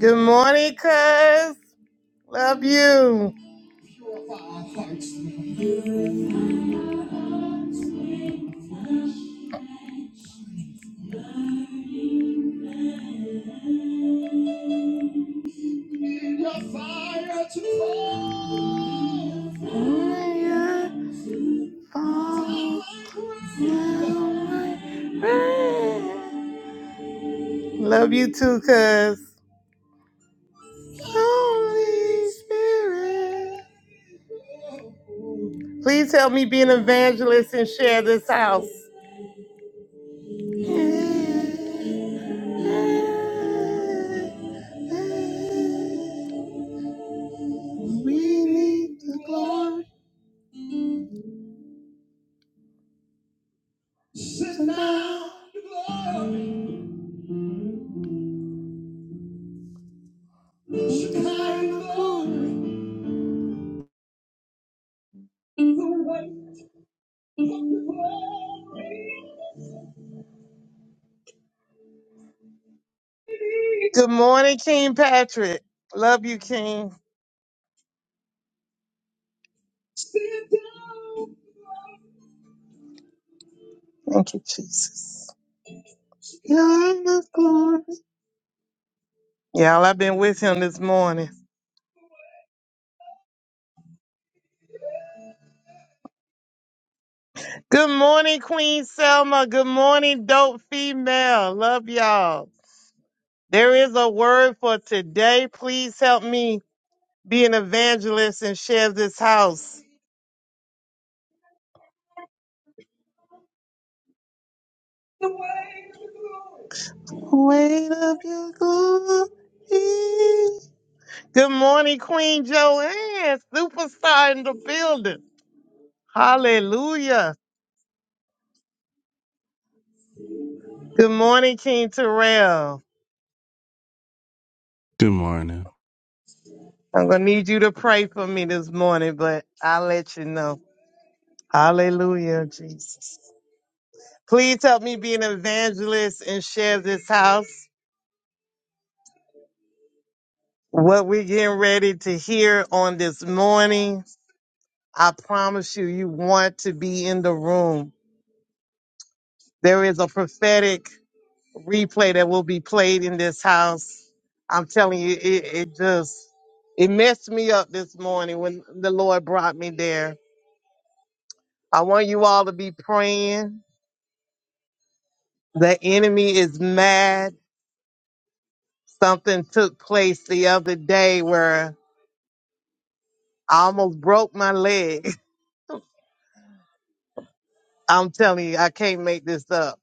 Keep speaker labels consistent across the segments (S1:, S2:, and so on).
S1: Good morning, cuz. Love you. Love you too, cuz. Holy Spirit. Please help me be an evangelist and share this house. Good morning, King Patrick. Love you, King. Thank you, Jesus. Y'all, I've been with him this morning. Good morning, Queen Selma. Good morning, dope female. Love y'all. There is a word for today. Please help me be an evangelist and share this house. Weight of your glory. Good morning, Queen Joanne, superstar in the building. Hallelujah. Good morning, King Terrell.
S2: Good morning.
S1: I'm going to need you to pray for me this morning, but I'll let you know. Hallelujah, Jesus. Please help me be an evangelist and share this house. What we're getting ready to hear on this morning, I promise you, you want to be in the room. There is a prophetic replay that will be played in this house. I'm telling you, it, it just, it messed me up this morning when the Lord brought me there. I want you all to be praying. The enemy is mad. Something took place the other day where I almost broke my leg. I'm telling you, I can't make this up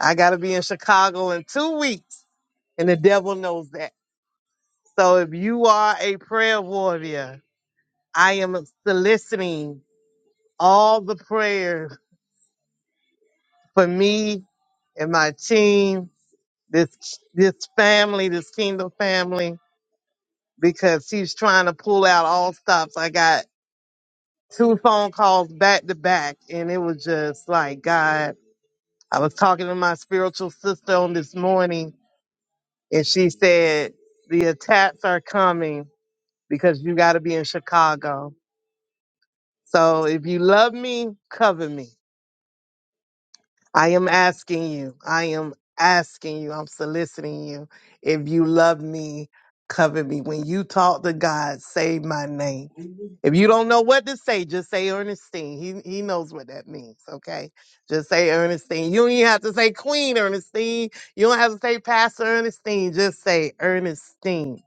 S1: I gotta be in Chicago in two weeks, and the devil knows that. So if you are a prayer warrior, I am soliciting all the prayers for me and my team, this this family, this kingdom family, because he's trying to pull out all stops. I got two phone calls back to back, and it was just like God. I was talking to my spiritual sister on this morning, and she said the attacks are coming because you got to be in Chicago. So if you love me, cover me. I am asking you. I am asking you. I'm soliciting you. If you love me, cover me. When you talk to God, say my name. If you don't know what to say, just say Ernestine. He he knows what that means, okay? Just say Ernestine. You don't even have to say Queen Ernestine. You don't have to say Pastor Ernestine. Just say Ernestine.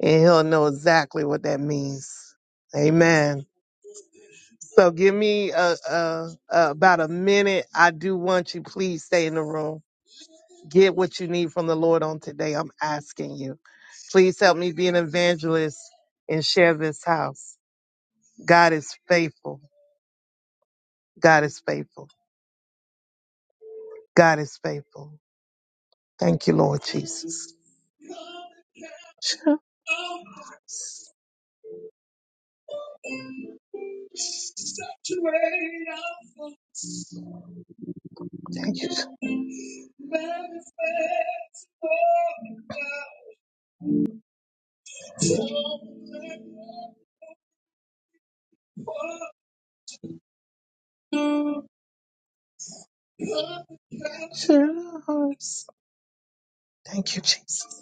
S1: And he'll know exactly what that means. Amen. So give me uh uh uh about a minute. I do want you, please stay in the room. Get what you need from the Lord on today. I'm asking you. Please help me be an evangelist and share this house. God is faithful. God is faithful. God is faithful. Thank you, Lord Jesus. Thank you. Jesus. Thank you, Jesus.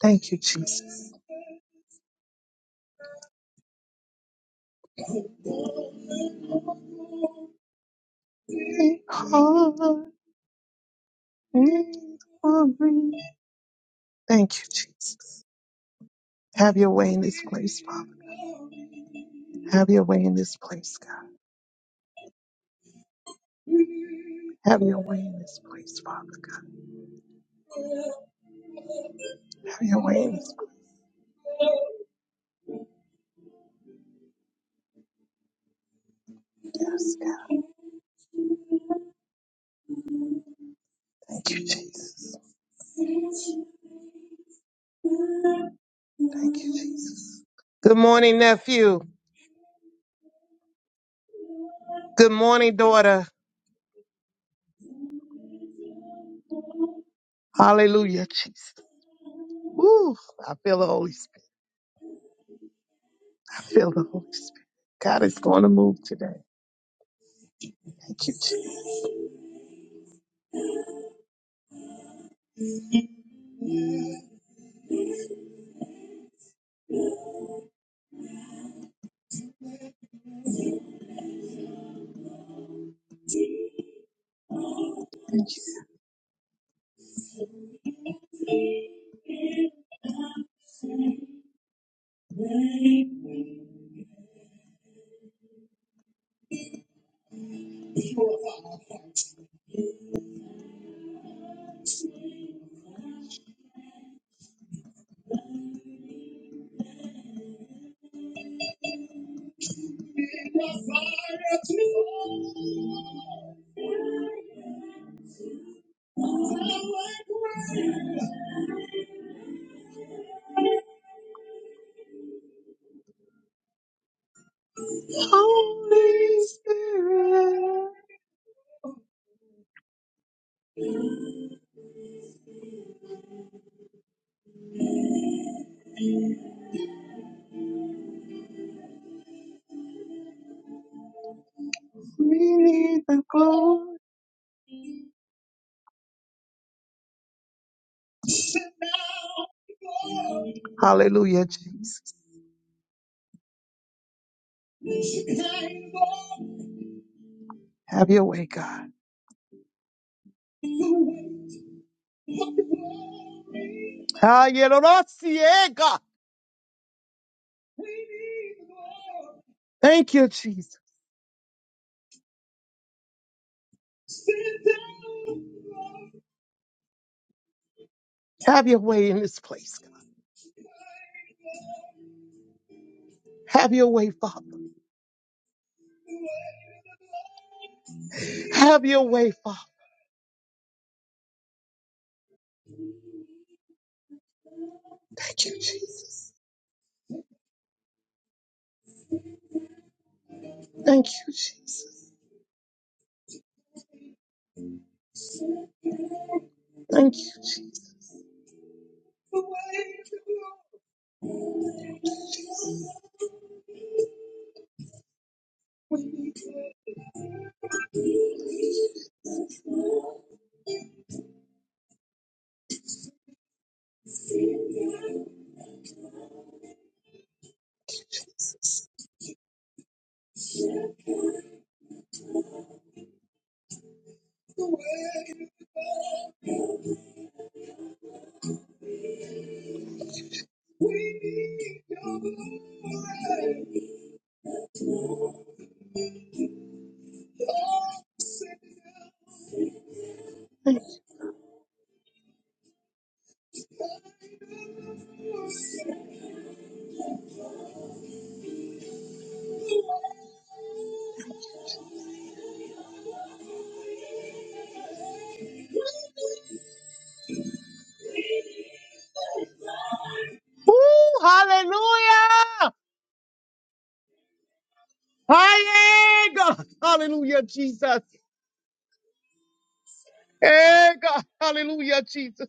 S1: Thank you, Jesus. We are victory. Thank you, Jesus. Have your way in this place, Father. Have your way in this place, God. Have your way in this place, Father God. Have your way in this place, yes, God. Thank you, Jesus. Thank you, Jesus. Good morning, nephew. Good morning, daughter. Hallelujah, Jesus. Woo! I feel the Holy Spirit. I feel the Holy Spirit. God is going to move today. Thank you, Jesus. Holy Spirit, we need the glory. Hallelujah, Jesus. Have your way, God. Ah, yeah, Lord, I see it, God. Thank you, Jesus. Have your way in this place, God. Have your way, Father. Have your way, Father. Thank you, Jesus. Thank you, Jesus. Thank you. Ooh, hallelujah. Hallelujah, God. Hallelujah, Jesus. Hey, God. Hallelujah, Jesus.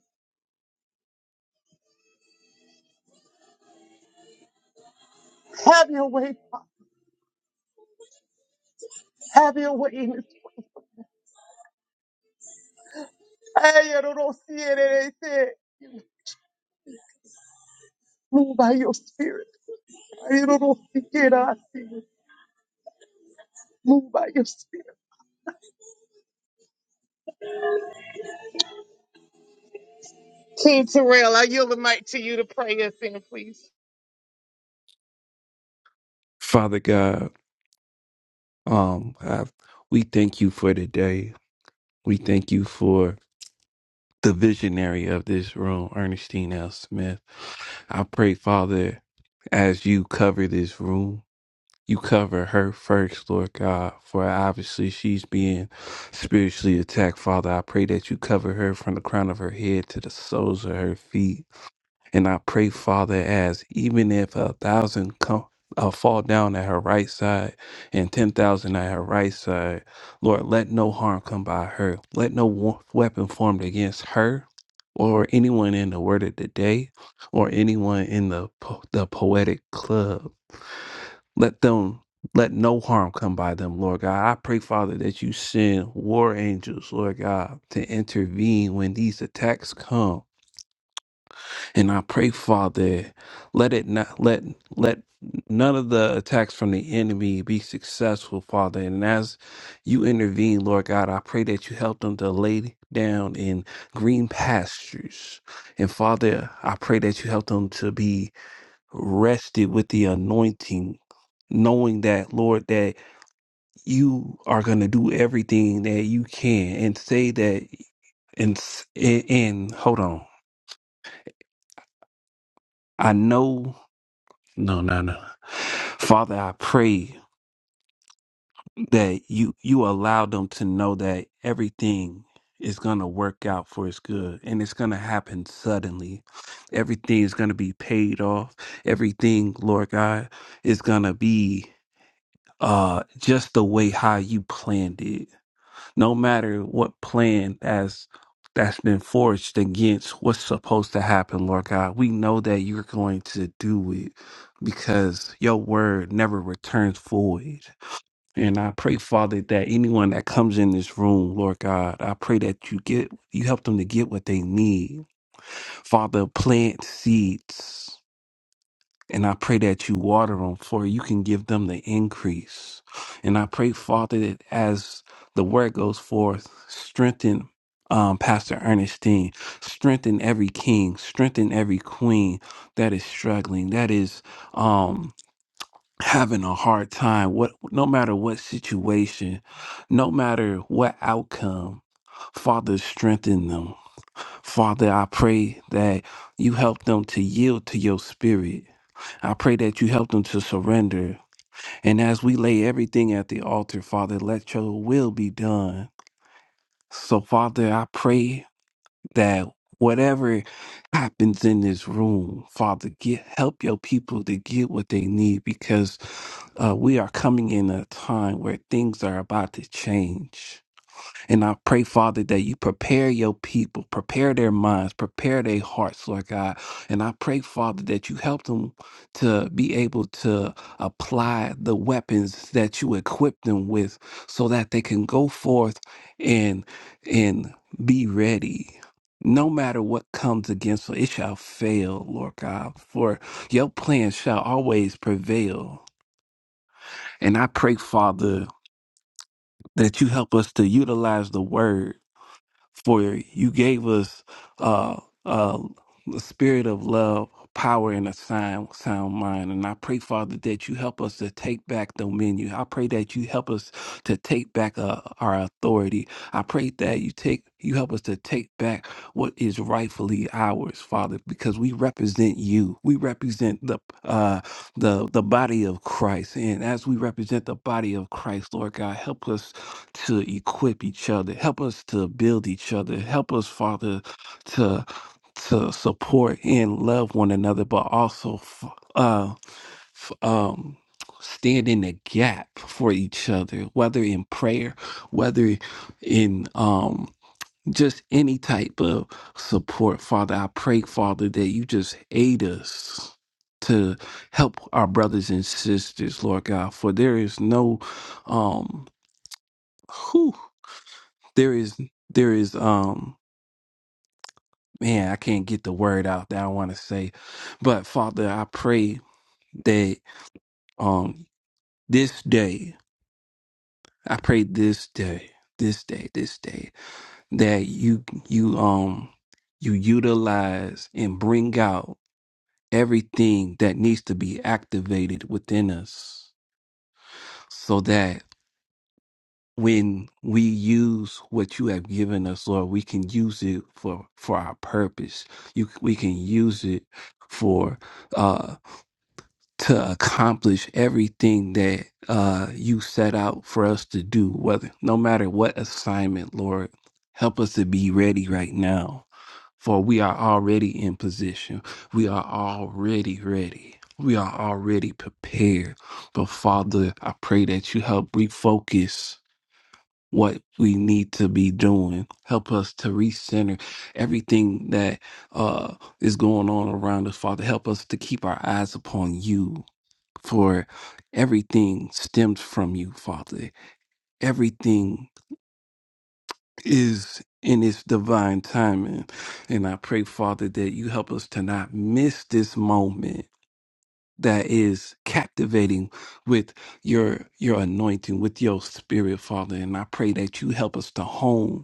S1: Have your way, Father. Have your way in this place. Hey, I don't know, see it, it ain't there. Move by your spirit. I don't know, see it, I see it. Move by your spirit. King Terrell, I yield the mic to you to pray us in, please.
S2: Father God, um, I, we thank you for today. We thank you for the visionary of this room, Ernestine L. Smith. I pray, Father, as you cover this room, you cover her first, Lord God, for obviously she's being spiritually attacked. Father, I pray that you cover her from the crown of her head to the soles of her feet. And I pray, Father, as even if a thousand come, uh, fall down at her right side and 10,000 at her right side, Lord, let no harm come by her. Let no wa- weapon formed against her or anyone in the word of the day or anyone in the, po- the poetic club. Let them. Let no harm come by them, Lord God. I pray, Father, that you send war angels, Lord God, to intervene when these attacks come. And I pray, Father, let it not let let none of the attacks from the enemy be successful, Father. And as you intervene, Lord God, I pray that you help them to lay down in green pastures. And Father, I pray that you help them to be rested with the anointing. Knowing that, Lord, that you are going to do everything that you can and say that, and, s- and, and hold on. I know No, no, no. Father, I pray that you you allow them to know that everything is going to work out for his good and it's going to happen suddenly. Everything is going to be paid off. Everything, Lord God, is going to be uh just the way how you planned it no matter what plan as that's been forged against what's supposed to happen, Lord God. We know that you're going to do it because your word never returns void. And I pray, Father, that anyone that comes in this room, Lord God, I pray that you get you help them to get what they need. Father, plant seeds. And I pray that you water them for you can give them the increase. And I pray, Father, that as the word goes forth, strengthen um, Pastor Ernestine, strengthen every king, strengthen every queen that is struggling, that is um, having a hard time. What, no matter what situation, no matter what outcome, Father, strengthen them. Father, I pray that you help them to yield to your spirit I pray that you help them to surrender. And as we lay everything at the altar, Father, let your will be done. So, Father, I pray that whatever happens in this room, Father, get help your people to get what they need because uh, we are coming in a time where things are about to change. And I pray, Father, that you prepare your people, prepare their minds, prepare their hearts, Lord God. And I pray, Father, that you help them to be able to apply the weapons that you equip them with so that they can go forth and and be ready. No matter what comes against them, it shall fail, Lord God, for your plan shall always prevail. And I pray, Father, that you help us to utilize the word for you gave us uh, uh, the spirit of love, power, and a sound, sound mind. And I pray, Father, that you help us to take back dominion. I pray that you help us to take back uh, our authority. I pray that you take you help us to take back what is rightfully ours, Father, because we represent you. We represent the uh, the the body of Christ, and as we represent the body of Christ, Lord God, help us to equip each other. Help us to build each other. Help us, Father, to to support and love one another, but also f- uh, f- um, stand in the gap for each other, whether in prayer, whether in um, just any type of support, Father. I pray, Father, that you just aid us to help our brothers and sisters, Lord God, for there is no um, whew there is there is um man i can't get the word out that i want to say but father i pray that um this day i pray this day this day this day that you you um you utilize and bring out everything that needs to be activated within us so that when we use what you have given us, Lord, we can use it for for our purpose. You, we can use it for uh, to accomplish everything that uh, you set out for us to do. Whether no matter what assignment, Lord, help us to be ready right now, for we are already in position. We are already ready. We are already prepared. But Father, I pray that you help refocus what we need to be doing. Help us to recenter everything that uh, is going on around us, Father. Help us to keep our eyes upon you, for everything stems from you, Father. Everything is in its divine timing. And I pray, Father, that you help us to not miss this moment that is captivating with your your anointing with your spirit father and i pray that you help us to hone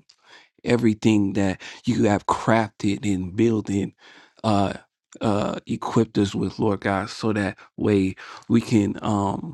S2: everything that you have crafted and building uh uh equipped us with lord god so that way we can um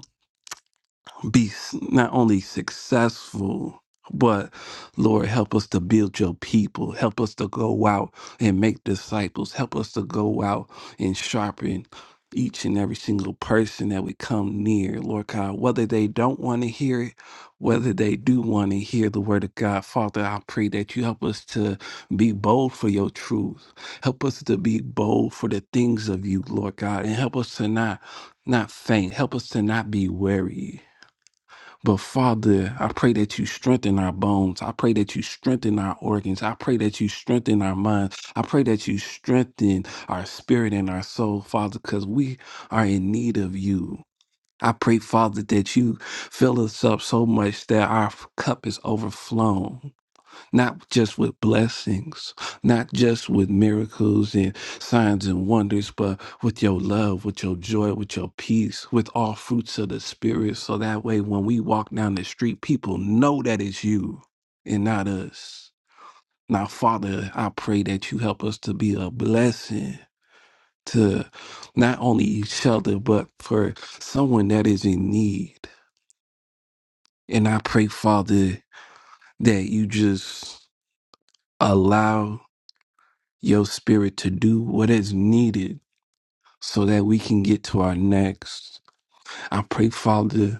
S2: be s- not only successful, but Lord, help us to build your people. Help us to go out and make disciples. Help us to go out and sharpen each and every single person that we come near, Lord God, whether they don't want to hear it, whether they do want to hear the word of God. Father, I pray that you help us to be bold for your truth. Help us to be bold for the things of you, Lord God, and help us to not not faint. Help us to not be weary. But Father, I pray that you strengthen our bones. I pray that you strengthen our organs. I pray that you strengthen our minds. I pray that you strengthen our spirit and our soul, Father, because we are in need of you. I pray, Father, that you fill us up so much that our cup is overflowing not just with blessings, not just with miracles and signs and wonders, but with your love, with your joy, with your peace, with all fruits of the Spirit. So that way, when we walk down the street, people know that it's you and not us. Now, Father, I pray that you help us to be a blessing to not only each other, but for someone that is in need. And I pray, Father, that you just allow your spirit to do what is needed so that we can get to our next. I pray, Father,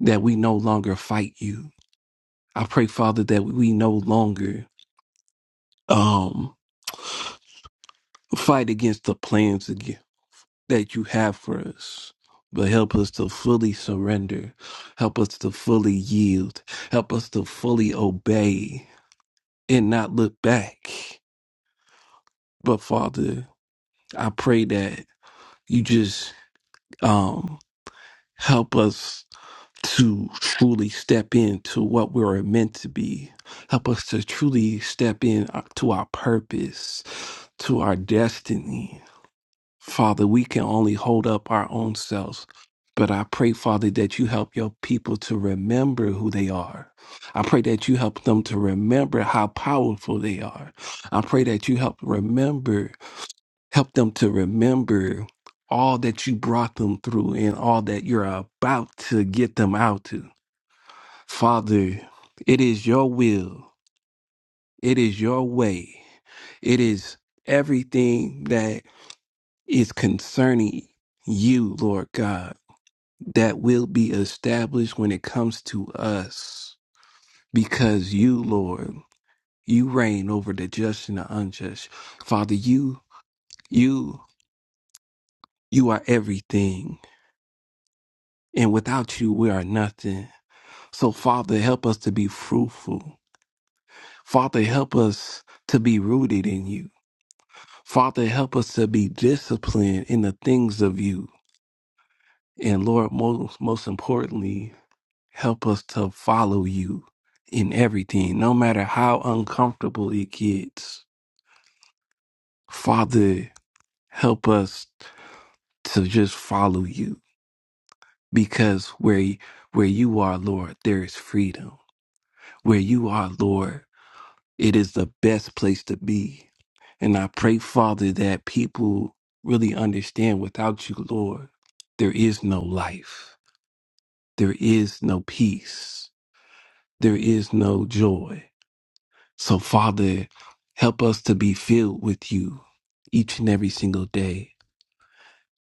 S2: that we no longer fight you. I pray, Father, that we no longer um fight against the plans ag- that you have for us. But help us to fully surrender. Help us to fully yield. Help us to fully obey and not look back. But Father, I pray that you just um help us to truly step into what we are meant to be. Help us to truly step in uh, to our purpose, to our destiny. Father, we can only hold up our own selves. But I pray, Father, that you help your people to remember who they are. I pray that you help them to remember how powerful they are. I pray that you help remember, help them to remember all that you brought them through and all that you're about to get them out to. Father, it is your will, it is your way, it is everything that is concerning you, Lord God, that will be established when it comes to us. Because you, Lord, you reign over the just and the unjust. Father, you, you, you are everything. And without you, we are nothing. So, Father, help us to be fruitful. Father, help us to be rooted in you. Father, help us to be disciplined in the things of you. And Lord, most, most importantly, help us to follow you in everything, no matter how uncomfortable it gets. Father, help us to just follow you because where, where you are, Lord, there is freedom. Where you are, Lord, It is the best place to be. And I pray, Father, that people really understand without you, Lord, there is no life, there is no peace, there is no joy. So, Father, help us to be filled with you each and every single day.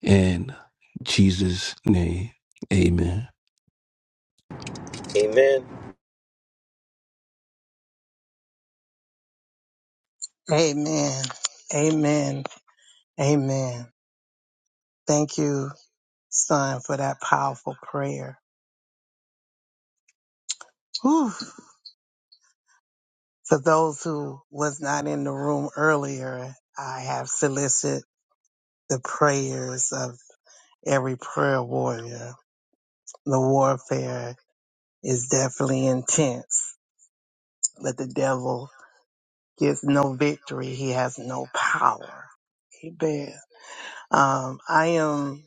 S2: In Jesus' name, amen.
S3: Amen.
S4: Amen. Amen. Amen. Thank you, son, for that powerful prayer. Whew. For those who was not in the room earlier, I have solicited the prayers of every prayer warrior. The warfare is definitely intense, but the devil gets no victory. He has no power. Amen. Um, I am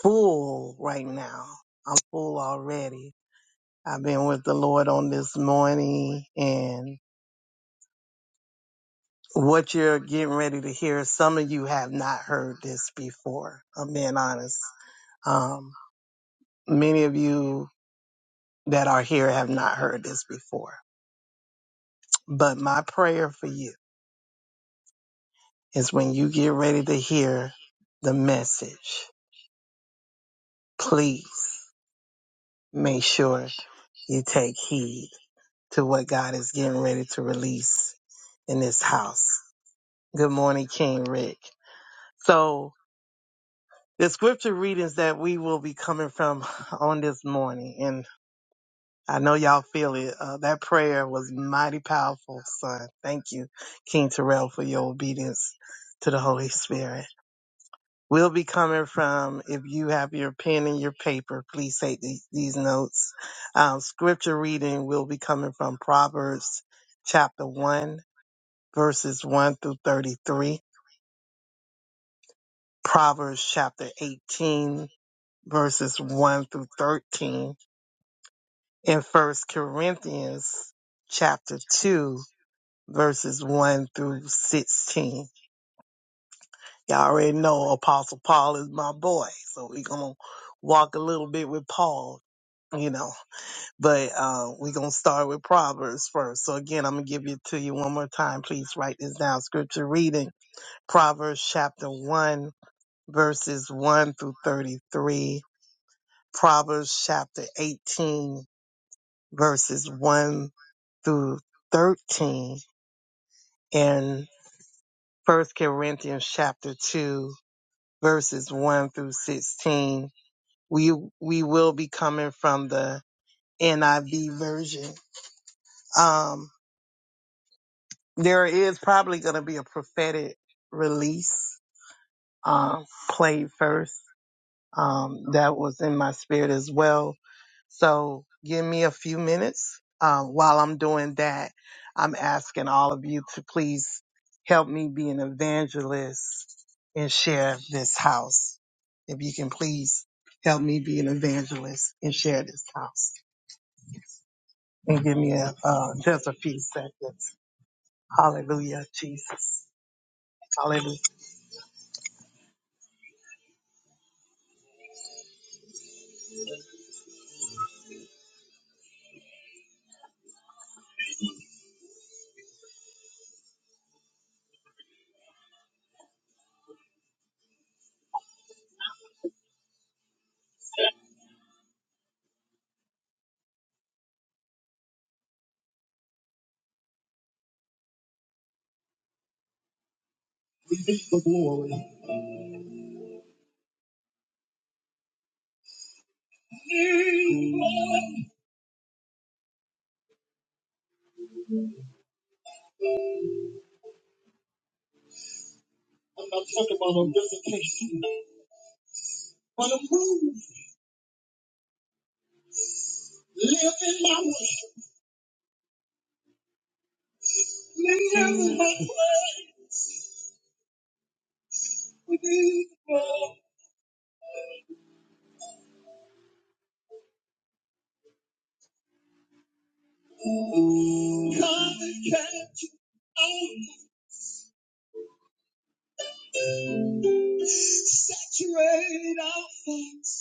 S4: full right now. I'm full already I've been with the Lord on this morning and what you're getting ready to hear, some of you have not heard this before. I'm being honest. Um, many of you that are here have not heard this before. But my prayer for you is when you get ready to hear the message, please make sure you take heed to what God is getting ready to release in this house. Good morning, King Rick. So the scripture readings that we will be coming from on this morning. And I know y'all feel it. Uh, that prayer was mighty powerful, son. Thank you, King Terrell, for your obedience to the Holy Spirit. We'll be coming from, if you have your pen and your paper, please take the, these notes. Um, scripture reading will be coming from Proverbs chapter 1, verses 1 through 33. Proverbs chapter 18, verses 1 through 13. in First Corinthians chapter two, verses one through sixteen. Y'all already know Apostle Paul is my boy, so we're gonna walk a little bit with Paul, you know. But uh, we're gonna start with Proverbs first. So again, I'm gonna give it to you one more time. Please write this down. Scripture reading: Proverbs chapter one, verses one through thirty-three. Proverbs chapter eighteen, verses one through thirteen in First Corinthians chapter two, verses one through sixteen. We we will be coming from the NIV version. Um, there is probably going to be a prophetic release um, played first Um, that was in my spirit as well. So give me a few minutes. Um, while I'm doing that, I'm asking all of you to please help me be an evangelist and share this house. If you can please help me be an evangelist and share this house and give me a, uh, just a few seconds. Hallelujah, Jesus. Hallelujah. Glory. I'm not talking about a visitation. Live in my Saturate our thoughts.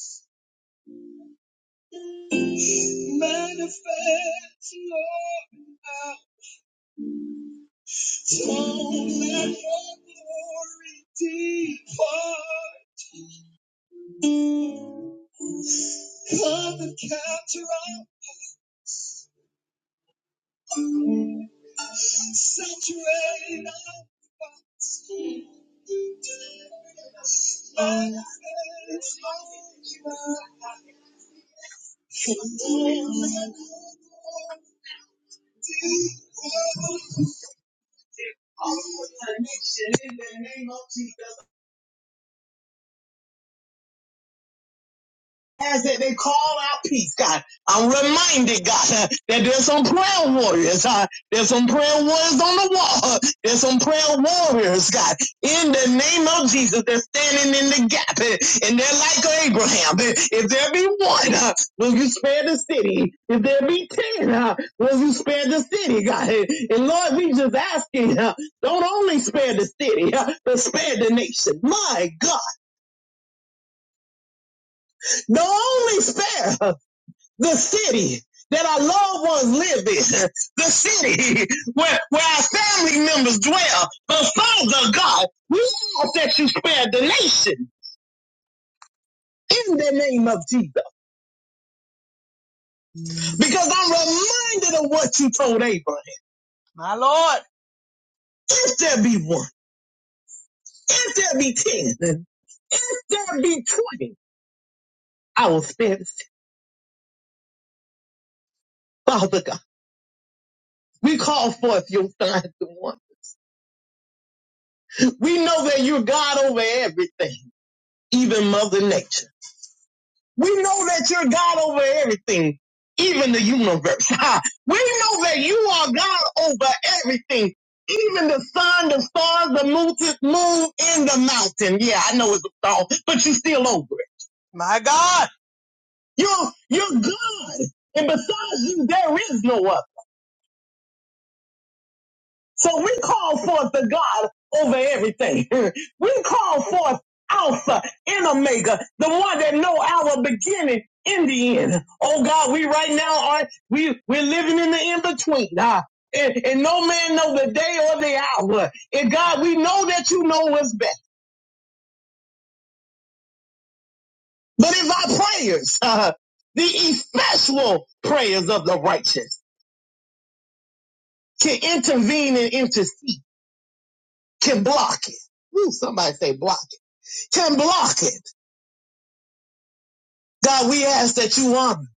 S4: Manifest, Lord, now. Don't let your glory depart. Come and capture our Saturate our thoughts. Our minds are as that they call out peace, God. I'm reminded, God, uh, that there's some prayer warriors. uh, there's some prayer warriors on the wall. There's some prayer warriors, God, in the name of Jesus. They're standing in the gap, and, and they're like Abraham. If there be one, uh, will you spare the city? If there be ten, uh, will you spare the city, God? And Lord, we just asking, uh, don't only spare the city, uh, but spare the nation. My God, don't only spare. uh, the city that our loved ones live in, the city where, where our family members dwell. But Father God, we ask that you spare the nation in the name of Jesus. Because I'm reminded of what you told Abraham. My Lord. If there be one, if there be ten, if there be twenty, I will spare the city. Father God, we call forth your signs and wonders. We know that you're God over everything, even Mother Nature. We know that you're God over everything, even the universe. we know that you are God over everything, even the sun, the stars, the moon, the moon, and the mountain. Yeah, I know it's a song, but you're still over it. My God, you're you're God, and besides you, there is no other. So we call forth the God over everything. we call forth Alpha and Omega, the one that know our beginning in the end. Oh God, we right now are we we're living in the in between. and, and no man know the day or the hour. And God, we know that you know us best. But if our prayers, uh, the effectual prayers of the righteous, can intervene and intercede, can block it. Ooh, somebody say block it. Can block it God, we ask that you honor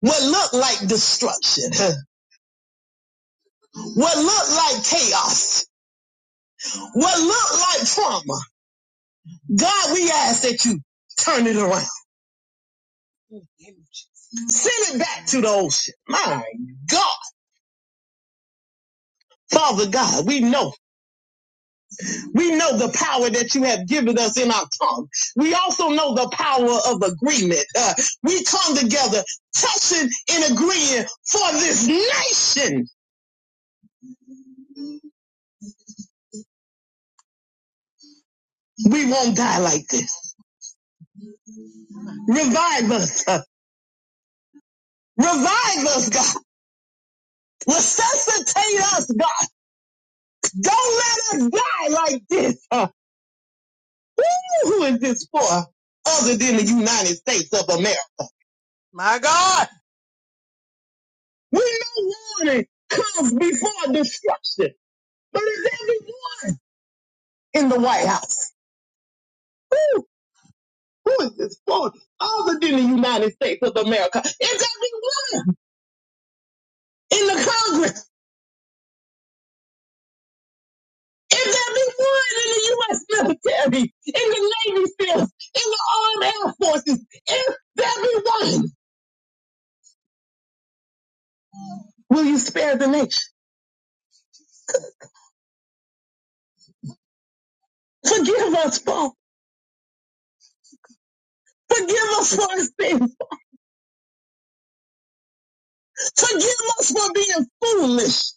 S4: what looked like destruction, what looked like chaos, what looked like trauma. God, we ask that you turn it around. Send it back to the ocean. My God. Father God, we know, we know the power that you have given us in our tongue. We also know the power of agreement. Uh, we come together, touching and agreeing for this nation. We won't die like this. Revive us. Uh, Revive us, God. Resuscitate us, God. Don't let us die like this. Uh, who is this for other than the United States of America? My God. We know warning comes before destruction. But is everyone in the White House? Who is this for other than the United States of America? Is everyone in the Congress? Is everyone in the U.S. military? In the Navy SEALs? In the Armed Air Forces? Is everyone? Will you spare the nation? Forgive us, Father. Forgive us for our sins. Forgive us for being foolish.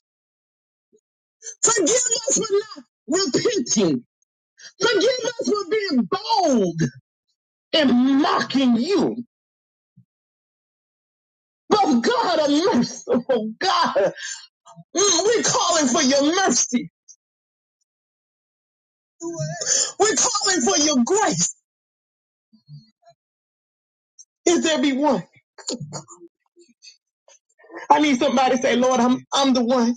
S4: Forgive us for not repenting. Forgive us for being bold and mocking you. But God, a merciful God, Mm, we're calling for your mercy. We're calling for your grace. Is there be one? I need somebody to say, Lord, I'm, I'm the one.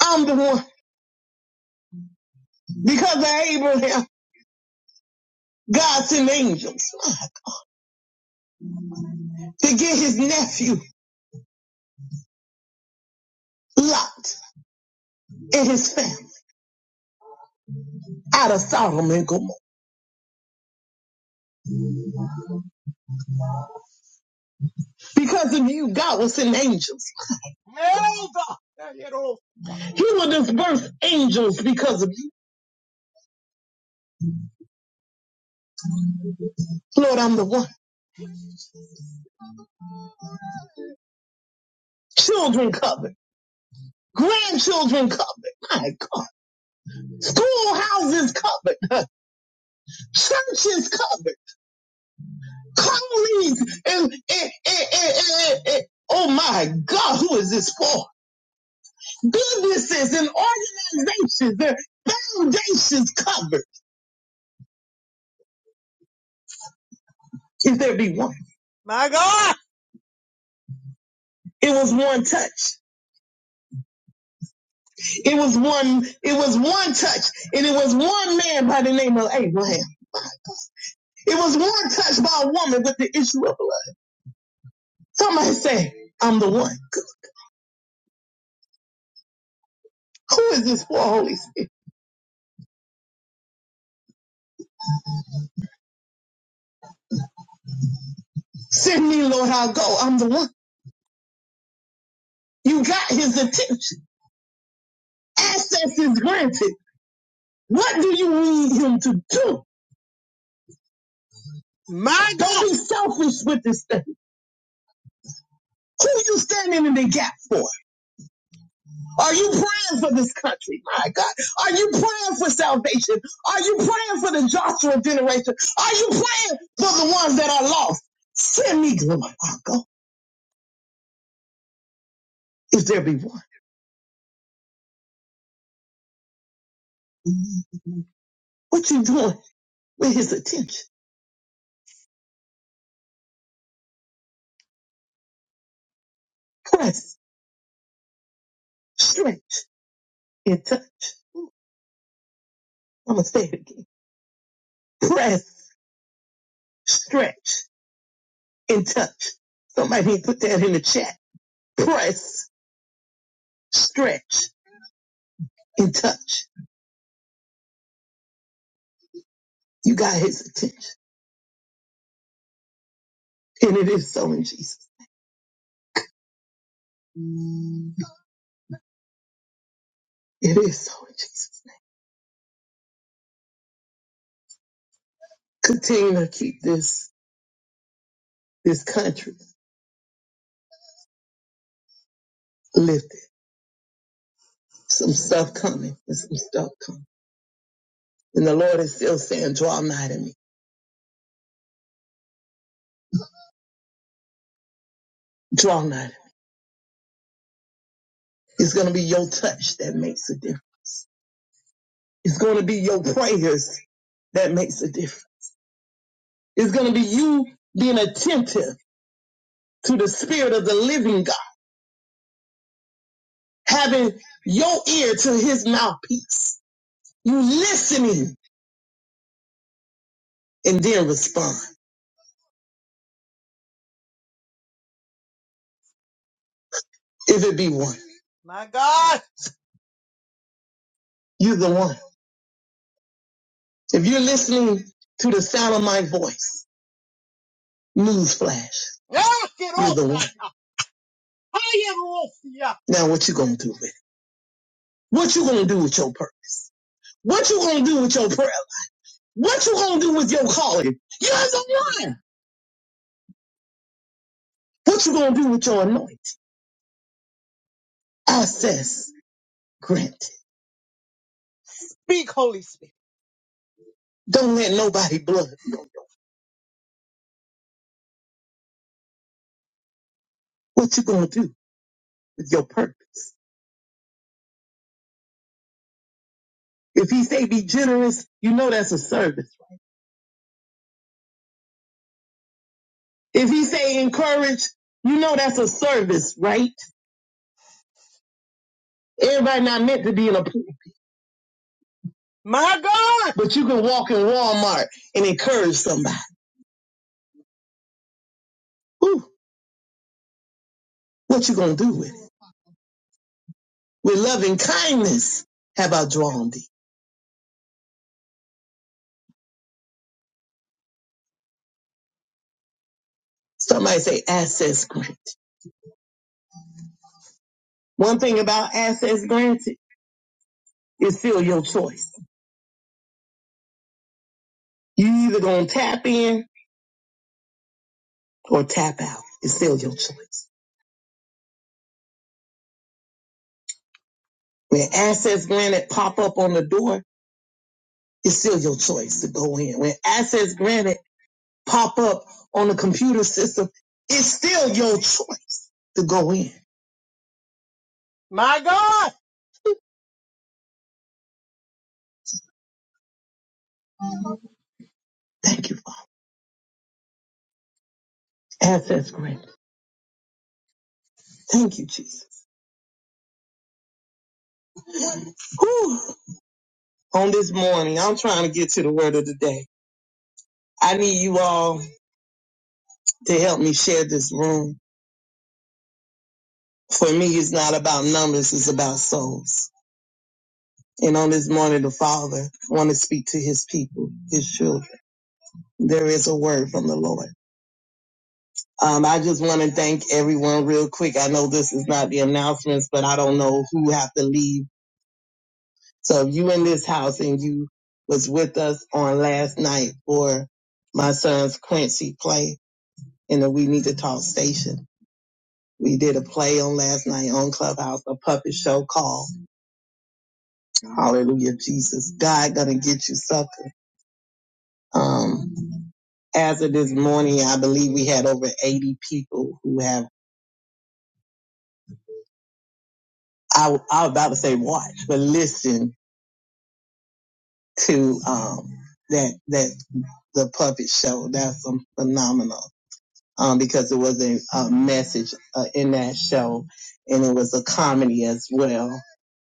S4: I'm the one. Because of Abraham, God sent angels to get his nephew Lot and his family out of Sodom and Gomorrah. Because of you, God will send angels. He will disperse angels because of you. Lord, I'm the one. Children covered. Grandchildren covered. My God. Schoolhouses covered. Churches covered. colleagues and, and, and, and, and, and- oh my God, who is this for? Businesses and organizations, their foundations covered. If there be one. My God. It was one touch. It was one, it was one touch, and it was one man by the name of Abraham. It was one touch by a woman with the issue of blood. Somebody say, I'm the one. Who is this for, Holy Spirit? Send me, Lord, I'll go. I'm the one. You got his attention. Access is granted. What do you need him to do? My God. Don't be selfish with this thing. Who you standing in the gap for? Are you praying for this country? My God. Are you praying for salvation? Are you praying for the Joshua generation? Are you praying for the ones that are lost? Send me, Lord. I'll go. If there be one. What you doing with his attention? Press, stretch, and touch. I'm going to say it again. Press, stretch, and touch. Somebody need to put that in the chat. Press, stretch, and touch. You got his attention. And it is so in Jesus. It is so in Jesus. name. Continue to keep this this country lifted. Some stuff coming and some stuff coming. And the Lord is still saying, draw nigh to me. Draw nigh to me. It's gonna be your touch that makes a difference. It's gonna be your prayers that makes a difference. It's gonna be you being attentive to the spirit of the living God, having your ear to his mouthpiece. You listening and then respond. If it be one. My God. You're the one. If you're listening to the sound of my voice, newsflash, you're the one. Now what you gonna do with it? What you gonna do with your purpose? What you gonna do with your prayer? What you gonna do with your calling? You're the one. What you gonna do with your anointing? Access granted. Speak, Holy Spirit. Don't let nobody blood. you. What you gonna do with your purpose? If he say be generous, you know that's a service. right? If he say encourage, you know that's a service, right? Everybody not meant to be in a pool, My God. but you can walk in Walmart and encourage somebody. Ooh, what you gonna do with it? With loving kindness have I drawn thee. Somebody say access granted. One thing about access granted is still your choice. You either gonna tap in or tap out. It's still your choice. When access granted pop up on the door, it's still your choice to go in. When access granted pop up on the computer system, it's still your choice to go in. My God. Thank you. Access granted. Thank you, Jesus. Whew. On this morning, I'm trying to get to the word of the day. I need you all to help me share this room. For me, it's not about numbers, it's about souls. And on this morning, the Father wants to speak to his people, his children. There is a word from the Lord. Um, I just want to thank everyone real quick. I know this is not the announcements, but I don't know who have to leave. So if you in this house and you was with us on last night for my son's Quincy play in the We Need to Talk station. We did a play on last night on Clubhouse, a puppet show called Hallelujah Jesus. God gonna get you sucker. Um, as of this morning, I believe we had over 80 people who have, I, I was about to say watch, but listen to um, that that the puppet show. That's um, phenomenal um, because it was a, a message uh, in that show, and it was a comedy as well.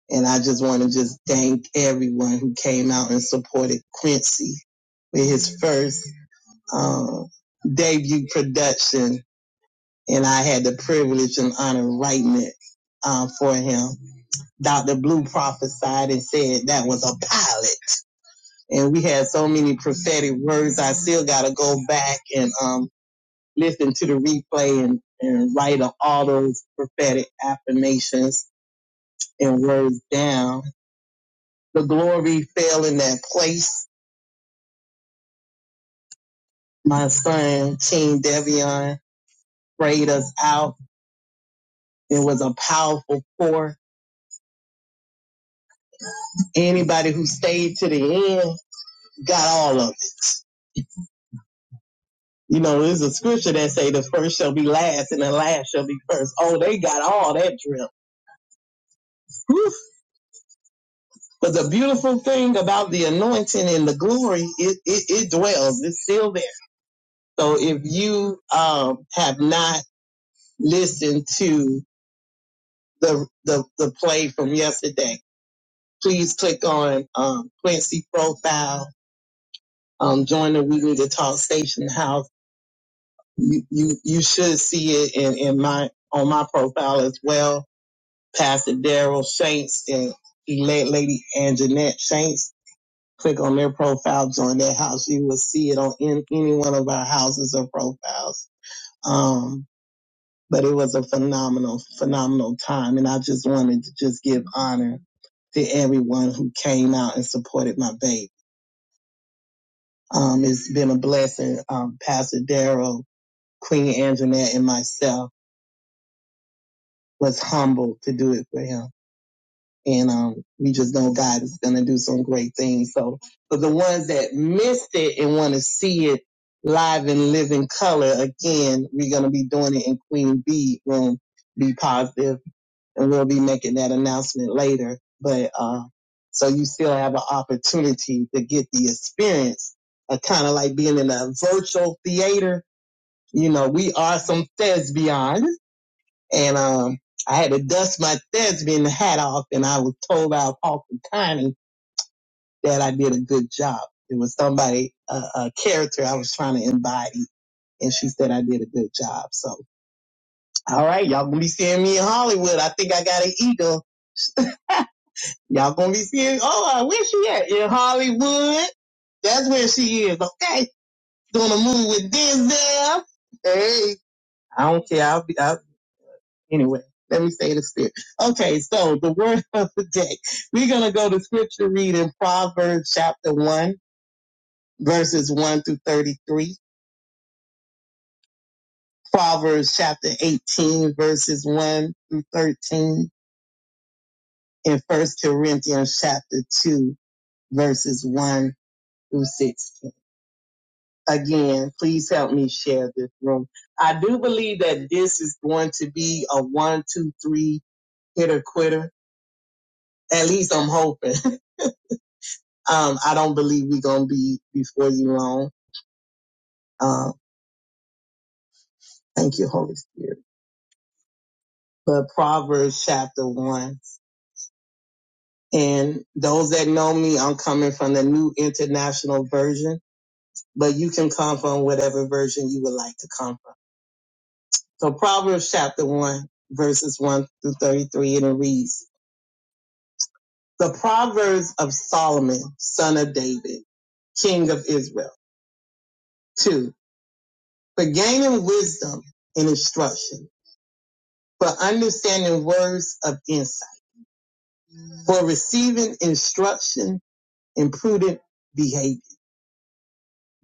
S4: And I just want to just thank everyone who came out and supported Quincy with his first um, debut production, and I had the privilege and honor writing it um, for him. Dr. Blue prophesied and said that was a pilot and we had so many prophetic words. I still got to go back and um, listen to the replay and, and write all those prophetic affirmations and words down. The glory fell in that place. My son, King Devion, prayed us out. It was a powerful pour. Anybody who stayed to the end got all of it. You know, there's a scripture that say the first shall be last and the last shall be first. Oh, they got all that drip. But the beautiful thing about the anointing and the glory, it, it, it dwells, it's still there. So if you um, have not listened to the, the, the play from yesterday, please click on um, Quincy profile, um, join the We Need to Talk Station House. You, you, you should see it in, in my, on my profile as well. Pastor Daryl Shanks and Elect Lady Anjanette Shanks click on their profile, join their house, you will see it on in, any one of our houses or profiles. Um, but it was a phenomenal, phenomenal time. And I just wanted to just give honor to everyone who came out and supported my baby. Um, it's been a blessing. Um, Pastor Darrell, Queen Anjanette, and myself was humbled to do it for him. and um, we just know God is going to do some great things. So for the ones that missed it and want to see it live and live in color, again, we're going to be doing it in Queen Bee Room. Be positive, and we'll be making that announcement later. But uh, so you still have an opportunity to get the experience of kind of like being in a virtual theater. You know, we are some thespians and um, I had to dust my thespian hat off, and I was told by Parker County that I did a good job. It was somebody, uh, a character I was trying to embody, and she said I did a good job. So, all right, y'all gonna be seeing me in Hollywood. I think I got an eagle. Y'all gonna be seeing. Oh, uh, where she at? In Hollywood. That's where she is. Okay, doing a movie with Denzel. Hey, I don't care. I'll be. I, Anyway, let me say the spirit. Okay, so the word of the day. We're going to go to scripture reading Proverbs chapter 1, verses 1 through 33. Proverbs chapter 18, verses 1 through 13. And First Corinthians chapter 2, verses 1 through 16. Again, please help me share this room. I do believe that this is going to be a one, two, three hitter quitter. At least I'm hoping. Um, I don't believe we're going to be before you long. Um, thank you, Holy Spirit. But Proverbs chapter one. And those that know me, I'm coming from the new international version, but you can come from whatever version you would like to come from. So Proverbs chapter one, verses one through 33, and it reads, the Proverbs of Solomon, son of David, king of Israel. Two, for gaining wisdom and instruction for understanding words of insight, for receiving instruction in prudent behavior,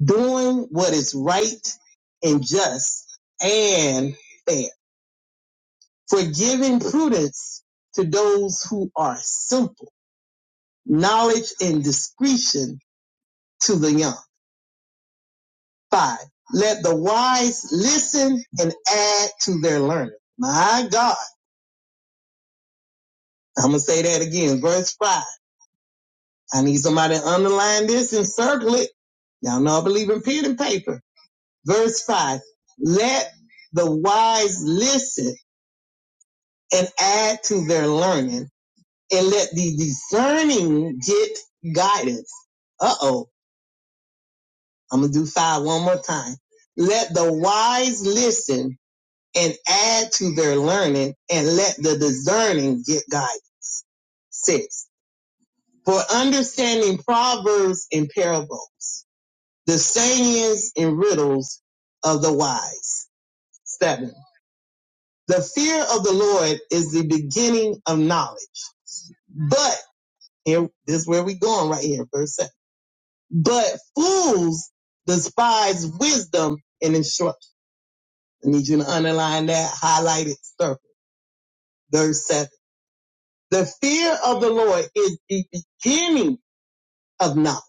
S4: doing what is right and just and fair, for giving prudence to those who are simple, knowledge and discretion to the young. Five, let the wise listen and add to their learning. My God, I'm going to say that again. Verse five. I need somebody to underline this and circle it. Y'all know I believe in pen and paper. Verse five. Let the wise listen and add to their learning and let the discerning get guidance. Uh oh. I'm going to do five one more time. Let the wise listen and add to their learning and let the discerning get guidance. Six. For understanding proverbs and parables. the sayings and riddles of the wise. Seven. The fear of the Lord is the beginning of knowledge. But here, this is where we going right here, verse seven. But fools despise wisdom and instruction. I need you to underline that, highlight it, circle. Verse seven. The fear of the Lord is the beginning of knowledge.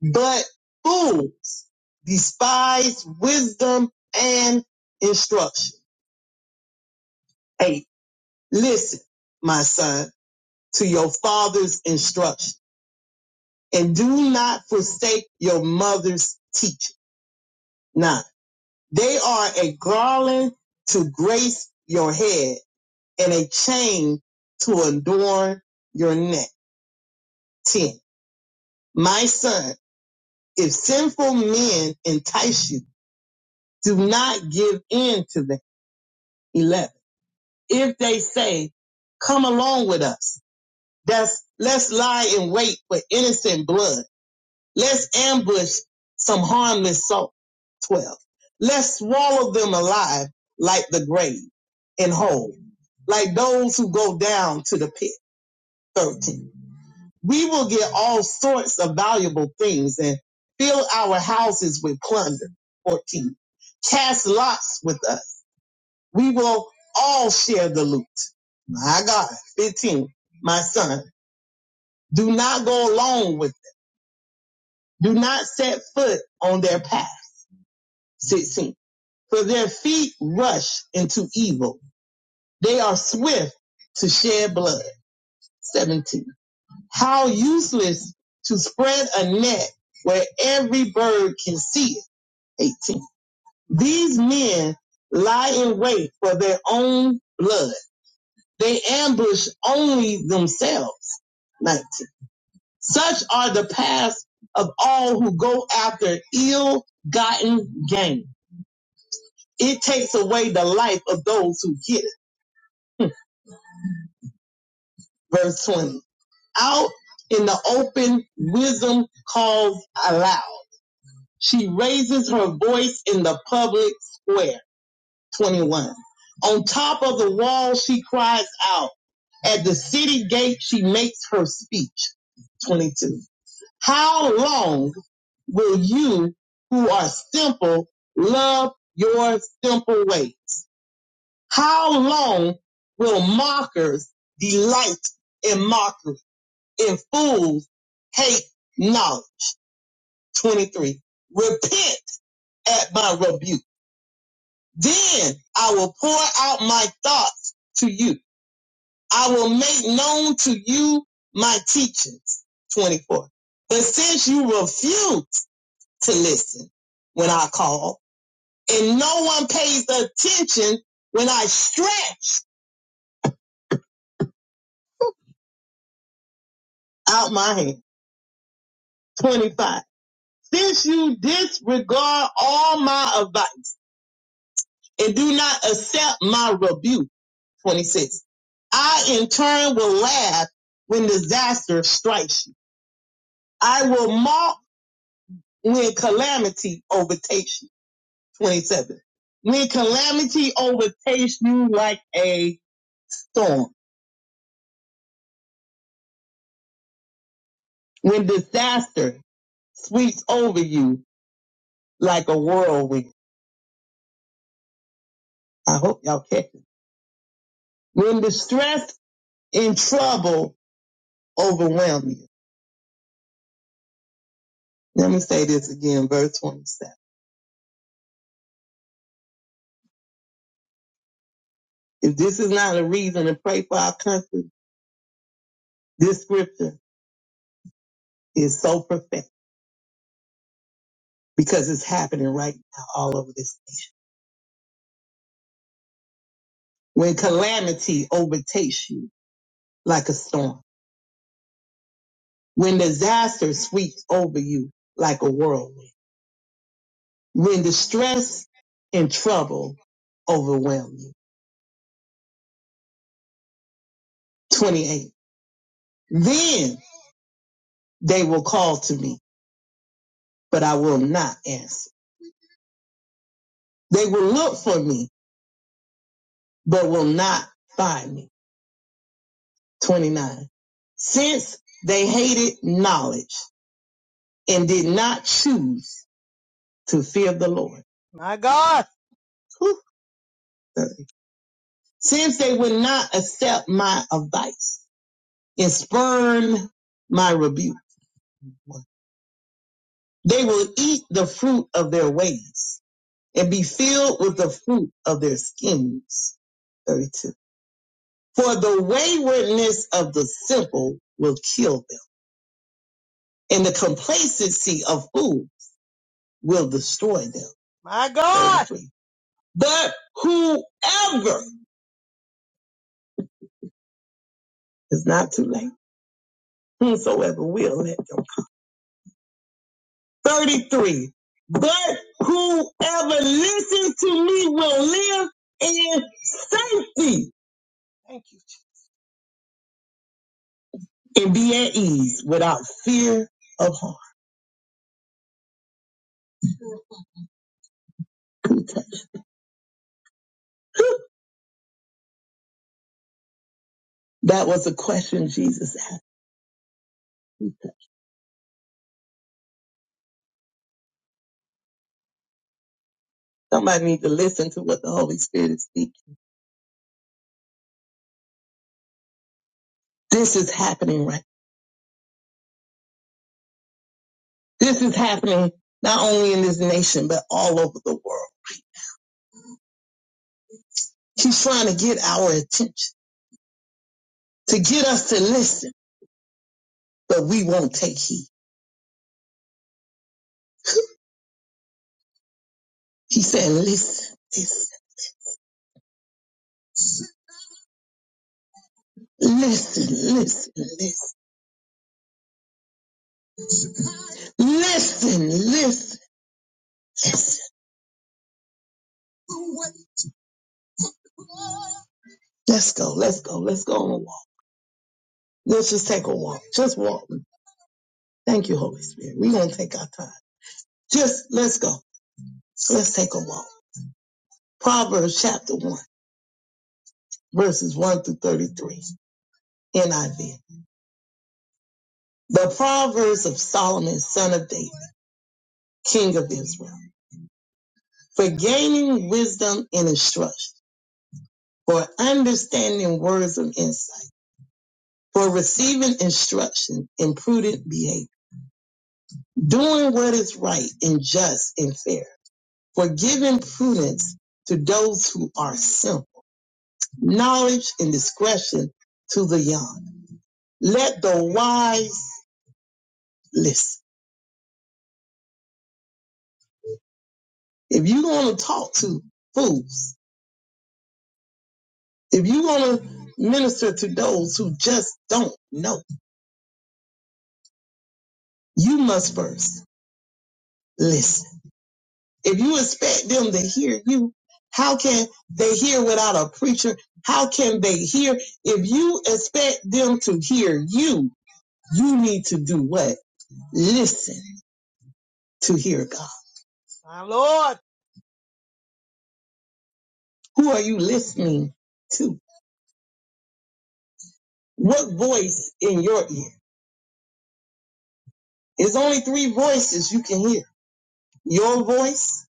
S4: But fools despise wisdom and instruction. Eight Listen, my son, to your father's instruction and do not forsake your mother's teaching. Now, they are a garland to grace your head and a chain to adorn your neck. 10. My son, if sinful men entice you, do not give in to them. 11. If they say, come along with us, that's, let's lie in wait for innocent blood Let's ambush some harmless soul. 12. Let's swallow them alive like the grave and whole, like those who go down to the pit. 13. We will get all sorts of valuable things and fill our houses with plunder. 14. Cast lots with us. We will all share the loot. My God. 15. My son, do not go along with, them. do not set foot on their path. 16 for their feet rush into evil. They are swift to shed blood. 17. How useless to spread a net where every bird can see it. 18. These men lie in wait for their own blood. They ambush only themselves. 19. Such are the paths of all who go after ill-gotten gain. It takes away the life of those who get it. Verse 20 out in the open, wisdom calls aloud. She raises her voice in the public square. 21. On top of the wall, she cries out. At the city gate, she makes her speech. 22. How long will you who are simple love your simple ways? How long will mockers delight in mockery? and fools hate knowledge. 23. Repent at my rebuke. Then I will pour out my thoughts to you. I will make known to you my teachings. 24. But since you refuse to listen when I call and no one pays attention when I stretch out my hand. 25. Since you disregard all my advice and do not accept my rebuke, 26. I in turn will laugh when disaster strikes you. I will mock when calamity overtakes you. 27. When calamity overtakes you like a storm, when disaster sweeps over you like a whirlwind. I hope y'all catch it. When distress and trouble overwhelm you. Let me say this again, verse 27. If this is not a reason to pray for our country, this scripture is so prophetic because it's happening right now all over this nation. When calamity overtakes you like a storm, when disaster sweeps over you like a whirlwind, when distress and trouble overwhelm you. 28. Then they will call to me, but I will not answer. They will look for me, but will not find me. 29. Since they hated knowledge and did not choose to fear the Lord. My God. Whew. Since they would not accept my advice and spurn my rebuke, they will eat the fruit of their ways and be filled with the fruit of their schemes. 32. For the waywardness of the simple will kill them, and the complacency of fools will destroy them. My God. 33. But whoever is not too late, whosoever will let go. 33. But whoever listens to me will live in safety and be at ease without fear of harm. That was a question Jesus asked. Somebody need to listen to what the Holy Spirit is speaking. This is happening right. This is happening not only in this nation, but all over the world. He's trying to get our attention, to get us to listen, but we won't take heed. He said, listen, listen. Listen, listen, listen, listen, listen, listen. Let's go, let's go, let's go on a walk. Let's just take a walk. Just walk. Thank you, Holy Spirit. We're going to take our time. Just let's go. Let's take a walk. Proverbs chapter 1, verses 1 through 33, NIV. The Proverbs of Solomon, son of David, king of Israel, for gaining wisdom and instruction, for understanding words of insight for receiving instruction in prudent behavior, doing what is right and just and fair, for giving prudence to those who are simple, knowledge and discretion to the young. Let the wise listen. If you want to talk to fools, if you want to minister to those who just don't know, you must first listen If you expect them to hear you, how can they hear without a preacher? How can they hear? If you expect them to hear you, you need to do what? Listen to hear God. My Lord. Who are you listening to? What voice in your ear? There's only three voices you can hear. Your voice,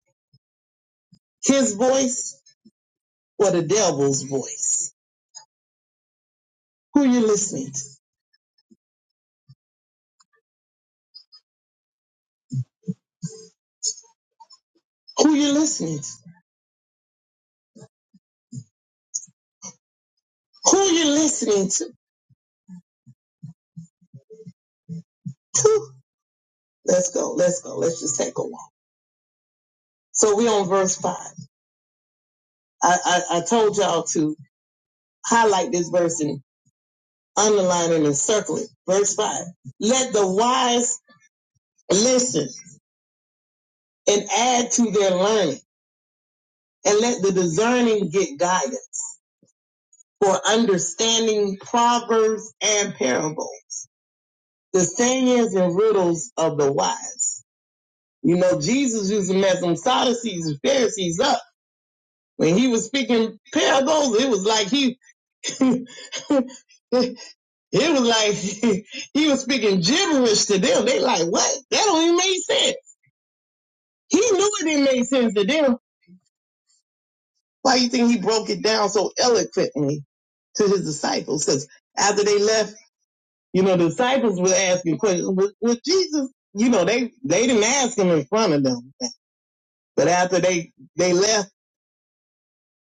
S4: his voice, or the devil's voice. Who you listening to? Who you listening to? Who you listening to? Let's go. Let's go. Let's just take a walk. So we're on verse five. I, I, I told y'all to highlight this verse and underline it and circle it. Verse five. Let the wise listen and add to their learning and let the discerning get guidance for understanding proverbs and parables. The sayings and riddles of the wise. You know, Jesus used to mess them Sadducees and Pharisees up. When he was speaking parables, it was like he it was like he was speaking gibberish to them. They like, what? That don't even make sense. He knew it didn't make sense to them. Why do you think he broke it down so eloquently to his disciples? Because after they left, you know, the disciples were asking questions. With, with Jesus, you know, they they didn't ask him in front of them. But after they they left,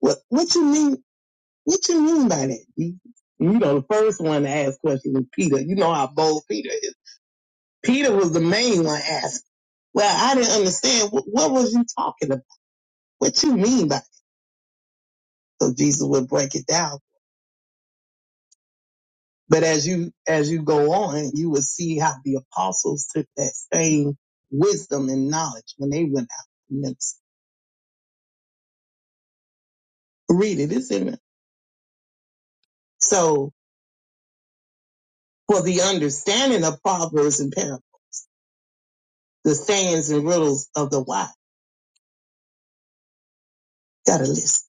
S4: what what you mean? What you mean by that? Jesus? You know, the first one to ask questions was Peter. You know how bold Peter is Peter was the main one asking. Well, I didn't understand. What, what was you talking about? What you mean by? it? So Jesus would break it down. But as you as you go on, you will see how the apostles took that same wisdom and knowledge when they went out and minister. Read it, it's in it So for the understanding of proverbs and parables, the sayings and riddles of the wise, got a list.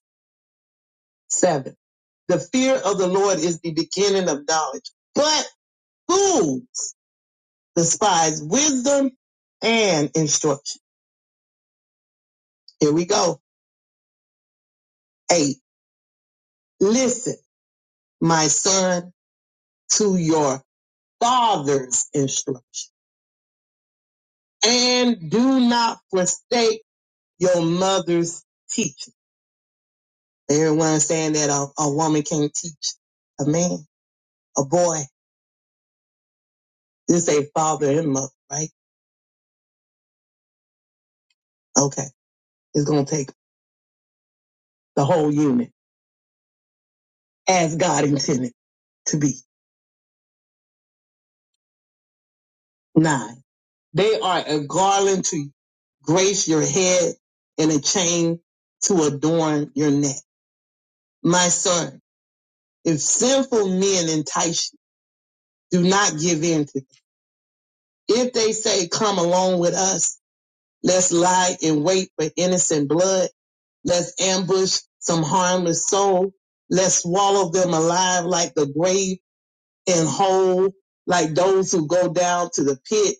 S4: Seven. The fear of the Lord is the beginning of knowledge, but fools despise wisdom and instruction. Here we go. Eight. Listen, my son, to your father's instruction and do not forsake your mother's teaching. Everyone saying that a, a woman can't teach a man, a boy. This a father and mother, right? Okay. It's going to take the whole unit as God intended to be. Nine. They are a garland to grace your head and a chain to adorn your neck. My son, if sinful men entice you, do not give in to them. If they say, come along with us, let's lie in wait for innocent blood. Let's ambush some harmless soul. Let's swallow them alive like the grave and whole, like those who go down to the pit.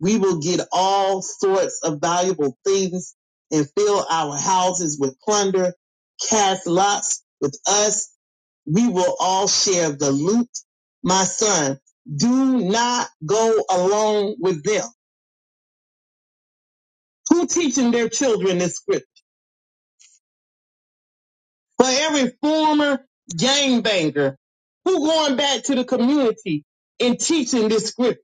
S4: We will get all sorts of valuable things and fill our houses with plunder. Cast lots with us. We will all share the loot. My son, do not go along with them. Who teaching their children this scripture? For every former gangbanger who going back to the community and teaching this scripture?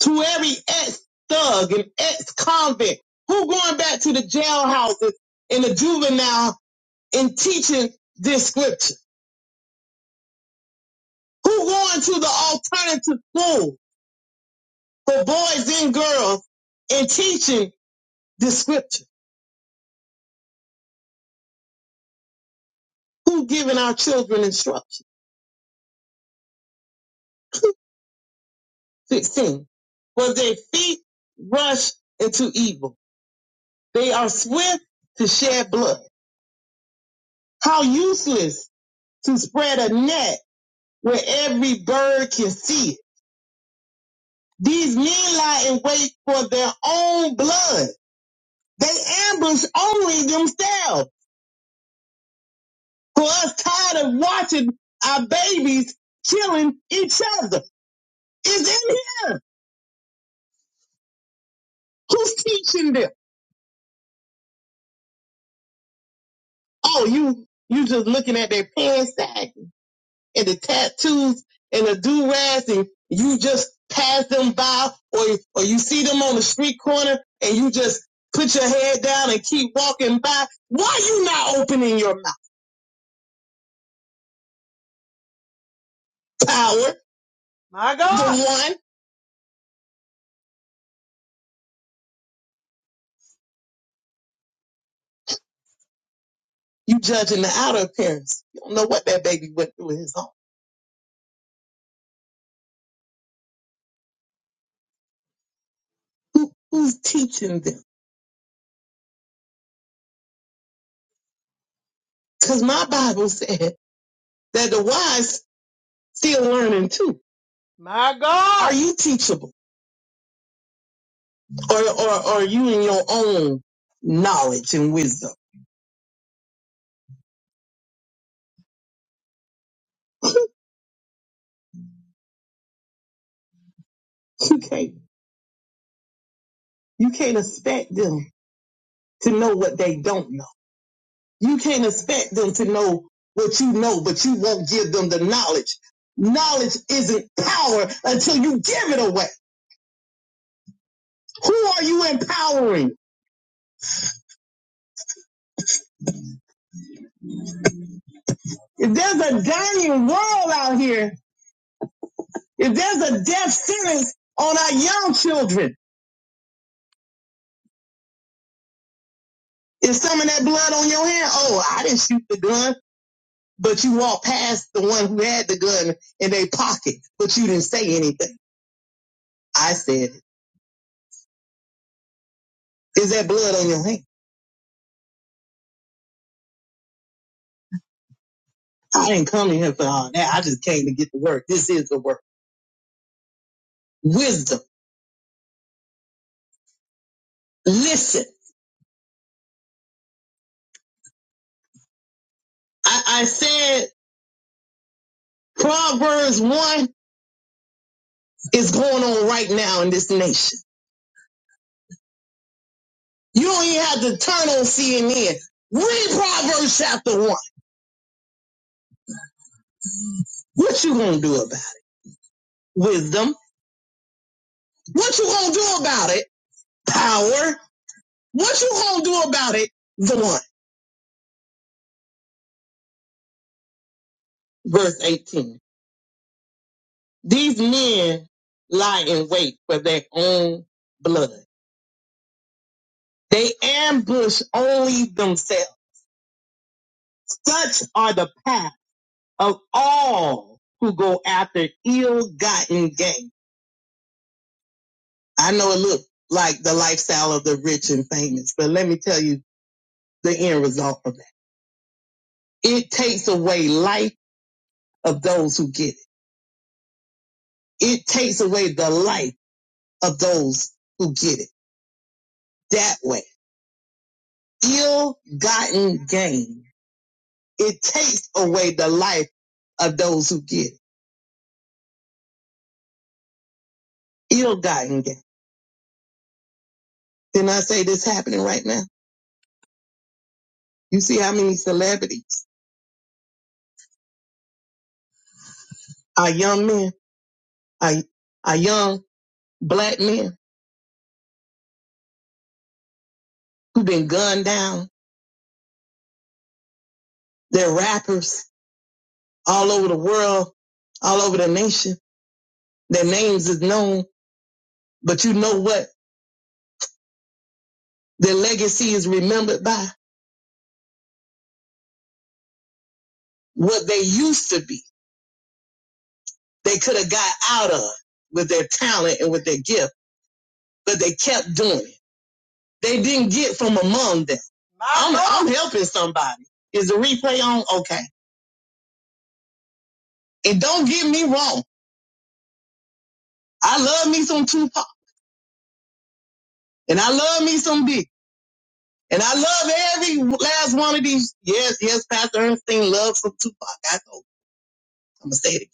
S4: to every ex-thug and ex-convict who going back to the jailhouses and the juvenile and teaching this scripture? Who going to the alternative school for boys and girls and teaching this scripture? Who giving our children instruction? 16. For their feet rush into evil. They are swift to shed blood. How useless to spread a net where every bird can see it These men lie in wait for their own blood. They ambush only themselves. For us tired of watching our babies killing each other. It's in here. Who's teaching them? Oh, you you just looking at their pants sag and the tattoos and the do rags and you just pass them by or or you see them on the street corner and you just put your head down and keep walking by. Why you not opening your mouth, power? My God, The one you judging the outer appearance. You don't know what that baby went through in his home. Who, who's teaching them? Because my Bible said that the wise still learning too. My God, Are you teachable, or or or are you in your own knowledge and wisdom? You can't you can't expect them to know what they don't know. You can't expect them to know what you know, but you won't give them the knowledge. Knowledge isn't power until you give it away. Who are you empowering? If there's a dying world out here, if there's a death sentence on our young children, is some of that blood on your hand? Oh, I didn't shoot the gun, but you walked past the one who had the gun in their pocket, but you didn't say anything. I said, it. is that blood on your hand? I didn't come in here for all that. I just came to get the work. This is the work. Wisdom. Listen, I, I said Proverbs 1 is going on right now in this nation. You don't even have to turn on CNN. Read Proverbs chapter one. What you gonna do about it? Wisdom. What you gonna do about it? Power. What you gonna do about it? The one. Verse 18. These men lie in wait for their own blood. They ambush only themselves. Such are the path of all who go after ill-gotten gain. I know it looks like the lifestyle of the rich and famous, but let me tell you the end result of that. It takes away life of those who get it. It takes away the life of those who get it that way. Ill gotten gain. It takes away the life of those who get it. Ill gotten gain. Didn't I say this happening right now? You see how many celebrities are young men, are, are young black men who've been gunned down. They're rappers all over the world, all over the nation. Their names is known But you know what? Their legacy is remembered by what they used to be. They could have got out of with their talent and with their gift, but they kept doing it. They didn't get from among them. I'm, I'm helping somebody. Is the replay on? Okay. And don't get me wrong. I love me some Tupac and I love me some Big. And I love every last one of these. Yes, yes, Pastor Ernestine loves some Tupac. I know. I'm going to say it again.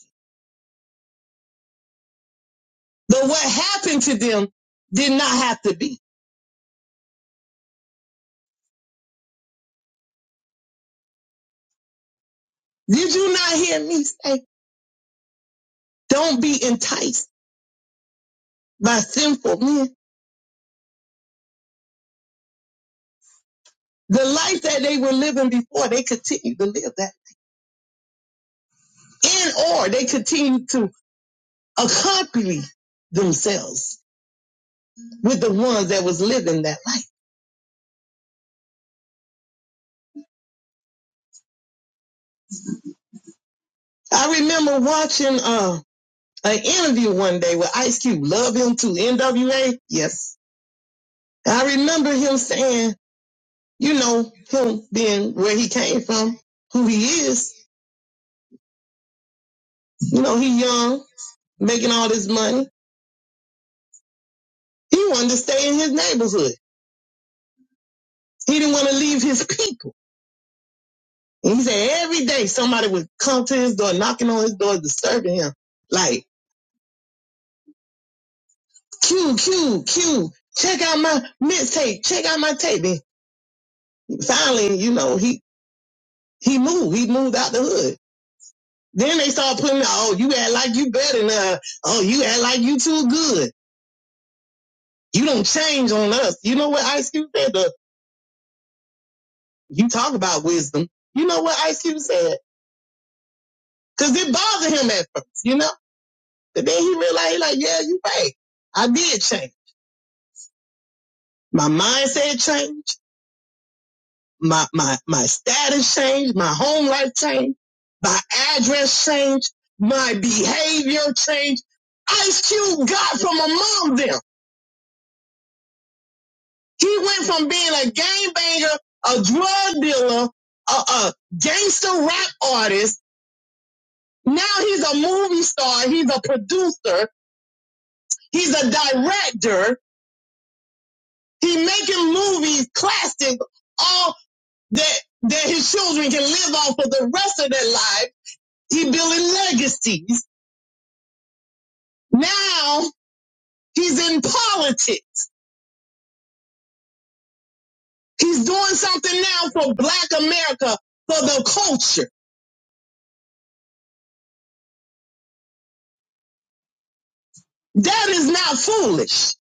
S4: But what happened to them did not have to be. Did you not hear me say, don't be enticed by sinful men? The life that they were living before, they continue to live that. And or they continue to accompany themselves with the ones that was living that life. I remember watching uh, an interview one day with Ice Cube, love him to NWA. Yes. I remember him saying, you know, him being where he came from, who he is. You know, he young, making all this money He wanted to stay in his neighborhood. He didn't want to leave his people. And he said every day somebody would come to his door, knocking on his door, disturbing him. Like, Q, Q, Q, check out my mixtape, check out my tape. And finally, you know, he, he moved. He moved out the hood. Then they started putting out, oh, you act like you better now. Oh, you act like you too good. You don't change on us. You know what Ice Cube said? The, you talk about wisdom. You know what Ice Cube said? Cause it bothered him at first, you know? But then he realized, he like, yeah, you're right. I did change. My mindset changed. My, my, my status changed. My home life changed. My address changed. My behavior changed. Ice Cube got from among them. He went from being a gangbanger, a drug dealer, a, a gangster rap artist. Now he's a movie star. He's a producer. He's a director. He making movies, classics, all that that his children can live on for the rest of their life. He building legacies. Now he's in politics. He's doing something now for black America, for the culture. That is not foolish.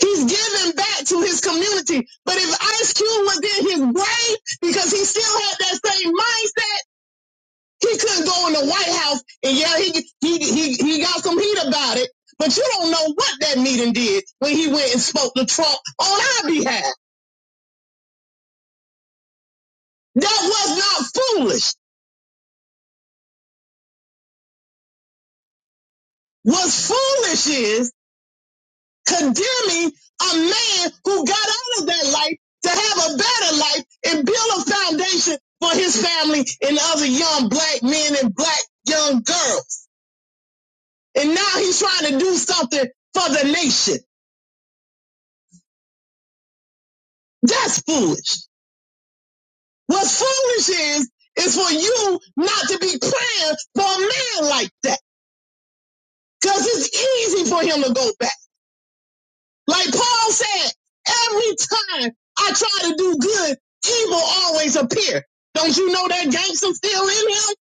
S4: He's giving back to his community. But if Ice Cube was in his grave because he still had that same mindset, He couldn't go in the White House and yeah, he he he he got some heat about it. But you don't know what that meeting did when he went and spoke to Trump on our behalf. That was not foolish. What's foolish is condemning a man who got out of that life to have a better life and build a foundation for his family and other young black men and black young girls. And now he's trying to do something for the nation. That's foolish. What's foolish is, is for you not to be praying for a man like that. Cause it's easy for him to go back. Like Paul said, every time I try to do good, evil always appear. Don't you know that gangster still in him?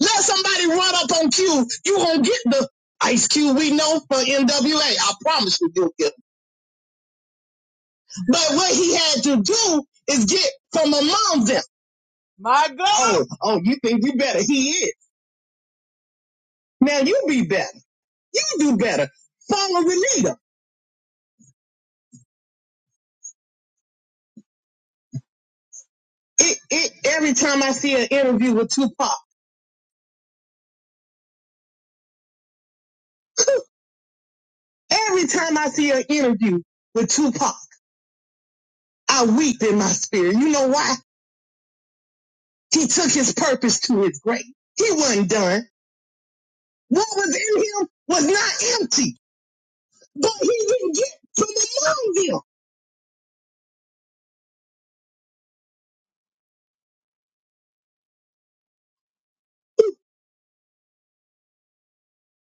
S4: Let somebody run up on Q. You gonna get the Ice Cube we know for NWA. I promise you you'll get him. But what he had to do is get from among them. Oh, oh, you think you better? He is. Now you be better. You do better. Follow Renita. It, it, every time I see an interview with Tupac, every time I see an interview with Tupac, I weep in my spirit. You know why? He took his purpose to his grave. He wasn't done. What was in him was not empty, but he didn't get from among them.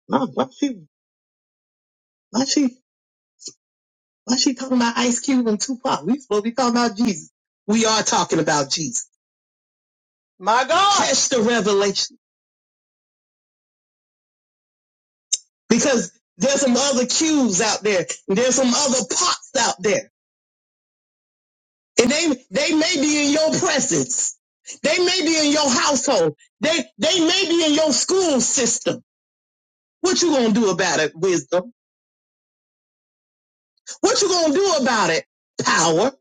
S4: Why, why she, why she, why she talking about Ice Cube and Tupac? We supposed to be talking about Jesus. We are talking about Jesus. My God. Catch the revelation. because there's some other cues out there. There's some other pots out there. And they, they may be in your presence. They may be in your household. They, they may be in your school system. What you gonna do about it, wisdom? What you gonna do about it, power?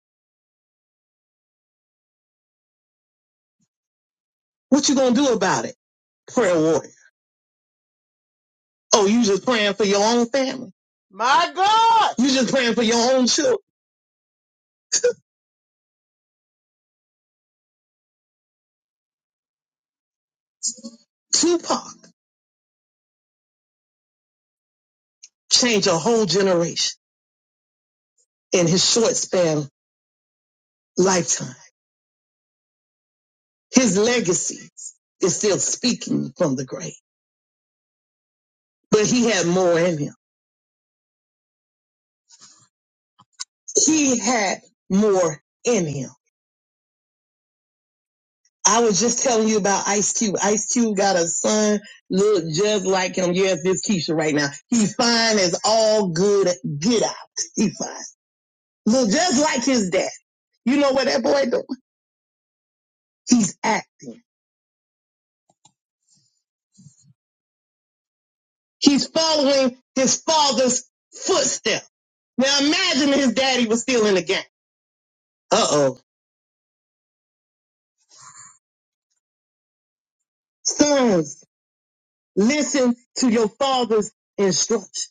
S4: What you gonna do about it, prayer warrior? Oh, you just praying for your own family. My God! You just praying for your own children. Tupac changed a whole generation in his short span lifetime His legacy is still speaking from the grave, but he had more in him. He had more in him. I was just telling you about Ice Cube. Ice Cube got a son, look just like him. Yes, this Keisha right now. He fine as all good get out. He fine. Look just like his dad. You know what that boy doing? He's acting. He's following his father's footsteps. Now imagine his daddy was still in the game. Uh oh. Sons Listen to your father's instruction.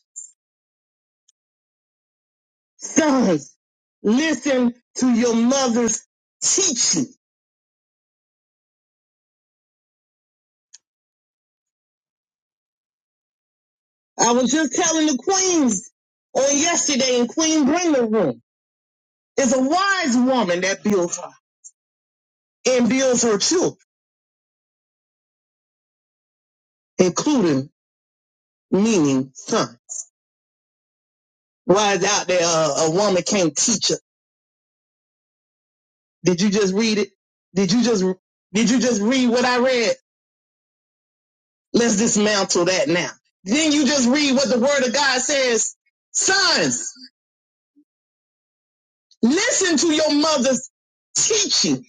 S4: Sons, listen to your mother's teaching. I was just telling the queens on yesterday in Queen Bringer Room is a wise woman that builds her and builds her children, including meaning son. Why is out there uh, a woman can't teach her? Did you just read it? Did you just did you just read what I read? Let's dismantle that now. Then you just read what the word of God says. Sons, Listen to your mother's teaching.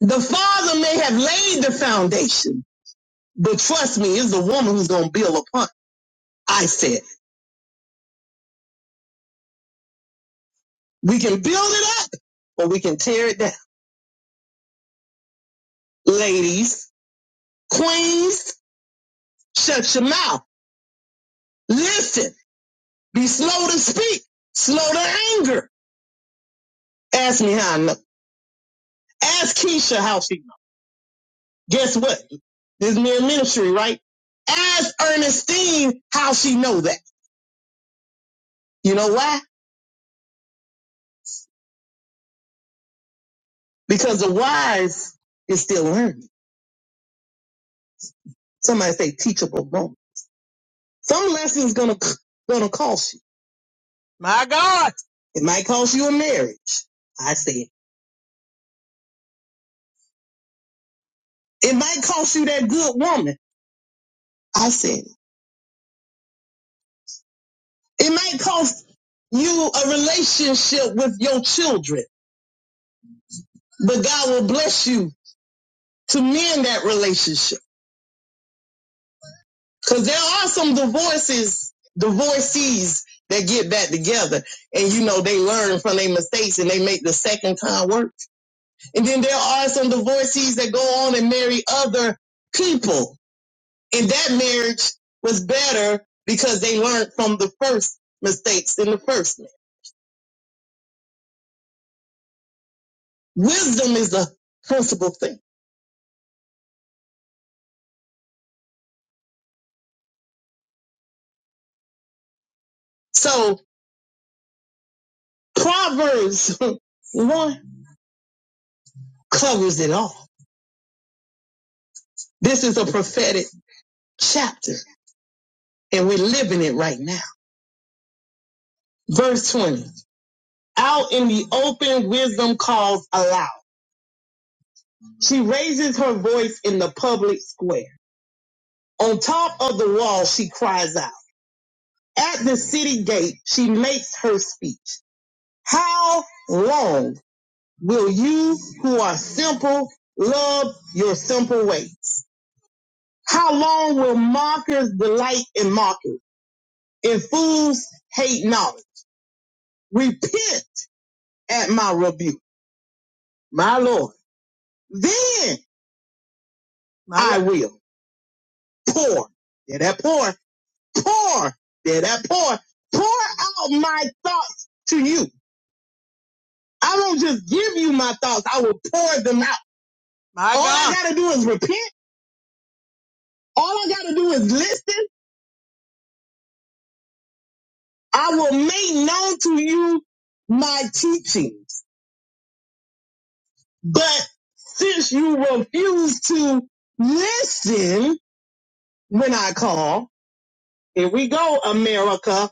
S4: The father may have laid the foundation, but trust me, it's the woman who's going to build upon. it. I said, we can build it up or we can tear it down. Ladies, queens, shut your mouth. Listen, be slow to speak, slow to anger. Ask me how I know. Ask Keisha how she know. Guess what? This is mere ministry, right? Ask Ernestine how she know that. You know why? because the wise is still learning. Somebody say teachable moment. Some lessons gonna gonna cost you. My God, it might cost you a marriage. I said it. It might cost you that good woman. I said it. It might cost you a relationship with your children, but God will bless you to mend that relationship. Cause there are some divorces, divorcees that get back together and you know they learn from their mistakes and they make the second time work And then there are some divorcees that go on and marry other people. And that marriage was better because they learned from the first mistakes in the first. marriage. Wisdom is the principal thing. So Proverbs 1 covers it all. This is a prophetic chapter and we're living it right now. Verse 20. Out in the open, wisdom calls aloud. She raises her voice in the public square. On top of the wall, she cries out. At the city gate, she makes her speech. How long will you who are simple love your simple ways? How long will mockers delight in mockery and fools hate knowledge? Repent at my rebuke, my Lord. Then I will pour. There that pour, pour, there that pour, pour out my thoughts to you I don't just give you my thoughts. I will pour them out. My All God. I gotta do is repent. All I gotta do is listen. I will make known to you my teachings. But since you refuse to listen when I call, here we go, America.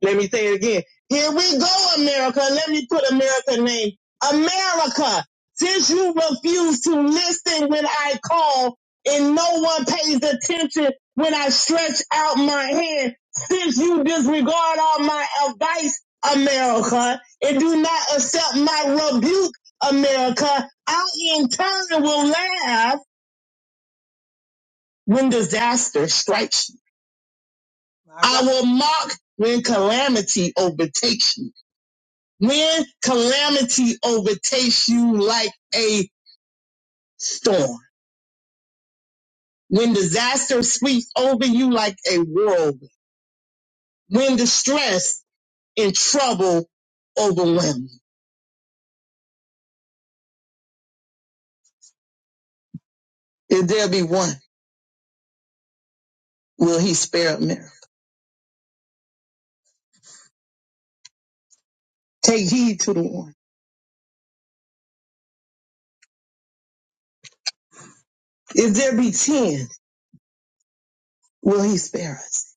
S4: Let me say it again. Here we go, America. Let me put America name. America, since you refuse to listen when I call and no one pays attention when I stretch out my hand, since you disregard all my advice, America, and do not accept my rebuke, America, I in turn will laugh when disaster strikes you. I will mock when calamity overtakes you. When calamity overtakes you like a storm, when disaster sweeps over you like a whirlwind, when distress and trouble overwhelm you, if there be one, will he spare a miracle? Take heed to the one. If there be ten, will he spare us?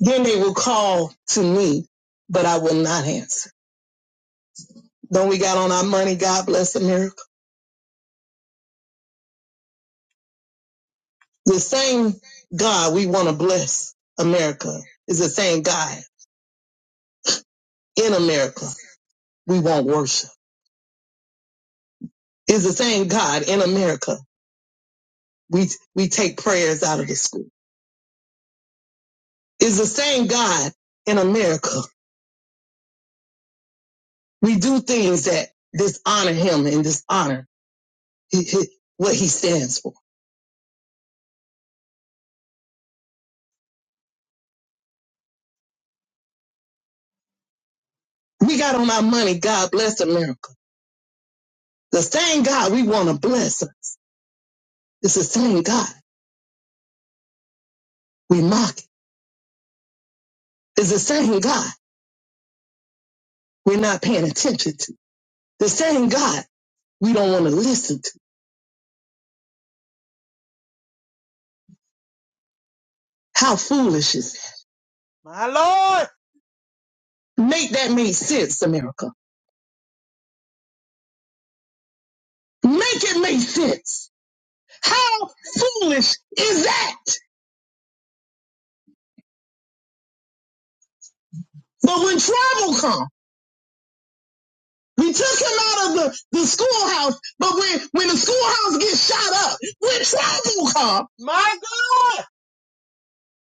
S4: Then they will call to me, but I will not answer. Don't we got on our money? God bless America. The same God we want to bless America is the same God in America. We won't worship. It's the same God in America. We, we take prayers out of the school. It's the same God in America. We do things that dishonor him and dishonor what he stands for. We got on our money. God bless America. The same God we want to bless. her. It's the same God we mock. It. It's the same God we're not paying attention to. The same God we don't want to listen to. How foolish is that? My Lord. Make that make sense, America. Make it make sense. How foolish is that? But when travel comes, we took him out of the, the schoolhouse, but when, when the schoolhouse gets shot up, when travel comes, my God!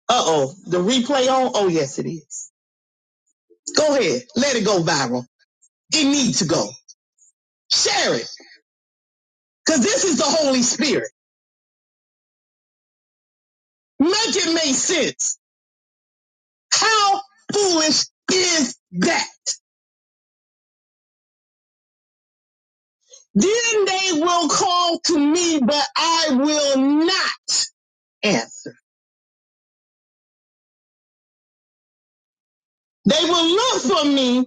S4: Uh-oh, the replay on? Oh, yes, it is. Go ahead. Let it go viral. It needs to go. Share it, because this is the Holy Spirit. Make it make sense. How foolish is that? Then they will call to me, but I will not answer. They will look for me,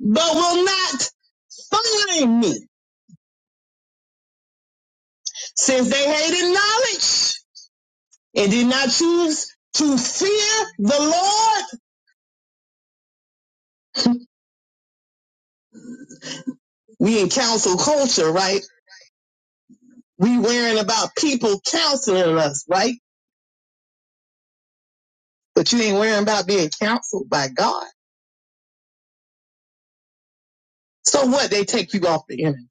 S4: but will not find me. Since they hated knowledge and did not choose to fear the Lord, we in counsel culture, right? We worrying about people counseling us, right? But you ain't worrying about being counseled by God. So what? They take you off the internet.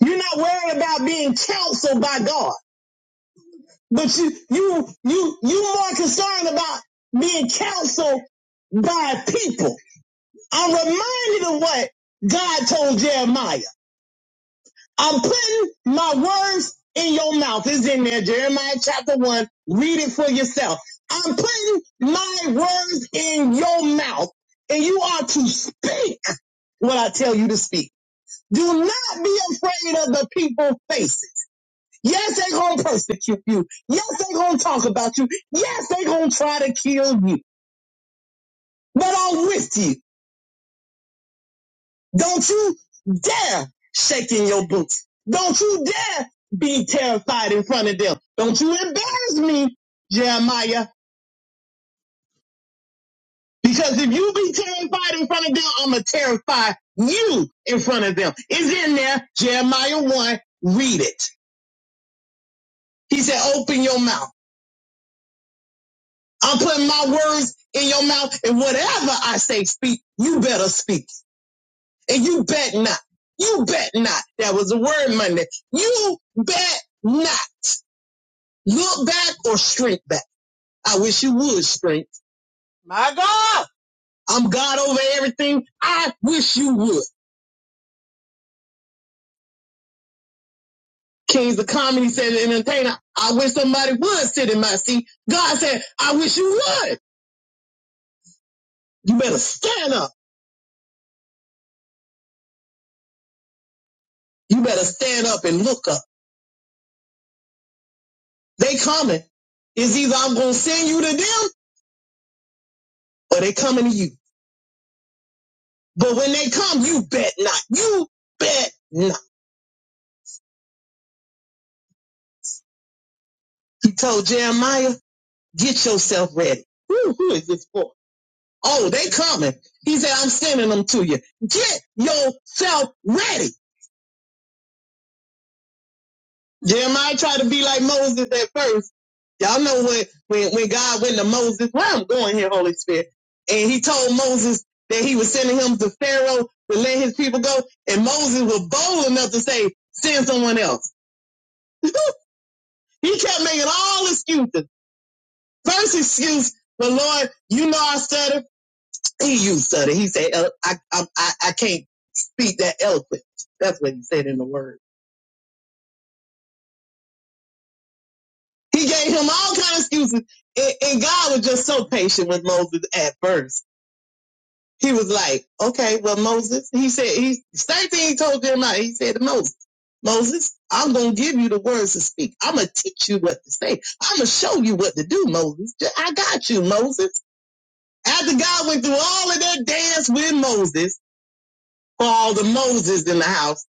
S4: You're not worried about being counseled by God. But you, you, you, you more concerned about being counseled by people. I'm reminded of what God told Jeremiah. I'm putting my words in your mouth. It's in there, Jeremiah chapter one. Read it for yourself. I'm putting my words in your mouth and you are to speak what I tell you to speak. Do not be afraid of the people faces. Yes, they gonna persecute you. Yes, they gonna talk about you. Yes, they gonna try to kill you. But I'm with you. Don't you dare shake in your boots. Don't you dare be terrified in front of them. Don't you embarrass me, Jeremiah. Because if you be terrified in front of them, I'ma terrify you in front of them. It's in there, Jeremiah 1. Read it. He said, open your mouth. I'm putting my words in your mouth, and whatever I say, speak, you better speak. And you bet not. You bet not. That was a word Monday. You bet not. Look back or shrink back. I wish you would shrink. My- Ah, I'm God over everything. I wish you would. Kings of comedy said entertainer, I wish somebody would sit in my seat. God said, I wish you would. You better stand up. You better stand up and look up. They coming. It's either I'm gonna send you to them or they coming to you. But when they come, you bet not. You bet not. He told Jeremiah, get yourself ready. Who, who is this for? Oh, they coming. He said, I'm sending them to you. Get yourself ready. Jeremiah tried to be like Moses at first. Y'all know when, when, when God went to Moses, where I'm going here, Holy Spirit. And he told Moses that he was sending him to Pharaoh to let his people go. And Moses was bold enough to say, send someone else. He kept making all excuses. First excuse, but Lord, you know I stutter. He used stutter. He said, "Uh, I, I, I I can't speak that eloquent. That's what he said in the word. He gave him all kind of excuses. And, and God was just so patient with Moses at first. He was like, okay, well, Moses, he said, he, same thing he told Jeremiah. He said to Moses, Moses, I'm going to give you the words to speak. I'm going to teach you what to say. I'm going to show you what to do, Moses. I got you, Moses. After God went through all of that dance with Moses, for all the Moses in the house.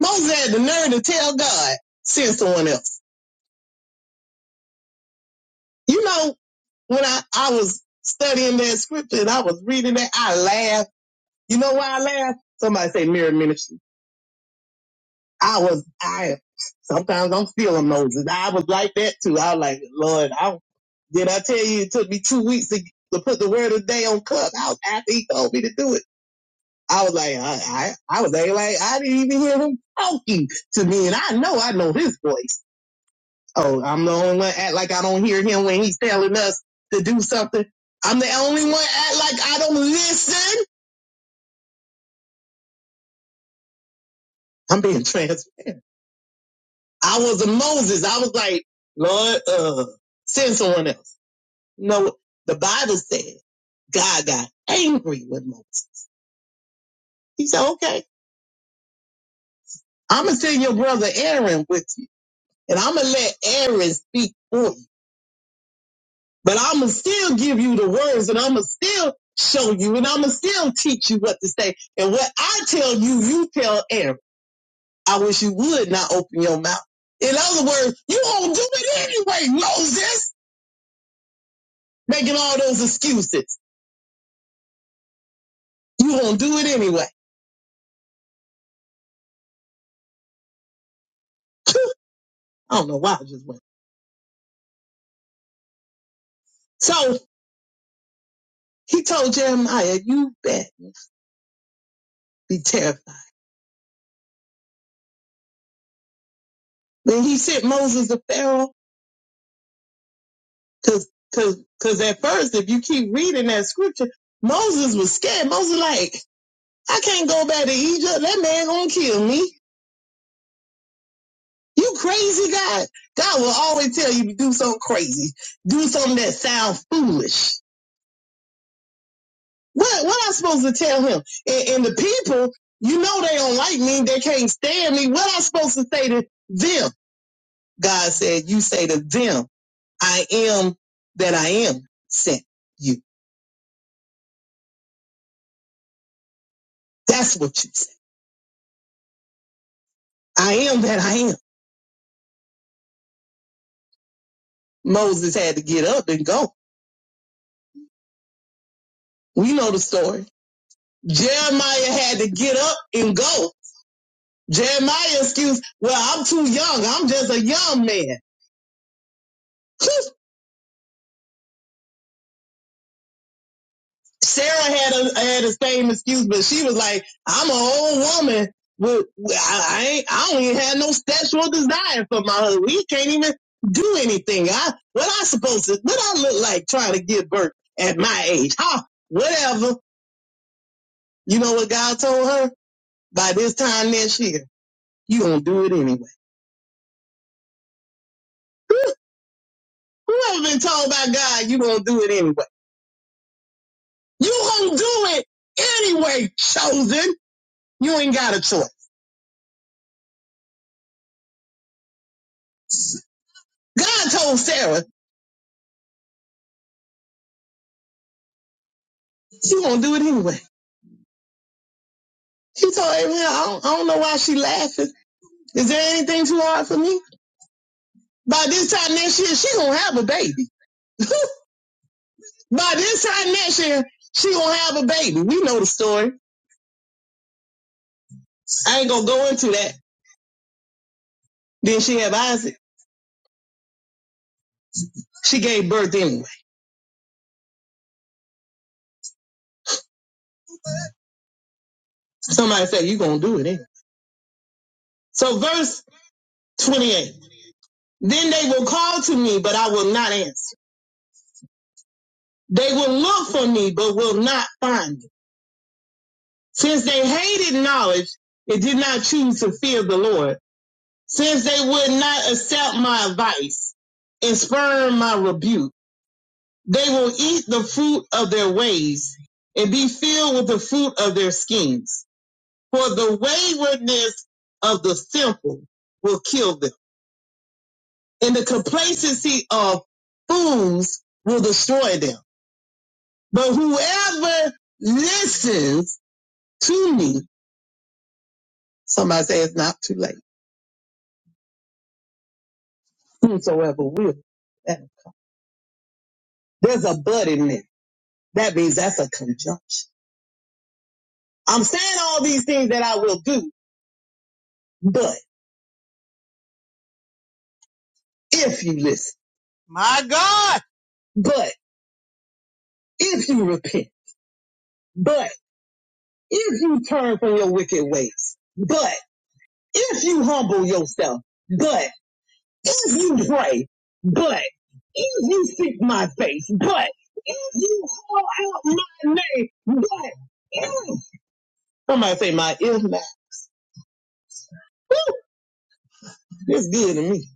S4: Moses had the nerve to tell God, send someone else. You know, when I, I was studying that scripture and I was reading that, I laughed. You know why I laughed? Somebody say mirror ministry. I was, I, sometimes I'm feeling Moses. I was like that too. I was like, Lord, I, did I tell you it took me two weeks to, to put the word of the day on Clubhouse after he told me to do it? I was like, I, I, I was like, like, I didn't even hear him talking to me and I know I know his voice. Oh, I'm the only one act like I don't hear him when he's telling us to do something. I'm the only one act like I don't listen. I'm being transparent. I was a Moses. I was like, Lord, uh, send someone else. No, the Bible said God got angry with Moses. He said, okay, I'm going to send your brother Aaron with you and I'm going to let Aaron speak for you. But I'ma still give you the words and I'ma still show you and I'ma still teach you what to say. And what I tell you, you tell Aaron. I wish you would not open your mouth. In other words, you won't do it anyway, Moses, making all those excuses. You won't do it anyway. I don't know why I just went. So he told Jeremiah, you bet be terrified. Then he sent Moses to Pharaoh because cause, because at first, if you keep reading that scripture, Moses was scared. Moses like, I can't go back to Egypt. That man gonna kill me. You crazy God. God will always tell you to do something crazy. Do something that sounds foolish. What what I supposed to tell him? And, and the people, you know they don't like me, they can't stand me. What I supposed to say to them? God said, You say to them, I am that I am sent you. That's what you say. I am that I am. Moses had to get up and go. We know the story. Jeremiah had to get up and go Jeremiah excuse, well, I'm too young. I'm just a young man. Sarah had a had the same excuse, but she was like, I'm an old woman. With, I, I ain't I don't even have no sexual desire for my husband. He can't even do anything. I what I supposed to what I look like trying to give birth at my age. Huh? Whatever. You know what God told her? By this time next year, you gonna do it anyway. Who, who ever been told by God you gonna do it anyway? You gonna do it anyway, chosen. You ain't got a choice. God told Sarah she gonna do it anyway. She told Abraham, I don't, I don't know why she laughing. Is there anything too hard for me? By this time next year, she gonna have a baby. By this time next year, she gonna have a baby. We know the story. I ain't gonna go into that. Then she have Isaac. She gave birth anyway. Somebody said you gonna do it anyway. So verse 28. Then they will call to me, but I will not answer. They will look for me, but will not find me. Since they hated knowledge and did not choose to fear the Lord, since they would not accept my advice and spurn my rebuke, they will eat the fruit of their ways and be filled with the fruit of their schemes. For the waywardness of the simple will kill them, and the complacency of fools will destroy them. But whoever listens to me Somebody say it's not too late. Whosoever will. There's a but in there. That means that's a conjunction. I'm saying all these things that I will do, but if you listen. My God. But if you repent. But if you turn from your wicked ways. But if you humble yourself. But if you pray. But if you seek my face. But if you call out my name. But if. Somebody say my if not. That's good to me.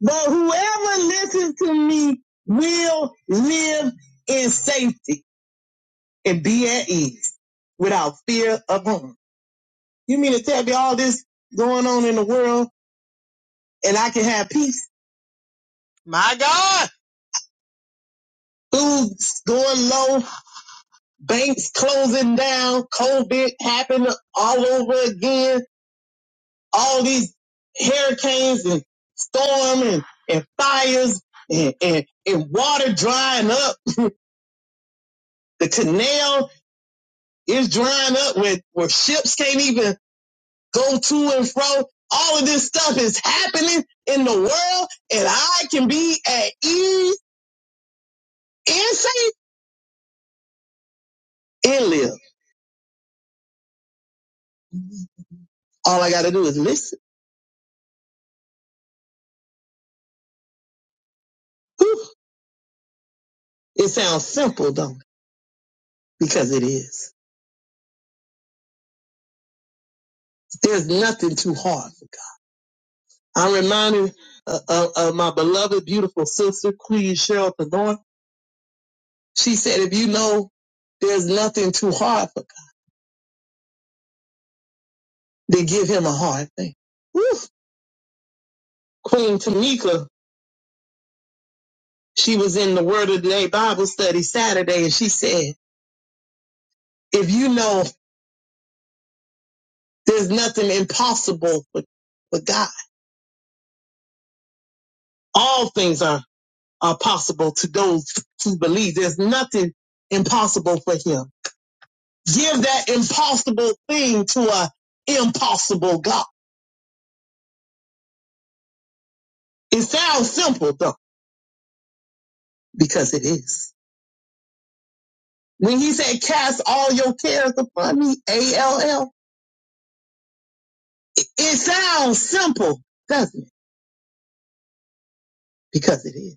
S4: But whoever listens to me will live in safety and be at ease without fear of harm. You mean to tell me all this going on in the world and I can have peace? My God! Foods going low, banks closing down, COVID happening all over again, all these hurricanes and storm and, and fires and, and, and water drying up the canal It's drying up With where ships can't even go to and fro. All of this stuff is happening in the world and I can be at ease and safe and live. All I got to do is listen. Whew. It sounds simple, though, Because it is. There's nothing too hard for God. I'm reminded uh, uh, of my beloved, beautiful sister, Queen Cheryl Thenor. She said, if you know there's nothing too hard for God, then give him a hard thing. Whew. Queen Tamika She was in the Word of the Day Bible study Saturday and she said, if you know there's nothing impossible with, with God, all things are, are possible to those who believe. There's nothing impossible for him. Give that impossible thing to a impossible God. It sounds simple though, because it is. When he said cast all your cares upon me, A-L-L, it sounds simple, doesn't it? Because it is.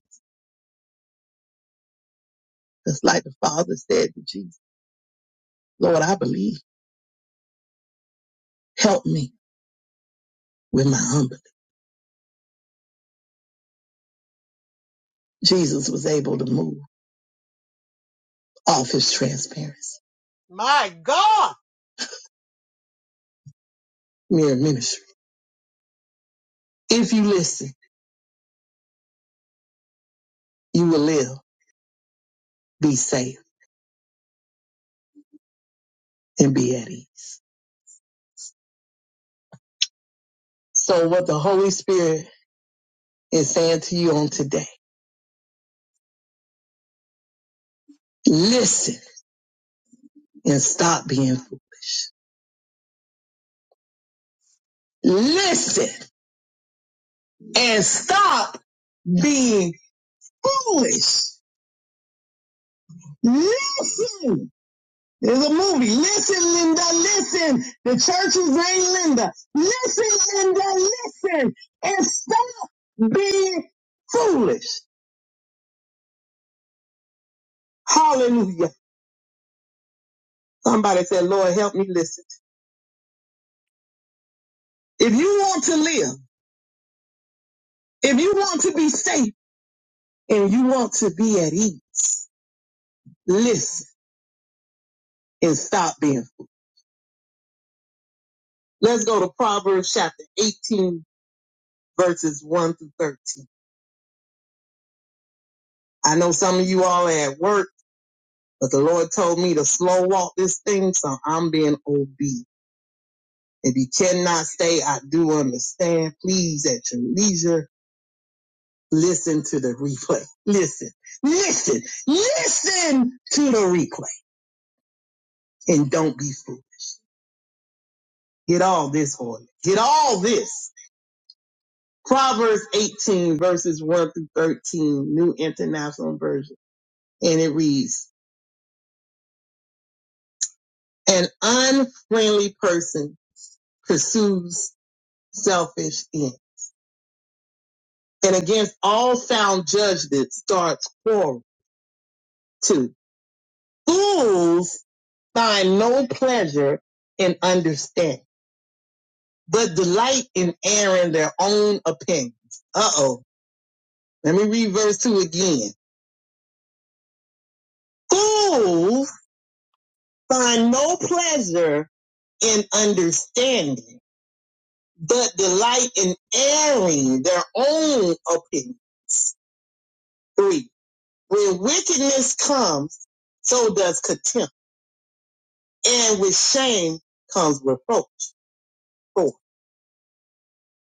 S4: Just like the Father said to Jesus. Lord, I believe. Help me with my humbling. Jesus was able to move off his transparency. My God. Mere ministry. If you listen, you will live, be safe, and be at ease. So what the Holy Spirit is saying to you on today, listen and stop being foolish. Listen and stop being foolish. Listen There's a movie. Listen, Linda, listen. The churches ain't Linda. Listen, Linda, listen. And stop being foolish. Hallelujah. Somebody said, Lord, help me listen. If you want to live, if you want to be safe, and you want to be at ease, listen and stop being foolish. Let's go to Proverbs chapter 18, verses 1 through 13. I know some of you all are at work But the Lord told me to slow walk this thing, so I'm being obedient. If you cannot stay, I do understand. Please, at your leisure, listen to the replay. Listen, listen, listen to the replay and don't be fooled. Get all this, Holy. Get all this. Proverbs 18 verses 1 through 13, New International Version. And it reads, an unfriendly person pursues selfish ends and against all sound judgment starts quarrel. Two, fools find no pleasure in understanding, but delight in airing their own opinions. Uh oh. Let me read verse two again. Fools find no pleasure in understanding, but delight in airing their own opinion. Three, when wickedness comes, so does contempt, and with shame comes reproach Oh,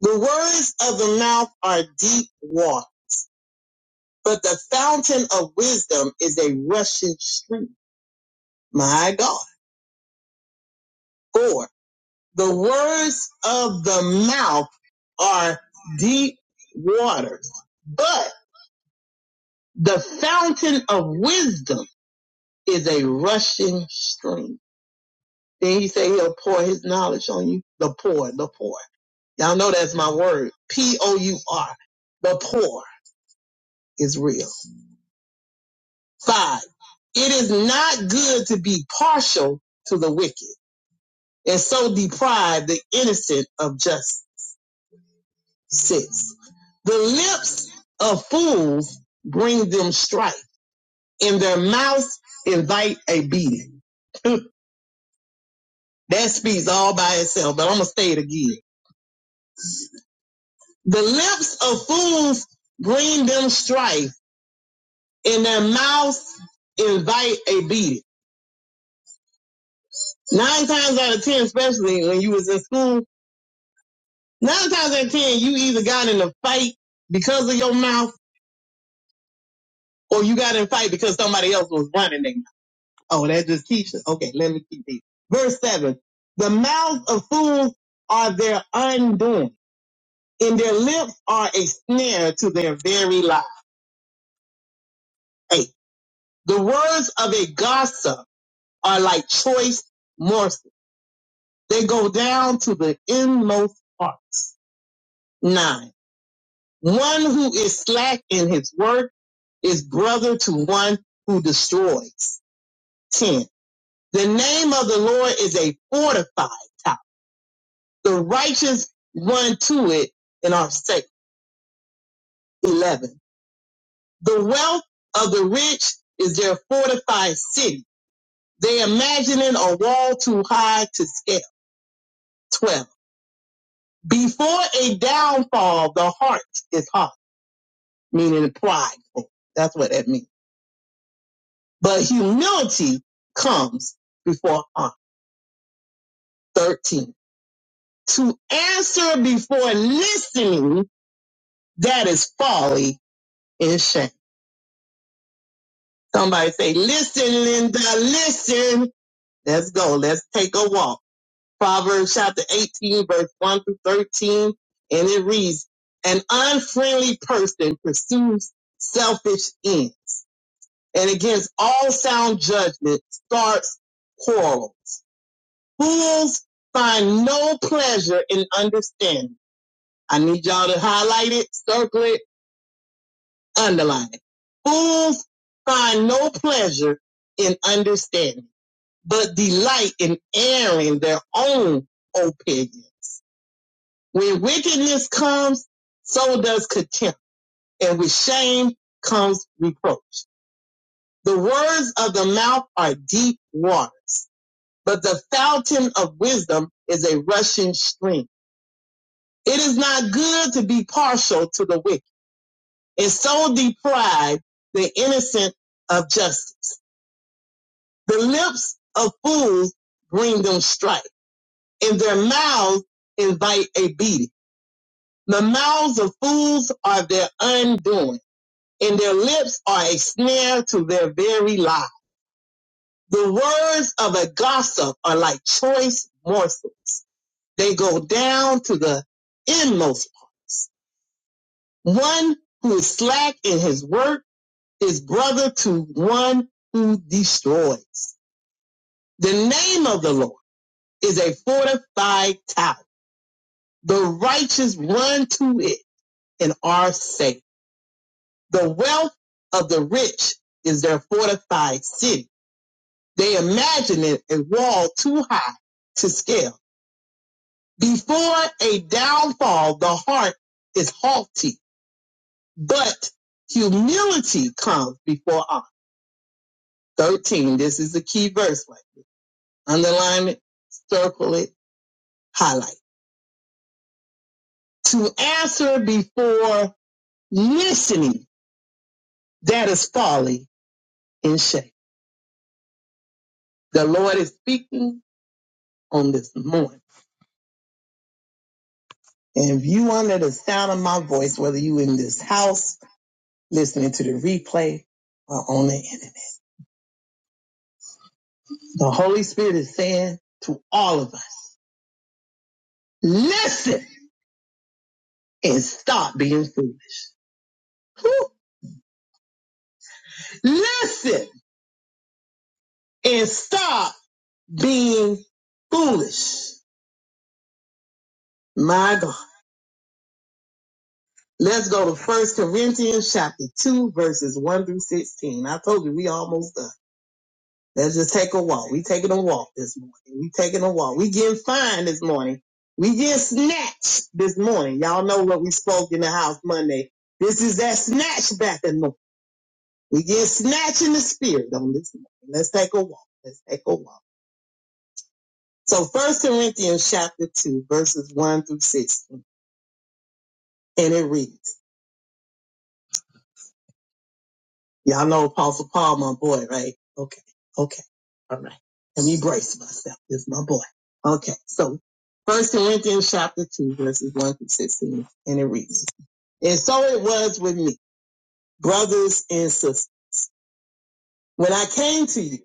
S4: The words of the mouth are deep water, but the fountain of wisdom is a rushing stream. My God. Four. The words of the mouth are deep waters, but the fountain of wisdom is a rushing stream. Then he say he'll pour his knowledge on you. The poor, the poor. Y'all know that's my word. P-O-U-R. The poor is real. Five, it is not good to be partial to the wicked and so deprive the innocent of justice. Six, the lips of fools bring them strife and their mouths invite a beating. That speaks all by itself, but I'm going to say it again. The lips of fools bring them strife and their mouths invite a beating. Nine times out of ten, especially when you was in school Nine times out of ten, you either got in a fight because of your mouth or you got in a fight because somebody else was running their mouth. Oh, that just teaches. Okay, let me keep these. Verse seven. The mouths of fools are their undoing and their lips are a snare to their very lives. Eight. The words of a gossip are like choice morsels. They go down to the inmost parts. Nine. One who is slack in his work is brother to one who destroys. 10. The name of the Lord is a fortified tower. The righteous run to it and are safe. 11. The wealth of the rich is their fortified city. They imagining a wall too high to scale. 12. Before a downfall, the heart is hot, meaning prideful. That's what that means. But humility comes before honor. 13. To answer before listening, that is folly and shame. Somebody say, listen, Linda, listen. Let's go. Let's take a walk. Proverbs chapter 18, verse 1 through 13. And it reads, an unfriendly person pursues selfish ends and against all sound judgment starts quarrel. Fools find no pleasure in understanding. I need y'all to highlight it, circle it, underline it. Fools find no pleasure in understanding, but delight in airing their own opinions. When wickedness comes, so does contempt, and with shame comes reproach. The words of the mouth are deep waters, but the fountain of wisdom is a rushing stream. It is not good to be partial to the wicked and so deprive the innocent of justice. The lips of fools bring them strife and their mouths invite a beating. The mouths of fools are their undoing and their lips are a snare to their very lives. The words of a gossip are like choice morsels. They go down to the inmost. One who is slack in his work is brother to one who destroys. The name of the Lord is a fortified tower. The righteous run to it and are safe. The wealth of the rich is their fortified city. They imagine it a wall too high to scale. Before a downfall, the heart is haughty, but humility comes before honor. 13. This is the key verse. Like, underline it, circle it, highlight. To answer before listening, that is folly and shame. The Lord is speaking on this morning. And if you under the sound of my voice, whether you in this house, listening to the replay, or on the internet, the Holy Spirit is saying to all of us, listen and stop being foolish. Whew. Listen and stop being foolish. My God. Let's go to First Corinthians chapter 2, verses 1 through 16. I told you we almost done. Let's just take a walk. We taking a walk this morning. We taking a walk. We getting fine this morning. We getting snatched this morning. Y'all know what we spoke in the house Monday. This is that snatch back and more. We get snatched in the spirit on this morning. Let's take a walk. Let's take a walk. So First Corinthians chapter 2, verses 1 through 16. And it reads. Y'all know Apostle Paul, my boy, right? Okay. Okay. All right. Let me brace myself. This is my boy. Okay. So first Corinthians chapter two, verses one through 16, and it reads, And so it was with me, brothers and sisters. When I came to you,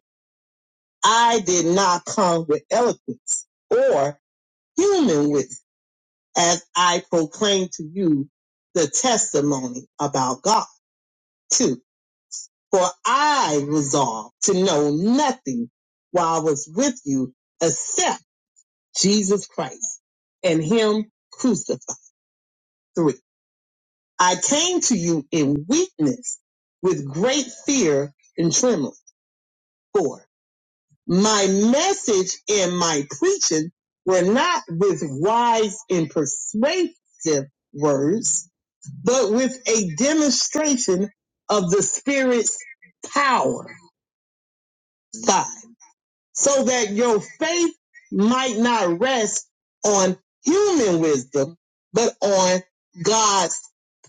S4: I did not come with eloquence or human wisdom as I proclaimed to you the testimony about God. Two, For I resolved to know nothing while I was with you except Jesus Christ and Him crucified. Three. I came to you in weakness with great fear and trembling. Four. My message and my preaching were not with wise and persuasive words, but with a demonstration of the Spirit's power. Five. so that your faith might not rest on human wisdom, but on God's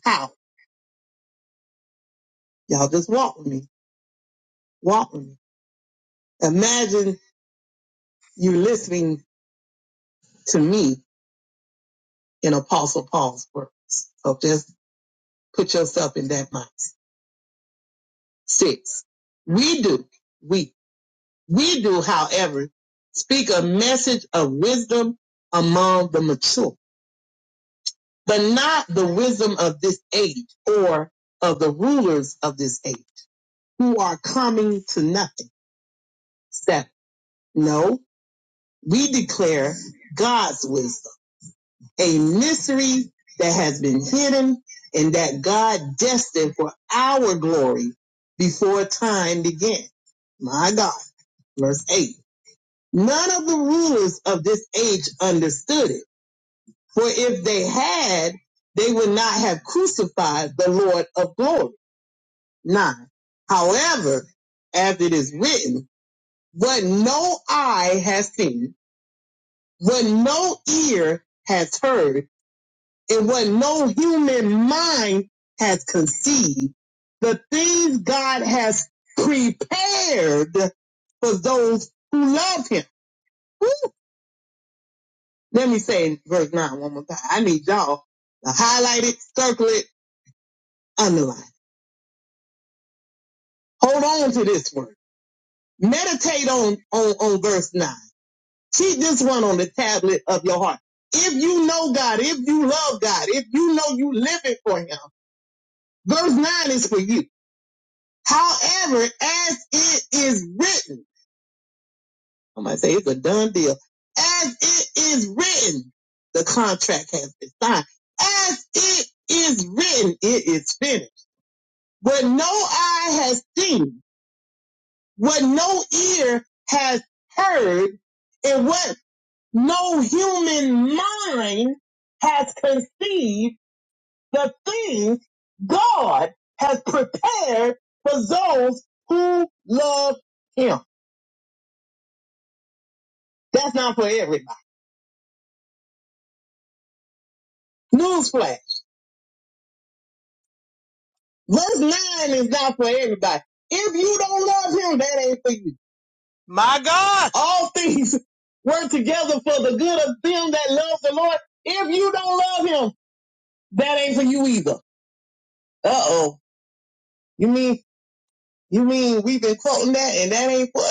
S4: power. Y'all just walk with me. Walk with me. Imagine you listening to me in Apostle Paul's words. So just put yourself in that mind. Six. We do. We. We do, however, speak a message of wisdom among the mature but not the wisdom of this age or of the rulers of this age who are coming to nothing. Seven. No, we declare God's wisdom, a mystery that has been hidden and that God destined for our glory before time began. My God. Verse eight. None of the rulers of this age understood it, for if they had, they would not have crucified the Lord of glory. 9. However, as it is written, what no eye has seen, what no ear has heard, and what no human mind has conceived, the things God has prepared for those who love him. Woo! Let me say verse 9 one more time. I need y'all to highlight it, circle it, underline. it. Hold on to this word. Meditate on, on, on verse 9 Keep this one on the tablet of your heart. If you know God, if you love God, if you know you live it for Him, verse 9 is for you. However, as it is written, I might say it's a done deal. As it is written, the contract has been signed. As it is written, it is finished. What no eye has seen, what no ear has heard, and what No human mind has conceived the things God has prepared for those who love Him. That's not for everybody. Newsflash. Verse 9 is not for everybody. If you don't love Him, that ain't for you. My God. All things work together for the good of them that love the Lord. If you don't love Him, that ain't for you either. Uh oh. You mean, you mean we've been quoting that and that ain't for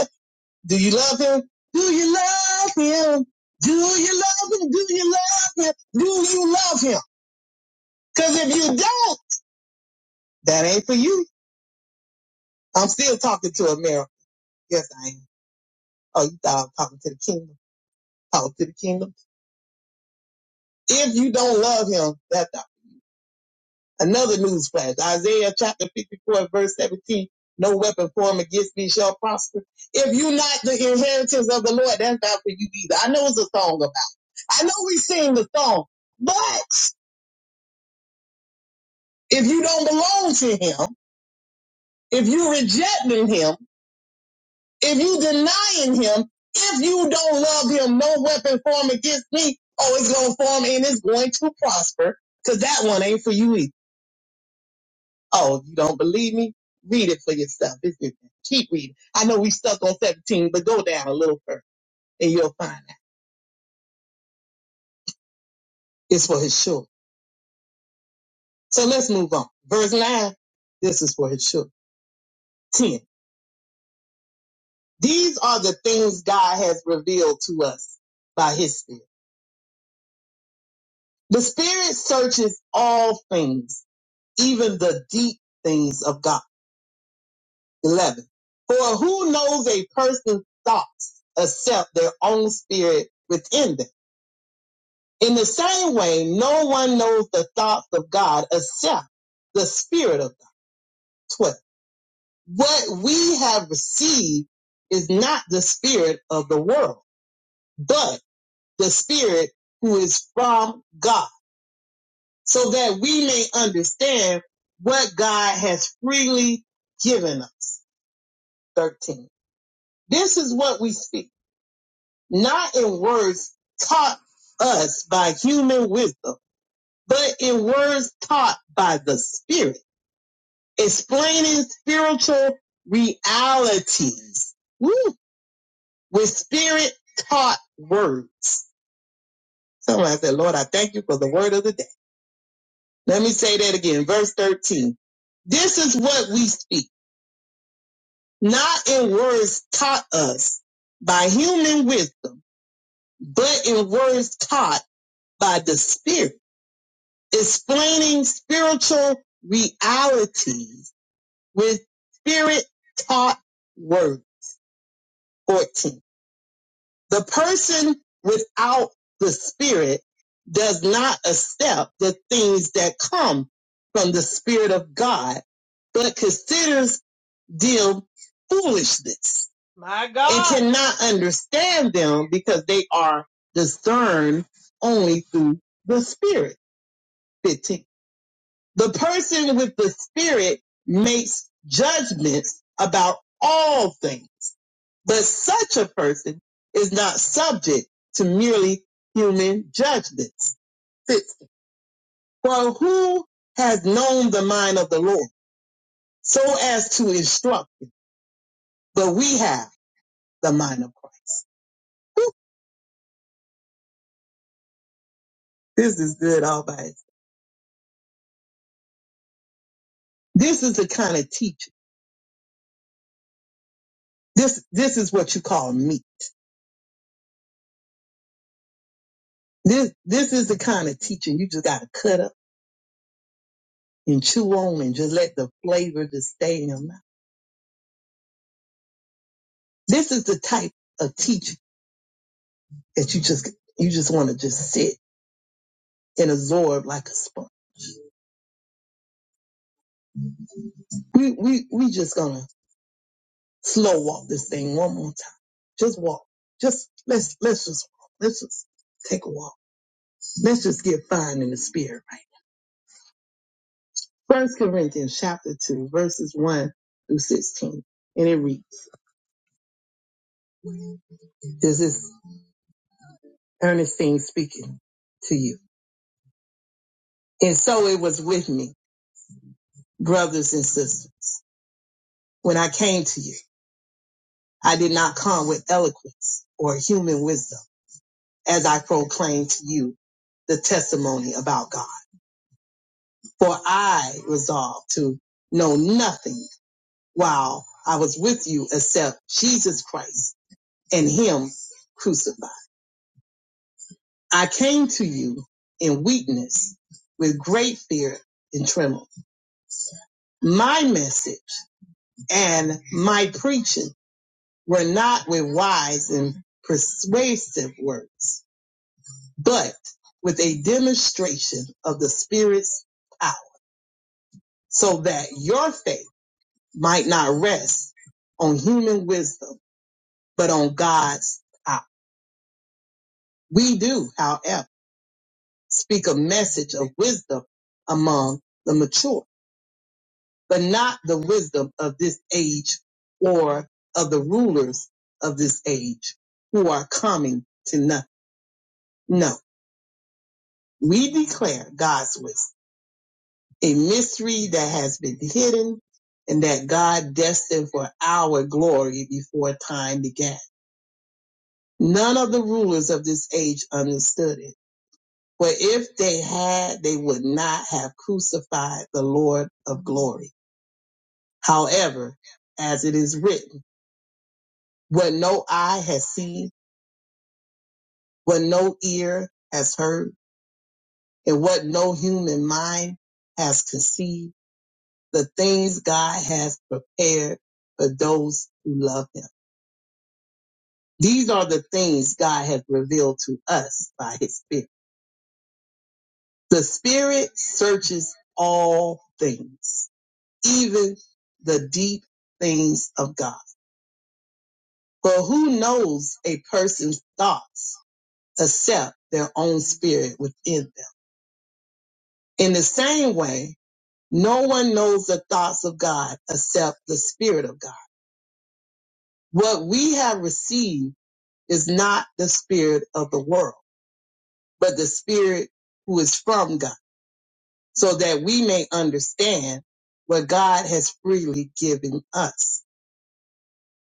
S4: Do you love him? Do you love him? Do you love him? Do you love him? Do you love him? Cause if you don't, that ain't for you. I'm still talking to a mirror. Yes, I am. Oh, you thought I was talking to the kingdom. Talking to the kingdom. If you don't love him, that's another news flash. Isaiah chapter 54 verse 17. No weapon formed against me shall prosper. If you not the inheritance of the Lord, that's not for you either. I know it's a song about. I know we sing the song, but If you don't belong to him, if you are rejecting him, if you denying him, if you don't love him, no weapon formed against me, oh, it's going to form and it's going to prosper because that one ain't for you either. Oh, if you don't believe me, read it for yourself. It's, it, keep reading. I know we stuck on 17, but go down a little further and you'll find out. It's for his children. So let's move on. Verse 9, this is for his children. 10. These are the things God has revealed to us by his spirit. The Spirit searches all things, even the deep things of God. 11. For who knows a person's thoughts except their own spirit within them? In the same way, no one knows the thoughts of God except the Spirit of God. 12. What we have received is not the Spirit of the world, but the Spirit who is from God so that we may understand what God has freely given us. 13. This is what we speak, not in words taught us by human wisdom, but in words taught by the Spirit, explaining spiritual realities Woo! with Spirit taught words. Someone said, Lord, I thank you for the word of the day. Let me say that again. Verse 13. This is what we speak not in words taught us by human wisdom, but in words taught by the Spirit, explaining spiritual realities with Spirit taught words. 14. The person without the Spirit does not accept the things that come from the Spirit of God, but considers deem foolishness My and God. And cannot understand them because they are discerned only through the spirit. 15. The person with the spirit makes judgments about all things, but such a person is not subject to merely human judgments. 6. For who has known the mind of the Lord so as to instruct him? But we have the mind of Christ. This is good all by itself. This is the kind of teaching. This this is what you call meat. This this is the kind of teaching you just gotta cut up and chew on and just let the flavor just stay in your mouth. This is the type of teaching that you just you just wanna just sit and absorb like a sponge. We we we just gonna slow walk this thing one more time. Just walk. Just let's let's just walk. Let's just take a walk. Let's just get fine in the spirit. First Corinthians chapter two, verses one through sixteen. And it reads, This is Ernestine speaking to you. And so it was with me, brothers and sisters. When I came to you, I did not come with eloquence or human wisdom as I proclaimed to you the testimony about God. For I resolved to know nothing while I was with you except Jesus Christ and Him crucified. I came to you in weakness with great fear and tremble. My message and my preaching were not with wise and persuasive words, but with a demonstration of the Spirit's power, so that your faith might not rest on human wisdom, but on God's power. We do, however, speak a message of wisdom among the mature but not the wisdom of this age or of the rulers of this age who are coming to nothing. No, we declare God's wisdom, a mystery that has been hidden and that God destined for our glory before time began. None of the rulers of this age understood it. For if they had, they would not have crucified the Lord of glory. However, as it is written, what no eye has seen, what no ear has heard and what no human mind has conceived, the things God has prepared for those who love him. These are the things God has revealed to us by his spirit. The spirit searches all things, even the deep things of God. For who knows a person's thoughts except their own spirit within them? In the same way, No one knows the thoughts of God except the Spirit of God. What we have received is not the Spirit of the world, but the Spirit who is from God, so that we may understand what God has freely given us.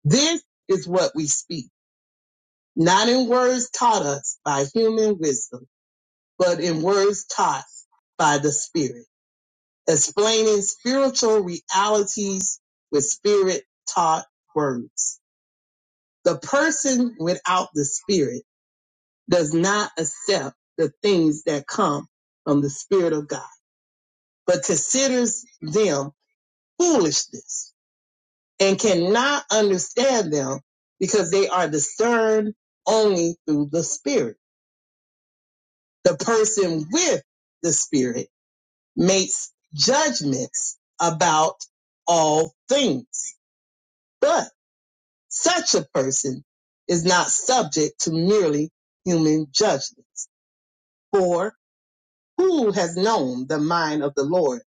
S4: This is what we speak, not in words taught us by human wisdom, but in words taught by the Spirit, explaining spiritual realities with Spirit taught words. The person without the spirit does not accept the things that come from the spirit of God, but considers them foolishness and cannot understand them because they are discerned only through the spirit. The person with the spirit makes judgments about all things, but such a person is not subject to merely human judgments. For Who has known the mind of the Lord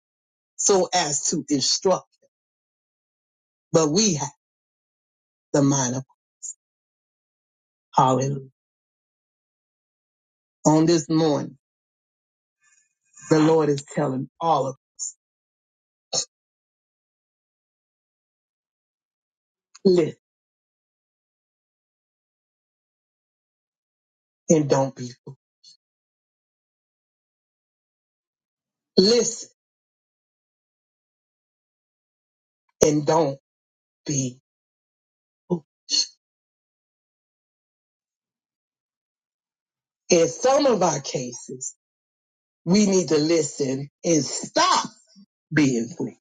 S4: so as to instruct? But we have the mind of Hallelujah. On this morning, the Lord is telling all of us, listen and don't be fooled. Listen and don't be fooled. In some of our cases, we need to listen and stop being fooled.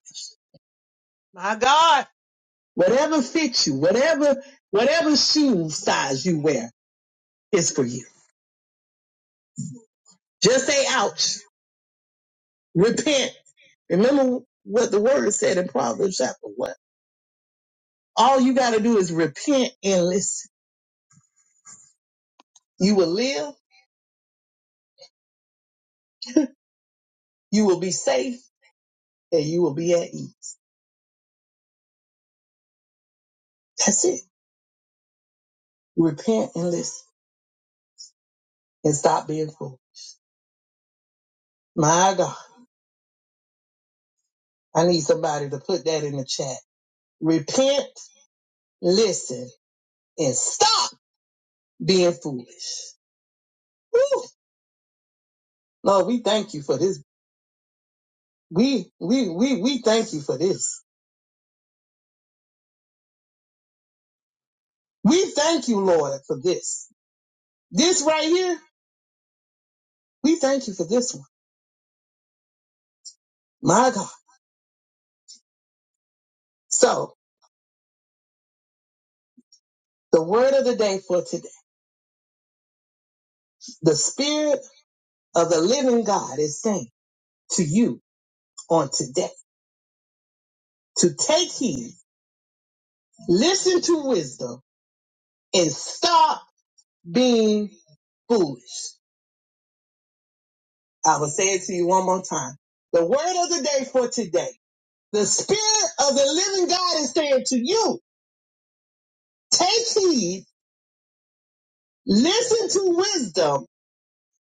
S4: My God. Whatever fits you, whatever, whatever shoe size you wear is for you. Just say ouch Repent. Remember what the word said in Proverbs chapter one. All you got to do is repent and listen. You will live, you will be safe, and you will be at ease. That's it. Repent and listen and stop being fooled. My God, I need somebody to put that in the chat. Repent, listen, and stop being foolish. Woo! Lord, we thank you for this. We, we, we, we thank you for this. We thank you, Lord, for this. This right here We thank you for this one. My God. So the word of the day for today, the spirit of the living God is saying to you on today to take heed, listen to wisdom and stop being foolish. I will say it to you one more time. The word of the day for today, the spirit of the living God is saying to you, take heed, listen to wisdom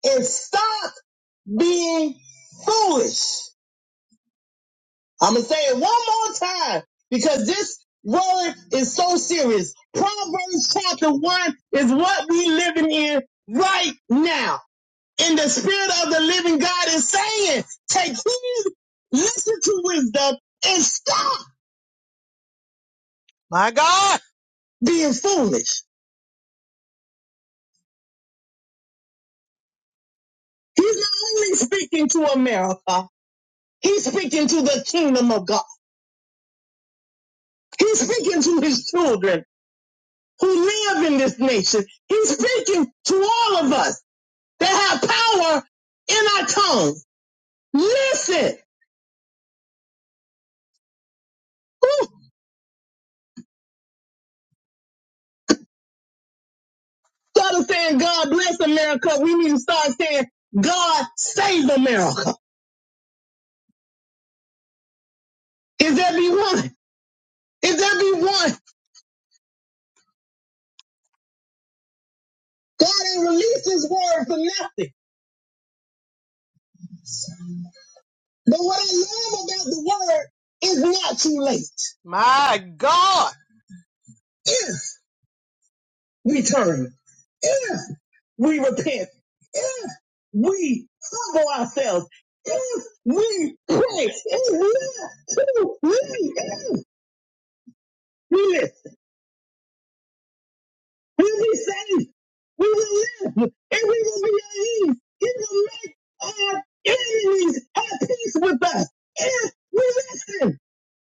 S4: and stop being foolish. I'm gonna say it one more time because this word is so serious. Proverbs chapter one is what we living in right now. And the spirit of the living God is saying, take heed, listen to wisdom, and stop. My God. Being foolish. He's not only speaking to America, he's speaking to the kingdom of God. He's speaking to his children who live in this nation. He's speaking to all of us. that have power in our tongue. Listen. Ooh, Instead of saying God bless America, we need to start saying God save America. Is there be one? Is there be one? God ain't released his word for nothing. But what I love about the word is not too late. My God. If we turn. if we repent, if we humble ourselves, if we pray, if we we listen, we'll be saved. We will live, and we will be at ease. It will make our enemies at peace with us. If we listen,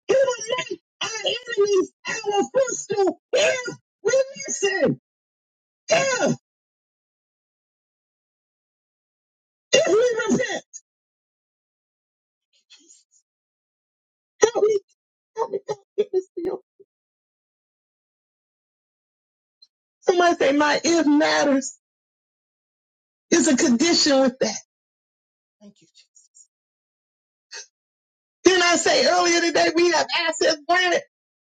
S4: He will make our enemies our footstool. If we listen, if if we repent, help me, help me, help me, help me. Somebody say, my if matters. There's a condition with that. Thank you. Jesus. Didn't I say earlier today we have assets granted?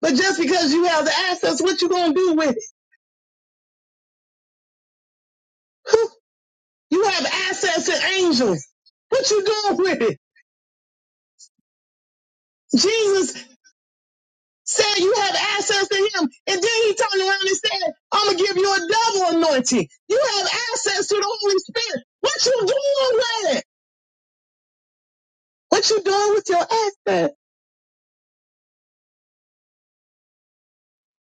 S4: But just because you have the assets, what you gonna do with it? You have assets and angels. What you doing with it? Jesus said you have access to him. And then he turned around and said, I'm gonna give you a double anointing. You have access to the Holy Spirit. What you doing with it? What you doing with your assets?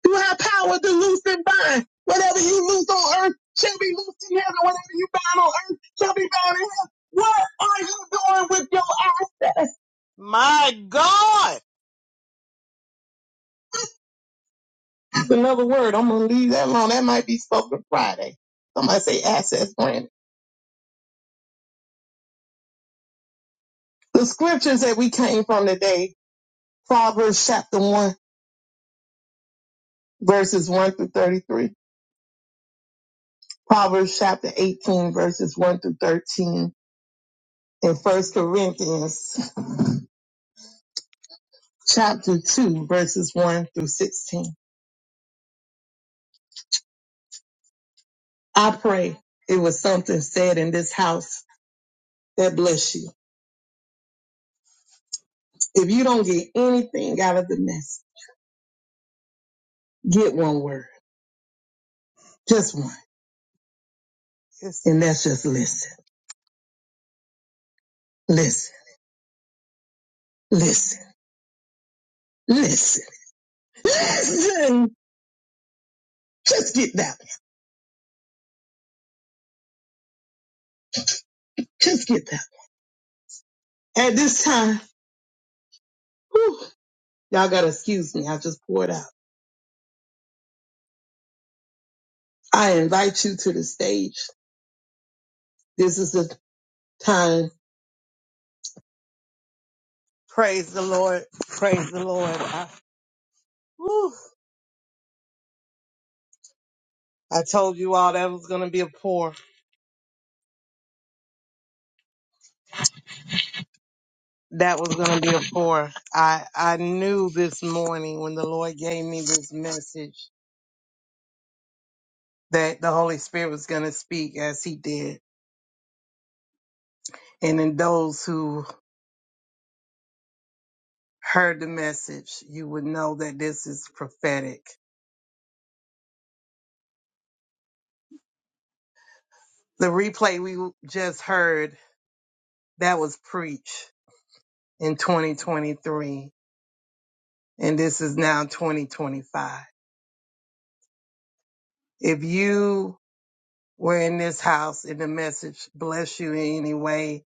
S4: You have power to loose and bind. Whatever you loose on earth shall be loosed in heaven. Whatever you bind on earth shall be bound in heaven. What are you doing with your access? My God. That's another word. I'm going to leave that alone. That might be spoken Friday. Somebody say access granted. The scriptures that we came from today, Proverbs chapter 1, verses 1 through 33. Proverbs chapter 18, verses 1 through 13. And First Corinthians chapter 2, verses 1 through 16. I pray it was something said in this house that bless you. If you don't get anything out of the mess, get one word, just one. Yes. And that's just listen, listen, listen, listen, listen. Just get that. one. Just get that. one. At this time, whew, y'all gotta excuse me. I just poured out. I invite you to the stage. This is the time. Praise the Lord. Praise the Lord. I- whew. I told you all that was going to be a pour. That was going to be a pour. I, I knew this morning when the Lord gave me this message that the Holy Spirit was going to speak as he did. And in those who heard the message, you would know that this is prophetic. The replay we just heard, that was preached in 2023. And this is now 2025. If you were in this house and the message bless you in any way,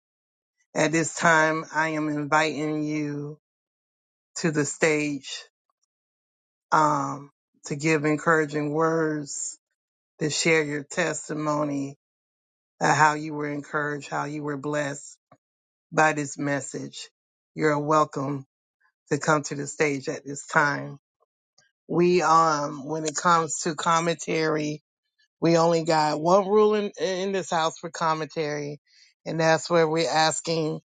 S4: At this time, I am inviting you to the stage um, to give encouraging words, to share your testimony of how you were encouraged, how you were blessed by this message. You're welcome to come to the stage at this time. We, um, when it comes to commentary, we only got one rule in, in this house for commentary, and that's where we're asking,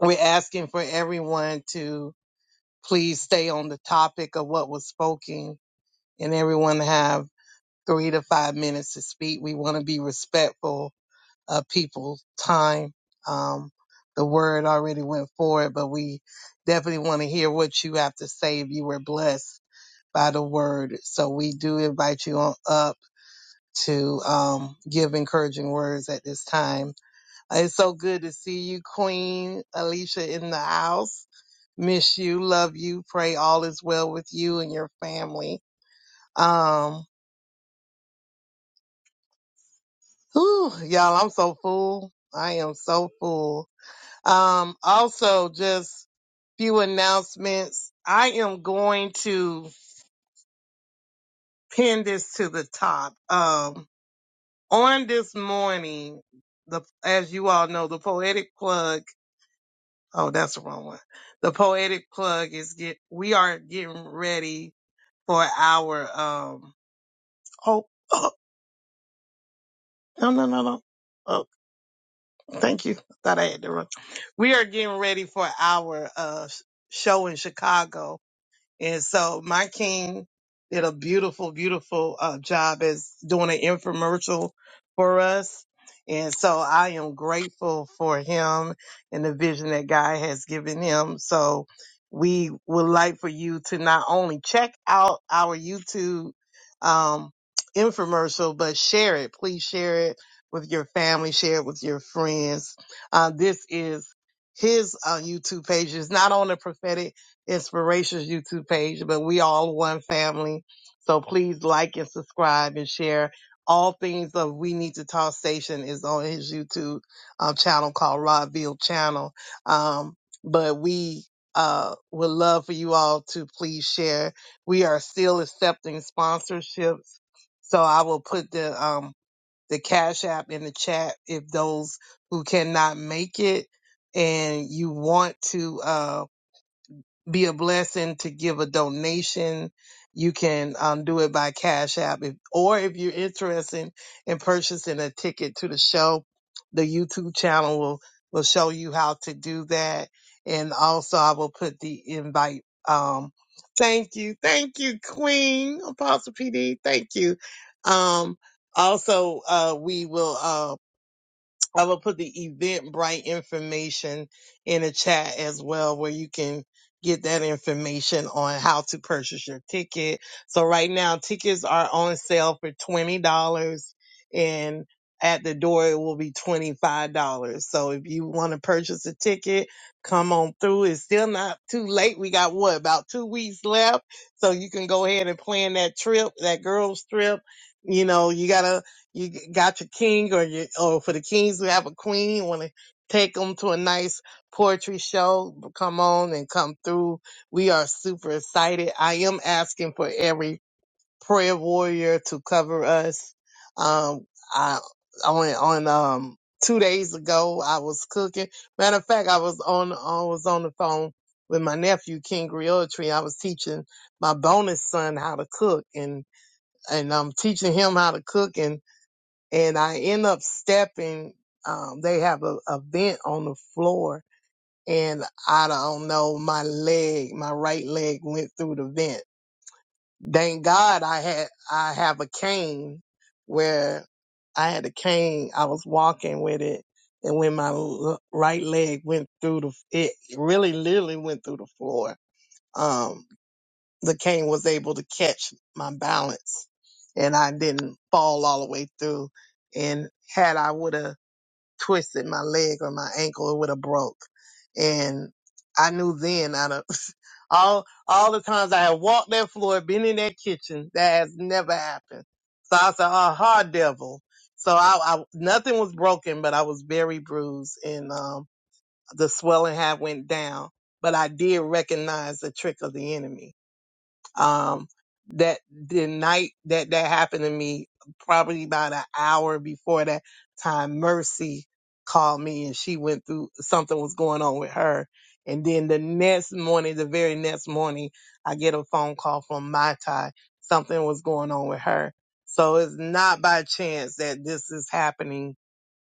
S4: we're asking for everyone to please stay on the topic of what was spoken and everyone have three to five minutes to speak. We want to be respectful of people's time. Um, the word already went forward, but we definitely want to hear what you have to say if you were blessed by the word. So we do invite you on up to um, give encouraging words at this time. Uh, It's so good to see you, Queen Alicia, in the house miss you, love you, pray all is well with you and your family. Um, whew, y'all, I'm so full. I am so full. Um, also just few announcements. I am going to pin this to the top. Um, on this morning, the, as you all know, the poetic plug, oh, that's the wrong one. The poetic plug is get, we are getting ready for our, um, Oh. No, no, no, no. Oh, thank you. I thought I had the wrong. We are getting ready for our uh, show in Chicago. And so my king did a beautiful, beautiful uh, job as doing an infomercial for us. And so I am grateful for him and the vision that God has given him. So we would like for you to not only check out our YouTube um, infomercial, but share it. Please share it with your family, share it with your friends. Uh, this is his uh, YouTube page. It's not on the prophetic Inspirations YouTube page, but we all one family. So please like and subscribe and share. All things of We Need to Talk Station is on his YouTube um, channel called Rodville Channel. Um, but we uh, would love for you all to please share. We are still accepting sponsorships. So I will put the um, the Cash App in the chat if those who cannot make it and you want to. uh, be a blessing to give a donation. You can um, do it by Cash App, if, or if you're interested in purchasing a ticket to the show, the YouTube channel will will show you how to do that. And also, I will put the invite. Um, thank you, thank you, Queen Apostle PD. Thank you. Um, also, uh, we will. Uh, I will put the Eventbrite information in the chat as well, where you can get that information on how to purchase your ticket. So right now, tickets are on sale for twenty dollars, and at the door it will be twenty five dollars. So if you want to purchase a ticket, come on through. It's still not too late. We got what about two weeks left, so you can go ahead and plan that trip, that girls trip. You know, you gotta you g- got your king or your or for the kings who have a queen want to take them to a nice poetry show come on and come through we are super excited i am asking for every prayer warrior to cover us um i on on um two days ago i was cooking matter of fact i was on i was on the phone with my nephew king Griotry. i was teaching my bonus son how to cook and and i'm teaching him how to cook and and I end up stepping. Um, they have a, a vent on the floor, and I don't know. My leg, my right leg, went through the vent. Thank God I had I have a cane where I had a cane. I was walking with it, and when my l- right leg went through the, it really literally went through the floor. Um, the cane was able to catch my balance, and I didn't fall all the way through. And had I would have twisted my leg or my ankle, it would have broke. And I knew then out of all all the times I had walked that floor, been in that kitchen, that has never happened. So I said, "Oh, hard devil." So I, I nothing was broken, but I was very bruised, and um, the swelling had went down. But I did recognize the trick of the enemy um, that the night that that happened to me, probably about an hour before that time, Mercy called me and she went through something was going on with her. And then the next morning, the very next morning, I get a phone call from my tie. Something was going on with her. So it's not by chance that this is happening.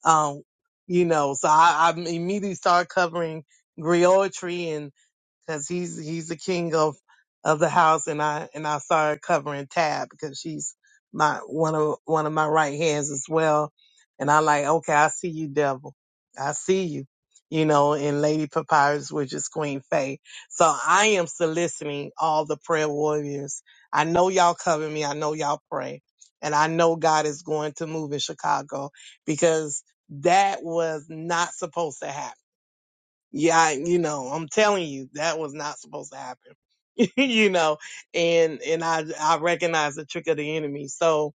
S4: Um, you know, so I, I immediately start covering griotry because he's he's the king of of the house and I and I saw her covering tab because she's my one of one of my right hands as well. And I like, okay, I see you, devil. I see you. You know, and Lady Papyrus, which is Queen Faye. So I am soliciting all the prayer warriors. I know y'all cover me. I know y'all pray. And I know God is going to move in Chicago because that was not supposed to happen yeah, I- you know, I'm telling you, that was not supposed to happen. you know, and and I I recognize the trick of the enemy. So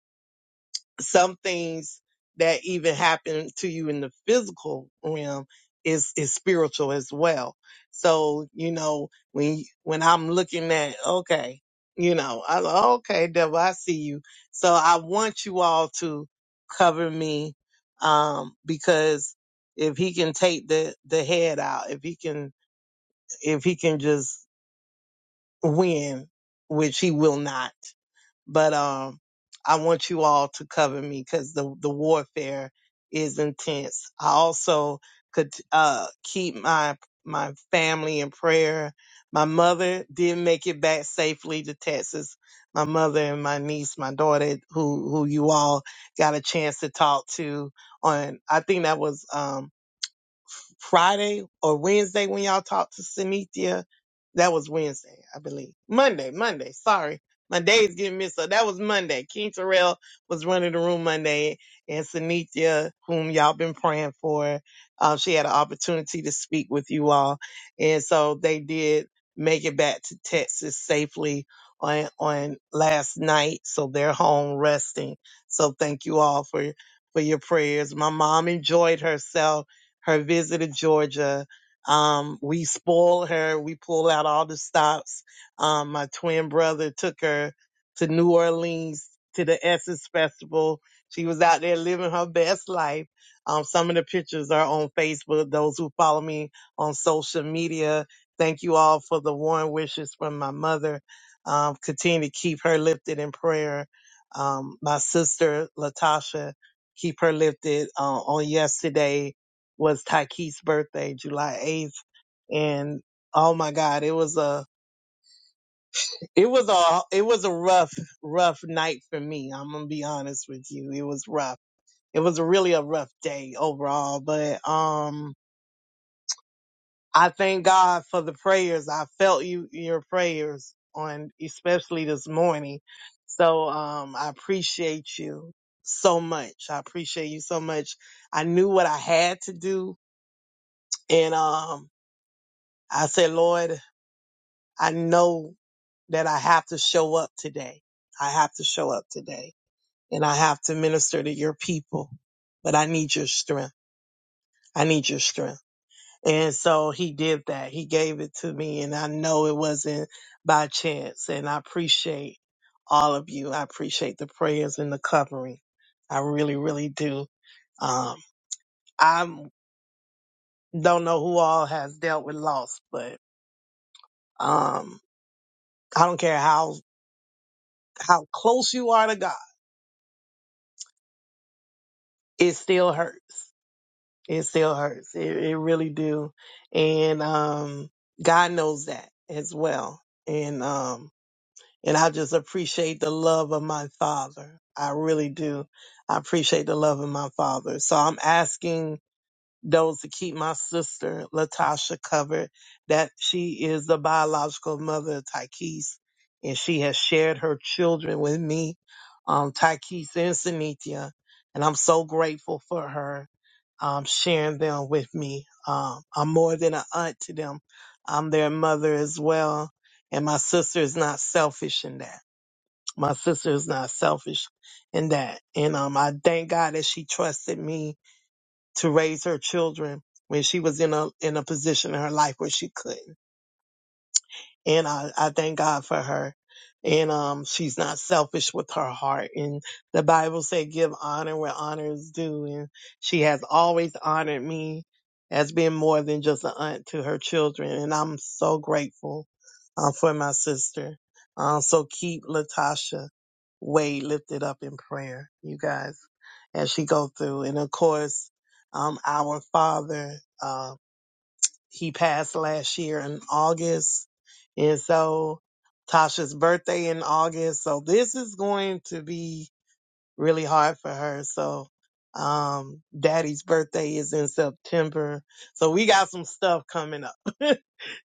S4: some things that even happen to you in the physical realm is is spiritual as well. So you know when when I'm looking at okay, you know, I okay, devil, I see you. So I want you all to cover me, um, because if he can take the the head out, if he can if he can just win, which he will not. But um, I want you all to cover me because the the warfare is intense. I also could uh keep my my family in prayer. My mother did make it back safely to Texas. My mother and my niece, my daughter, who who you all got a chance to talk to on. I think that was um Friday or Wednesday when y'all talked to Cynthia. That was Wednesday, I believe. Monday, Monday. Sorry. My days get mixed up. That was Monday. King Terrell was running the room Monday and Cynthia, whom y'all been praying for, uh, she had an opportunity to speak with you all. And so they did make it back to Texas safely on, on last night. So they're home resting. So thank you all for, for your prayers. My mom enjoyed herself her visit to Georgia. Um, we spoil her. We pull out all the stops. Um, my twin brother took her to New Orleans to the Essence Festival. She was out there living her best life. Um, some of the pictures are on Facebook. Those who follow me on social media, thank you all for the warm wishes from my mother. Um, continue to keep her lifted in prayer. Um, my sister, Latasha, keep her lifted uh, on yesterday was Tyke's birthday, July 8th. And oh my God, it was a, it was a, it was a rough, rough night for me. I'm going to be honest with you. It was rough. It was really a rough day overall, but, um, I thank God for the prayers. I felt you, your prayers on, especially this morning. So, um, I appreciate you so much. I appreciate you so much. I knew what I had to do and, um, I said, Lord, I know that I have to show up today. I have to show up today and I have to minister to your people, but I need your strength. I need your strength. And so he did that. He gave it to me and I know it wasn't by chance and I appreciate all of you. I appreciate the prayers and the covering. I really, really do. Um, I don't know who all has dealt with loss, but, um, I don't care how, how close you are to God it still hurts. It still hurts. It, it really do. And um, God knows that as well. And um, and I just appreciate the love of my father. I really do. I appreciate the love of my father. So I'm asking those to keep my sister Latasha covered, that she is the biological mother of Tykees, and she has shared her children with me, um, Tykees and Sanithia, and I'm so grateful for her um, sharing them with me. Um, I'm more than an aunt to them. I'm their mother as well, and my sister is not selfish in that. My sister is not selfish in that, and um, I thank God that she trusted me to raise her children when she was in a in a position in her life where she couldn't and I, I thank God for her. And um, she's not selfish with her heart. And the Bible said, "Give honor where honor is due." And she has always honored me as being more than just an aunt to her children. And I'm so grateful uh, for my sister. Uh, so keep Latasha Wade lifted up in prayer, you guys, as she go through. And of course, um, our Father. uh, he passed last year in August. And so Tasha's birthday in August. So this is going to be really hard for her. So um daddy's birthday is in September. So we got some stuff coming up.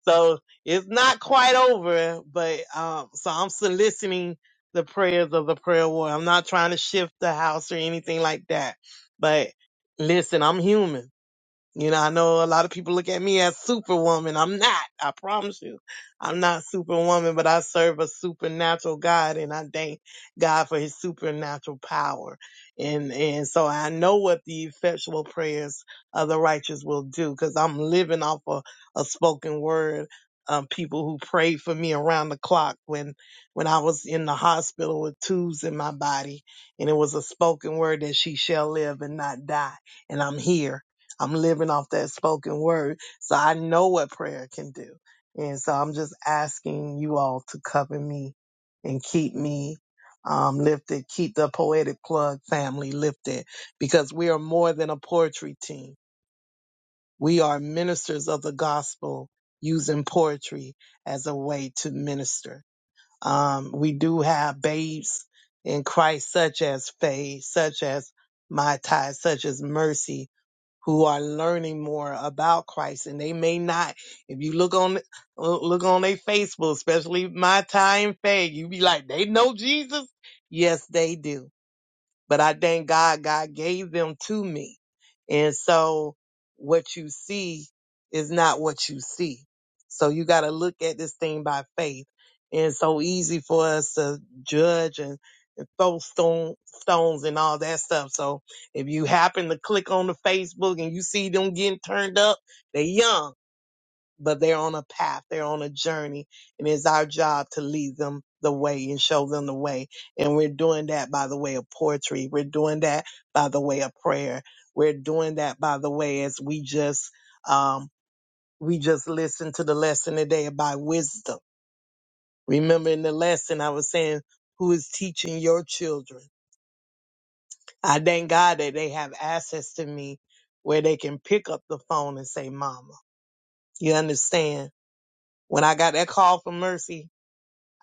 S4: so it's not quite over, but um so I'm soliciting the prayers of the prayer war. I'm not trying to shift the house or anything like that. But listen, I'm human. You know, I know a lot of people look at me as superwoman. I'm not. I promise you. I'm not superwoman, but I serve a supernatural God and I thank God for his supernatural power. And, and so I know what the effectual prayers of the righteous will do because I'm living off of a spoken word. Um, people who prayed for me around the clock when, when I was in the hospital with tubes in my body and it was a spoken word that she shall live and not die. And I'm here I'm living off that spoken word. So I know what prayer can do. And so I'm just asking you all to cover me and keep me um, lifted, keep the poetic plug family lifted because we are more than a poetry team. We are ministers of the gospel using poetry as a way to minister. Um, we do have babes in Christ, such as Faye, such as Mai Tai, such as Mercy, who are learning more about Christ and they may not if you look on look on their Facebook, especially my time Faye, you be like, they know Jesus? Yes, they do but I thank God, God gave them to me. And so what you see is not what you see. So you got to look at this thing by faith. And it's so easy for us to judge and, and throw stone, stones and all that stuff. So if you happen to click on the Facebook and you see them getting turned up, they young but they're on a path, they're on a journey, and it's our job to lead them the way and show them the way. And we're doing that by the way of poetry. We're doing that by the way of prayer. We're doing that by the way as we just um we just listen to the lesson today about wisdom. Remember in the lesson I was saying who is teaching your children? I thank God that they have access to me where they can pick up the phone and say mama. You understand? When I got that call from Mercy,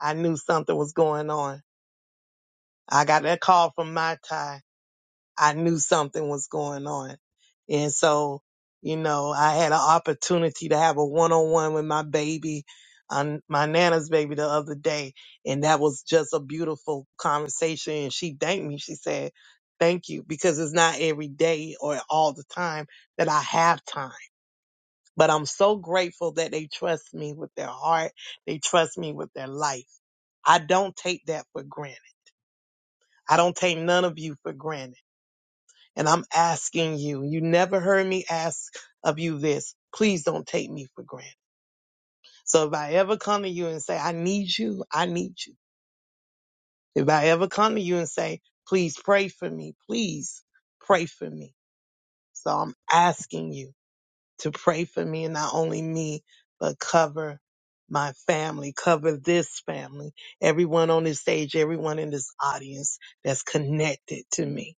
S4: I knew something was going on. I got that call from my tie. I knew something was going on. And so, you know, I had an opportunity to have a one on one with my baby, um, my Nana's baby the other day. And that was just a beautiful conversation. And she thanked me. She said, thank you because it's not every day or all the time that I have time. But I'm so grateful that they trust me with their heart. They trust me with their life. I don't take that for granted. I don't take none of you for granted. And I'm asking you, you never heard me ask of you this. Please don't take me for granted. So if I ever come to you and say, I need you, I need you. If I ever come to you and say, please pray for me, please pray for me. So I'm asking you to pray for me and not only me, but cover my family, cover this family, everyone on this stage, everyone in this audience that's connected to me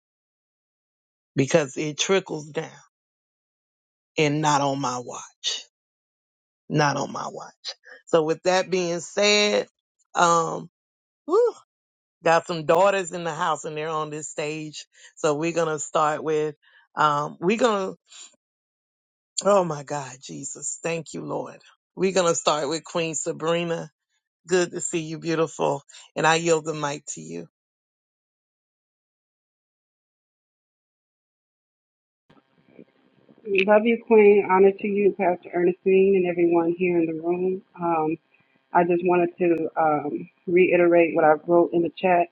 S4: because it trickles down. and not on my watch. Not on my watch. So with that being said, um, whew, got some daughters in the house and they're on this stage. So we're gonna start with um we're gonna oh my God, Jesus, thank you, Lord. We're gonna start with Queen Sabrina. Good to see you, beautiful. And I yield the mic to you.
S5: Love you, Queen. Honor to you, Pastor Ernestine, and everyone here in the room. Um, I just wanted to um, reiterate what I wrote in the chat.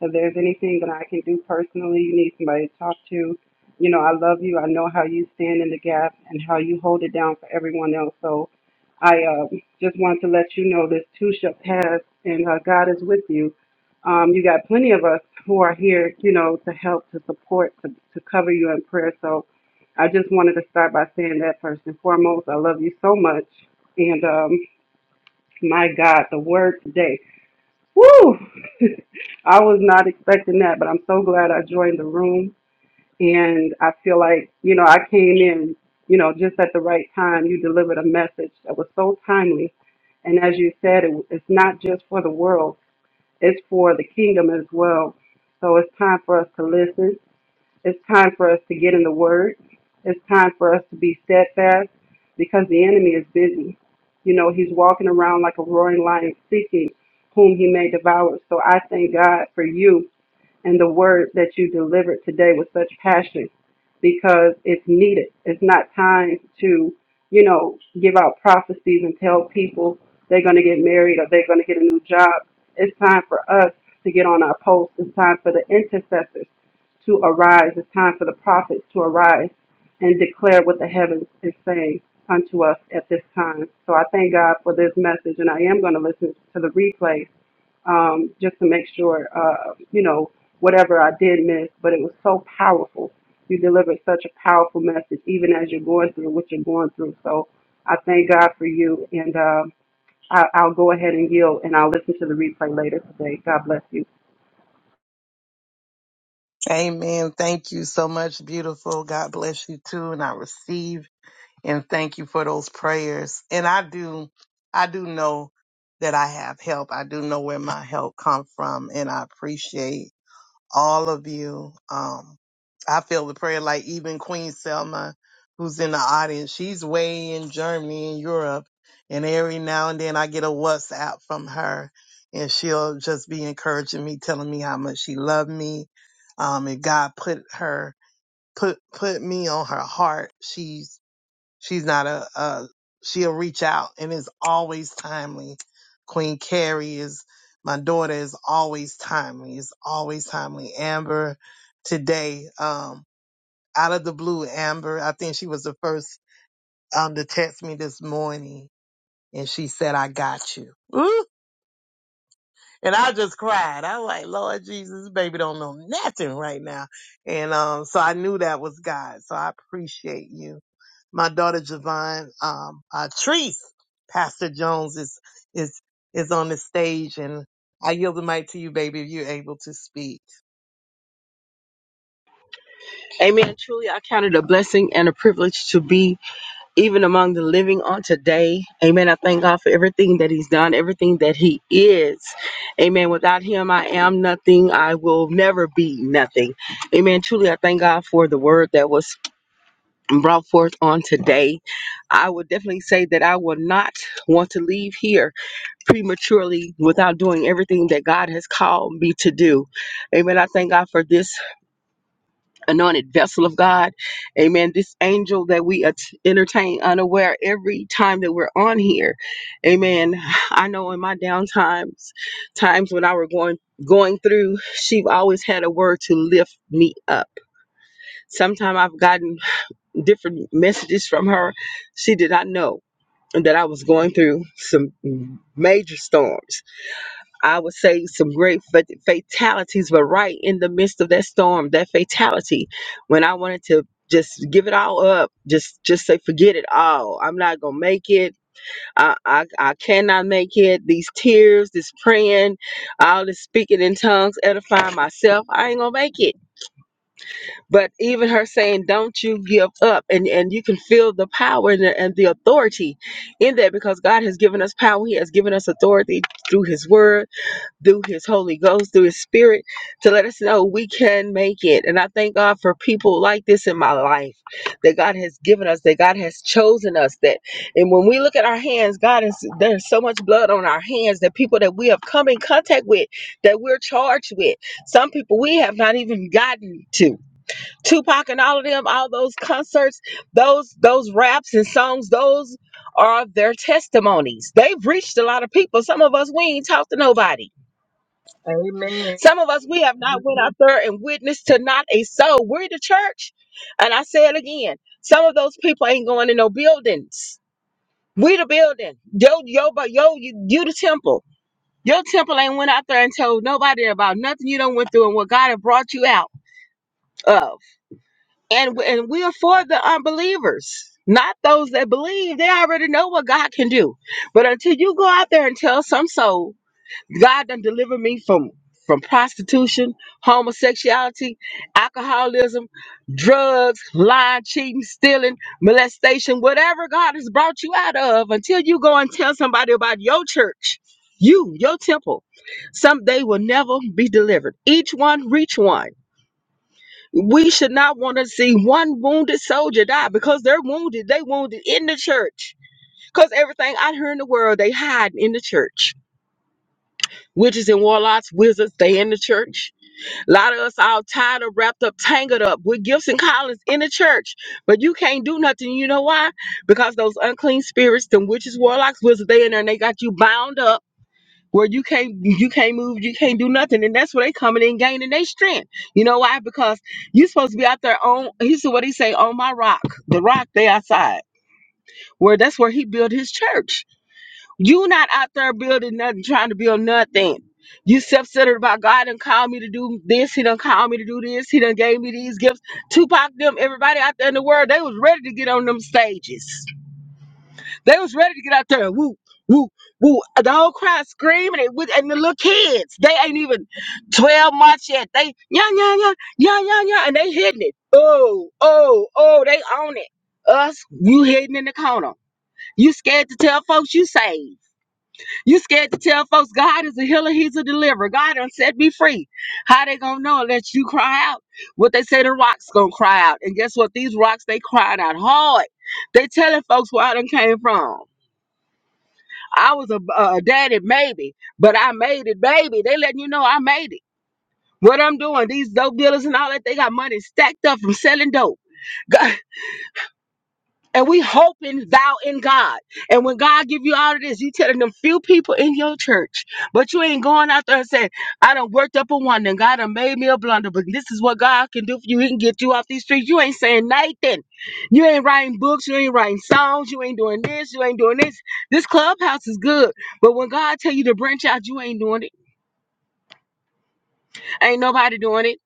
S5: If there's anything that I can do personally, you need somebody to talk to. You know, I love you. I know how you stand in the gap and how you hold it down for everyone else. So I um, just wanted to let you know this too shall pass, and uh, God is with you. Um, you got plenty of us who are here, you know, to help, to support, to, to cover you in prayer. So I just wanted to start by saying that first and foremost, I love you so much. And um, my God, the word today. Woo! I was not expecting that, but I'm so glad I joined the room. And I feel like, you know, I came in, you know, just at the right time. You delivered a message that was so timely. And as you said, it, it's not just for the world, it's for the kingdom as well. So it's time for us to listen it's time for us to get in the Word. It's time for us to be steadfast because the enemy is busy. You know, he's walking around like a roaring lion seeking whom he may devour. So I thank God for you and the word that you delivered today with such passion because it's needed. It's not time to, you know, give out prophecies and tell people they're going to get married or they're going to get a new job. It's time for us to get on our posts. It's time for the intercessors to arise. It's time for the prophets to arise and declare what the heavens is saying unto us at this time. So I thank God for this message, and I am going to listen to the replay um, just to make sure, uh, you know, whatever I did miss, but it was so powerful. You delivered such a powerful message, even as you're going through what you're going through. So I thank God for you, and uh, I, I'll go ahead and yield, and I'll listen to the replay later today. God bless you.
S4: Amen. Thank you so much, beautiful. God bless you too. And I receive. and thank you for those prayers. And I do, I do know that I have help. I do know where my help come from, and I appreciate all of you. Um, I feel the prayer like even Queen Selma, who's in the audience, she's way in Germany in Europe, and every now and then I get a WhatsApp from her, and she'll just be encouraging me, telling me how much she loved me, um, and God put her put put me on her heart. She's She's not a, a she'll reach out and is always timely. Queen Carrie is my daughter is always timely, is always timely. Amber today, um, out of the blue, Amber, I think she was the first um to text me this morning and she said, I got you. Ooh, and I just cried. I was like, Lord Jesus, this baby don't know nothing right now. And um, so I knew that was God. So I appreciate you. My daughter Javon, um, uh, Treese, Pastor Jones is, is, is on the stage and I yield the mic to you, baby, if you're able to speak.
S6: Amen. Truly, I count it a blessing and a privilege to be even among the living on today. Amen. I thank God for everything that He's done, everything that He is. Amen. Without Him, I am nothing. I will never be nothing. Amen. Truly, I thank God for the word that was brought forth on today. I would definitely say that I will not want to leave here prematurely without doing everything that God has called me to do. Amen. I thank God for this anointed vessel of God. Amen. This angel that we at- entertain unaware every time that we're on here. Amen. I know in my down times, times when I were going going through, she always had a word to lift me up. Sometimes I've gotten different messages from her. She did not know that I was going through some major storms. I would say some great fa- fatalities, but right in the midst of that storm, that fatality, when I wanted to just give it all up, just just say forget it all. I'm not gonna make it. I I, I cannot make it. These tears, this praying, all this speaking in tongues, edifying myself. I ain't gonna make it. But even her saying, "Don't you give up," and and you can feel the power and the, and the authority in that because God has given us power. He has given us authority through His Word through his Holy Ghost, through his spirit, to let us know we can make it. And I thank God for people like this in my life that God has given us, that God has chosen us. That and when we look at our hands, God is there's so much blood on our hands that people that we have come in contact with, that we're charged with. Some people we have not even gotten to. Tupac and all of them, all those concerts, those those raps and songs, those are their testimonies. They've reached a lot of people. Some of us we ain't talked to nobody
S4: Amen.
S6: some of us, we have not went out there and witnessed to not a soul. We're the church. And I say it again. Some of those people ain't going to no buildings. We the building. Yo, yo, but yo, you, you the temple. Your temple ain't went out there and told nobody about nothing you don't went through and what God had brought you out of. And, w- and we are for the unbelievers, not those that believe. They already know what God can do. But until you go out there and tell some soul God done delivered me from from prostitution, homosexuality, alcoholism, drugs, lying, cheating, stealing, molestation, whatever God has brought you out of until you go and tell somebody about your church, you, your temple. Some they will never be delivered. Each one reach one. We should not want to see one wounded soldier die because they're wounded. They wounded in the church. Because everything out here in the world, they hide in the church Witches and warlocks, wizards, they in the church. A lot of us all tied up, wrapped up, tangled up with gifts and callings in the church. But you can't do nothing. You know why? Because those unclean spirits, them witches, warlocks, wizards, they in there and they got you bound up where you can't you can't move, you can't do nothing. And that's where they coming in gaining their strength. You know why? Because you supposed to be out there on he said what he say, on my rock. The rock they outside. Where that's where he built his church. You not out there building nothing, trying to build nothing. You self-centered about God done called me to do this. He done called me to do this. He done gave me these gifts. Tupac, them, everybody out there in the world, they was ready to get on them stages. They was ready to get out there. Woo, woo, woo. The whole crowd screaming it with and the little kids. They ain't even 12 months yet. They yeah, yeah, yeah, yeah, yeah, yeah. And they hitting it. Oh, oh, oh, they own it. Us, you hidden in the corner. You scared to tell folks you saved. You scared to tell folks God is a healer, He's a deliverer. God done set me free. How they gonna know unless you cry out? What they say the rocks gonna cry out. And guess what? These rocks they cried out hard. They telling folks where I done came from. I was a, a daddy maybe, but I made it, baby. They letting you know I made it. What I'm doing, these dope dealers and all that, they got money stacked up from selling dope. And we hoping thou in God. And when God give you all of this, you telling them few people in your church. But you ain't going out there and saying, I done worked up a wonder and God done made me a blunder, but this is what God can do for you. He can get you off these streets. You ain't saying nothing. You ain't writing books. You ain't writing songs. You ain't doing this. You ain't doing this. This clubhouse is good. But when God tell you to branch out, you ain't doing it. Ain't nobody doing it.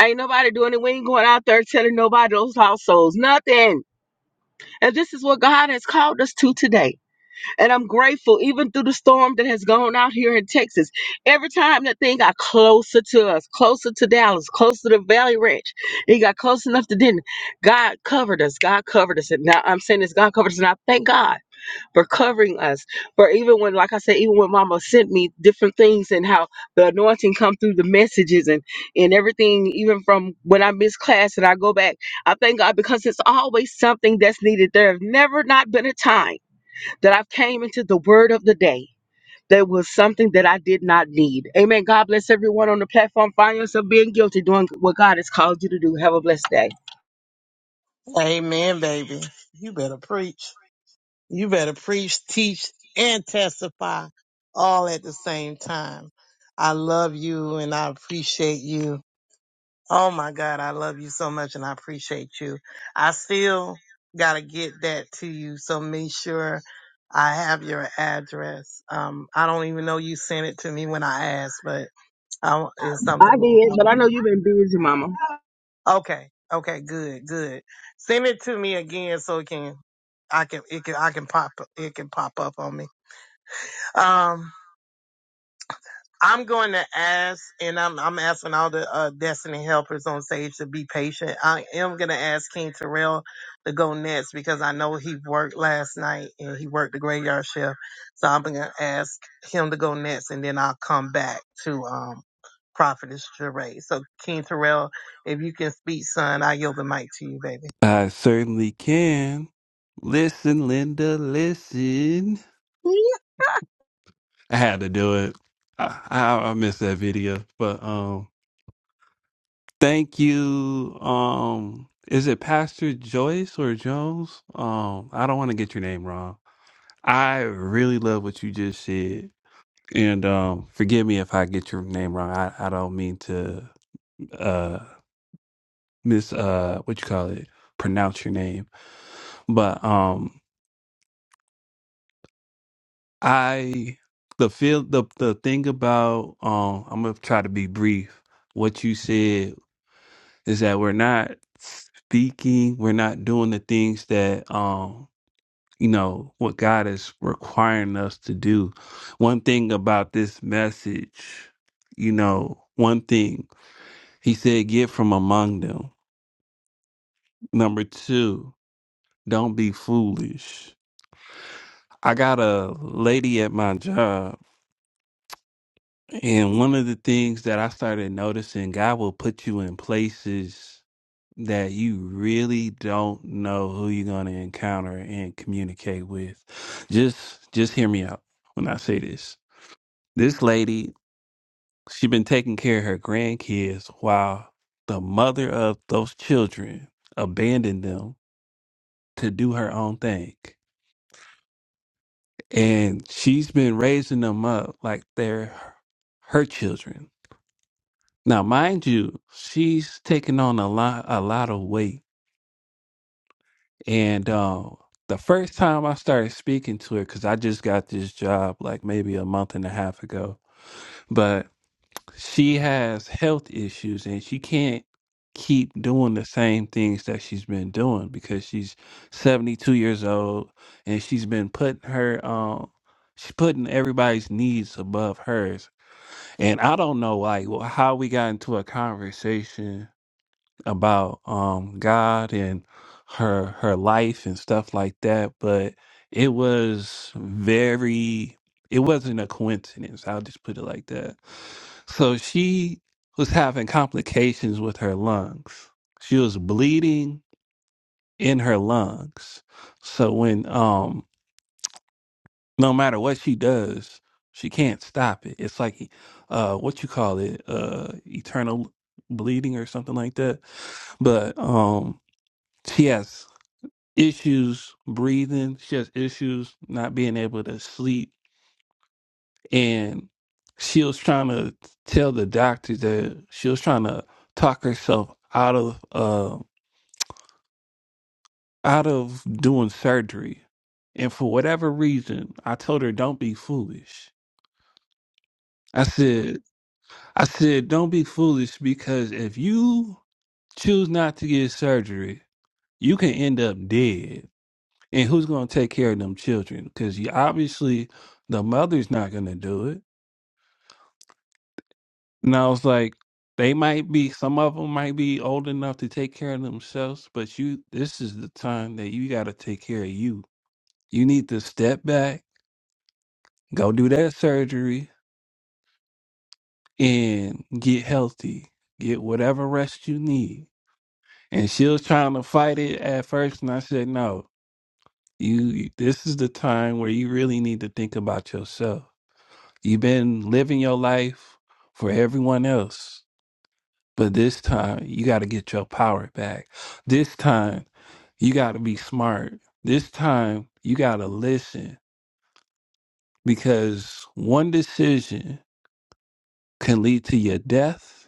S6: Ain't nobody doing it. We ain't going out there telling nobody those lost souls. Nothing. And this is what God has called us to today. And I'm grateful, even through the storm that has gone out here in Texas. Every time that thing got closer to us, closer to Dallas, closer to Valley Ranch, it got close enough to Denton. God covered us. God covered us. And now I'm saying this God covered us. And I thank God for covering us. For even when, like I said, even when Mama sent me different things and how the anointing come through the messages and, and everything, even from when I miss class and I go back, I thank God because it's always something that's needed. There have never not been a time that I've came into the word of the day. There was something that I did not need. Amen. God bless everyone on the platform. Find yourself being guilty, doing what God has called you to do. Have a blessed day.
S4: Amen, baby. You better preach. You better preach, teach, and testify all at the same time. I love you and I appreciate you Oh my God, I love you so much and I appreciate you. I still gotta get that to you, so make sure I have your address. Um, I don't even know you sent it to me when I asked, but I, it's
S6: I
S4: something
S6: did, but
S4: that
S6: I know you've been busy, Mama.
S4: I, okay, okay, good, good. Send it to me again so it can, I can, it can, I can pop, it can pop up on me. Um, I'm going to ask, and I'm I'm asking all the uh, destiny helpers on stage to be patient. I am going to ask King Terrell to go next because I know he worked last night and he worked the graveyard shift. So I'm going to ask him to go next, and then I'll come back to um Prophetess Jeray. So King Terrell, if you can speak, son, I yield the mic to you, baby.
S2: I certainly can. Listen, Linda, listen. I had to do it. I, I, I missed that video, but um, thank you. Um, is it Pastor Joyce or Jones? Um, I don't want to get your name wrong. I really love what you just said, and um, forgive me if I get your name wrong. I, I don't mean to uh miss uh what you call it pronounce your name, but um, I the feel the the thing about um, I'm gonna try to be brief. What you said is that we're not speaking, we're not doing the things that um you know what God is requiring us to do. One thing about this message, you know, one thing he said, get from among them. Number two, don't be foolish. I got a lady at my job, and one of the things that I started noticing, God will put you in places that you really don't know who you're going to encounter and communicate with. Just just hear me out when I say this. This lady, she been taking care of her grandkids while the mother of those children abandoned them to do her own thing. And she's been raising them up like they're her children. Now, mind you, she's taking on a lot a lot of weight And um, the first time I started speaking to her, because I just got this job like maybe a month and a half ago, but she has health issues and she can't keep doing the same things that she's been doing because she's 72 years old and she's been putting her um she's putting everybody's needs above hers and i don't know like wh- how we got into a conversation about um God and her her life and stuff like that, but it was very it wasn't a coincidence. I'll just put it like that. So she was having complications with her lungs. She was bleeding in her lungs. So when um no matter what she does, she can't stop it. It's like uh what you call it, uh eternal bleeding or something like that. But um she has issues breathing. She has issues not being able to sleep. And she was trying to tell the doctor that she was trying to talk herself out of uh, out of doing surgery. And for whatever reason, I told her, "Don't be foolish." I said, "I said, don't be foolish because if you choose not to get surgery, you can end up dead." And who's going to take care of them children? Because you obviously the mother's not going to do it. And I was like, they might be, some of them might be old enough to take care of themselves, but you, this is the time that you got to take care of you. You need to step back, go do that surgery, and get healthy, get whatever rest you need. And she was trying to fight it at first, and I said, no, you, this is the time where you really need to think about yourself You've been living your life for everyone else, but this time you got to get your power back. This time you got to be smart. This time you got to listen because one decision can lead to your death,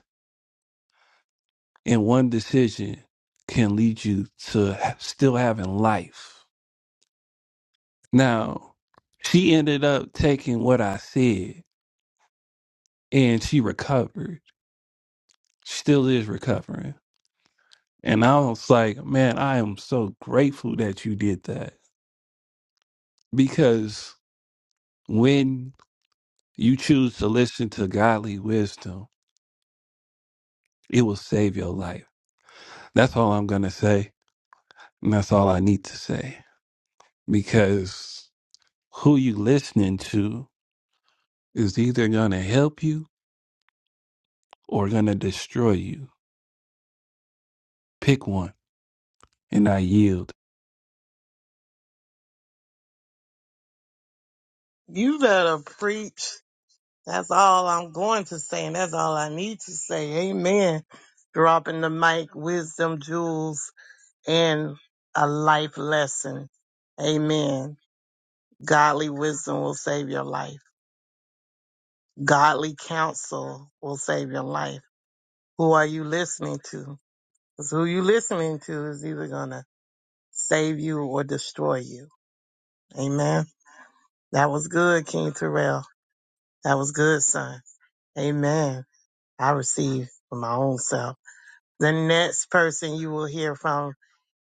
S2: and one decision can lead you to ha- still having life. Now, she ended up taking what I said and she recovered, still is recovering And I was like, man, I am so grateful that you did that. Because when you choose to listen to godly wisdom, it will save your life. That's all I'm going to say. And that's all I need to say. Because who you listening to is either going to help you or going to destroy you. Pick one. And I yield.
S4: You better preach. That's all I'm going to say, and that's all I need to say. Amen. Dropping the mic, wisdom, jewels, and a life lesson. Amen. Godly wisdom will save your life. Godly counsel will save your life. Who are you listening to? Because who you listening to is either going to save you or destroy you. Amen. That was good, King Terrell. That was good, son. Amen. I received for my own self. The next person you will hear from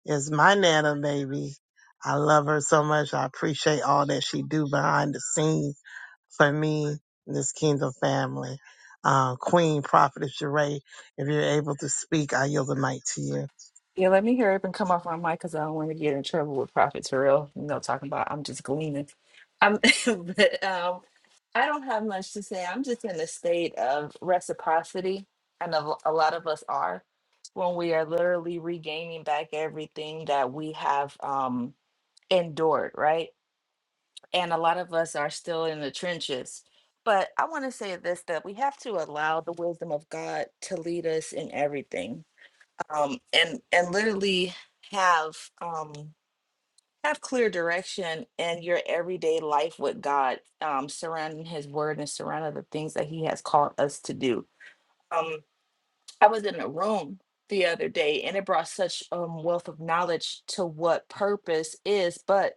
S4: is my Nana baby. I love her so much. I appreciate all that she do behind the scenes for me, this kingdom family. Uh, Queen Prophetess Sheree, if you're able to speak, I yield the mic to you.
S7: Yeah, let me hurry up and come off my mic because I don't want to get in trouble with Prophet Terrell. You know, talking about I'm just gleaning. I'm, but um, I don't have much to say. I'm just in a state of reciprocity. I know a lot of us are when we are literally regaining back everything that we have um, endured, right? And a lot of us are still in the trenches. But I want to say this that we have to allow the wisdom of God to lead us in everything um, and and literally have um, have clear direction in your everyday life with God, um, surrounding His Word and surrounding the things that He has called us to do. Um, I was in a room the other day and it brought such um wealth of knowledge to what purpose is, but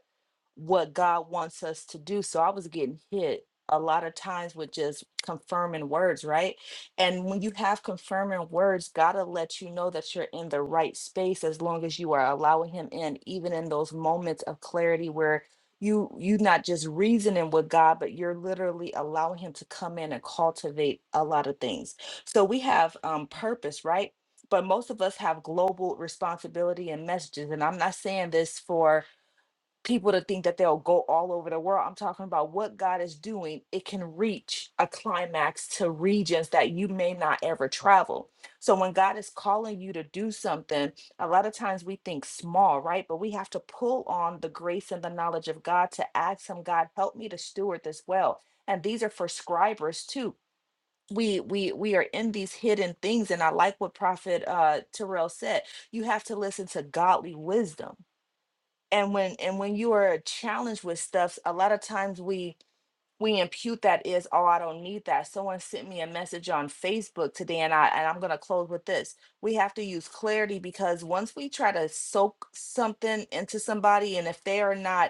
S7: what God wants us to do. So I was getting hit a lot of times with just confirming words, right? And when you have confirming words, God will let you know that you're in the right space as long as you are allowing him in, even in those moments of clarity where you you not just reasoning with God, but you're literally allowing him to come in and cultivate a lot of things so we have um, purpose, right? But most of us have global responsibility and messages. And I'm not saying this for people to think that they'll go all over the world. I'm talking about what God is doing. It can reach a climax to regions that you may not ever travel. So when God is calling you to do something, a lot of times we think small, right? But we have to pull on the grace and the knowledge of God to ask Him, God, help me to steward this well. And these are for scribers too we we we are in these hidden things and i like what prophet uh terrell said you have to listen to godly wisdom and when and when you are challenged with stuff a lot of times we we impute that is oh i don't need that someone sent me a message on facebook today and i and i'm going to close with this we have to use clarity because once we try to soak something into somebody and if they are not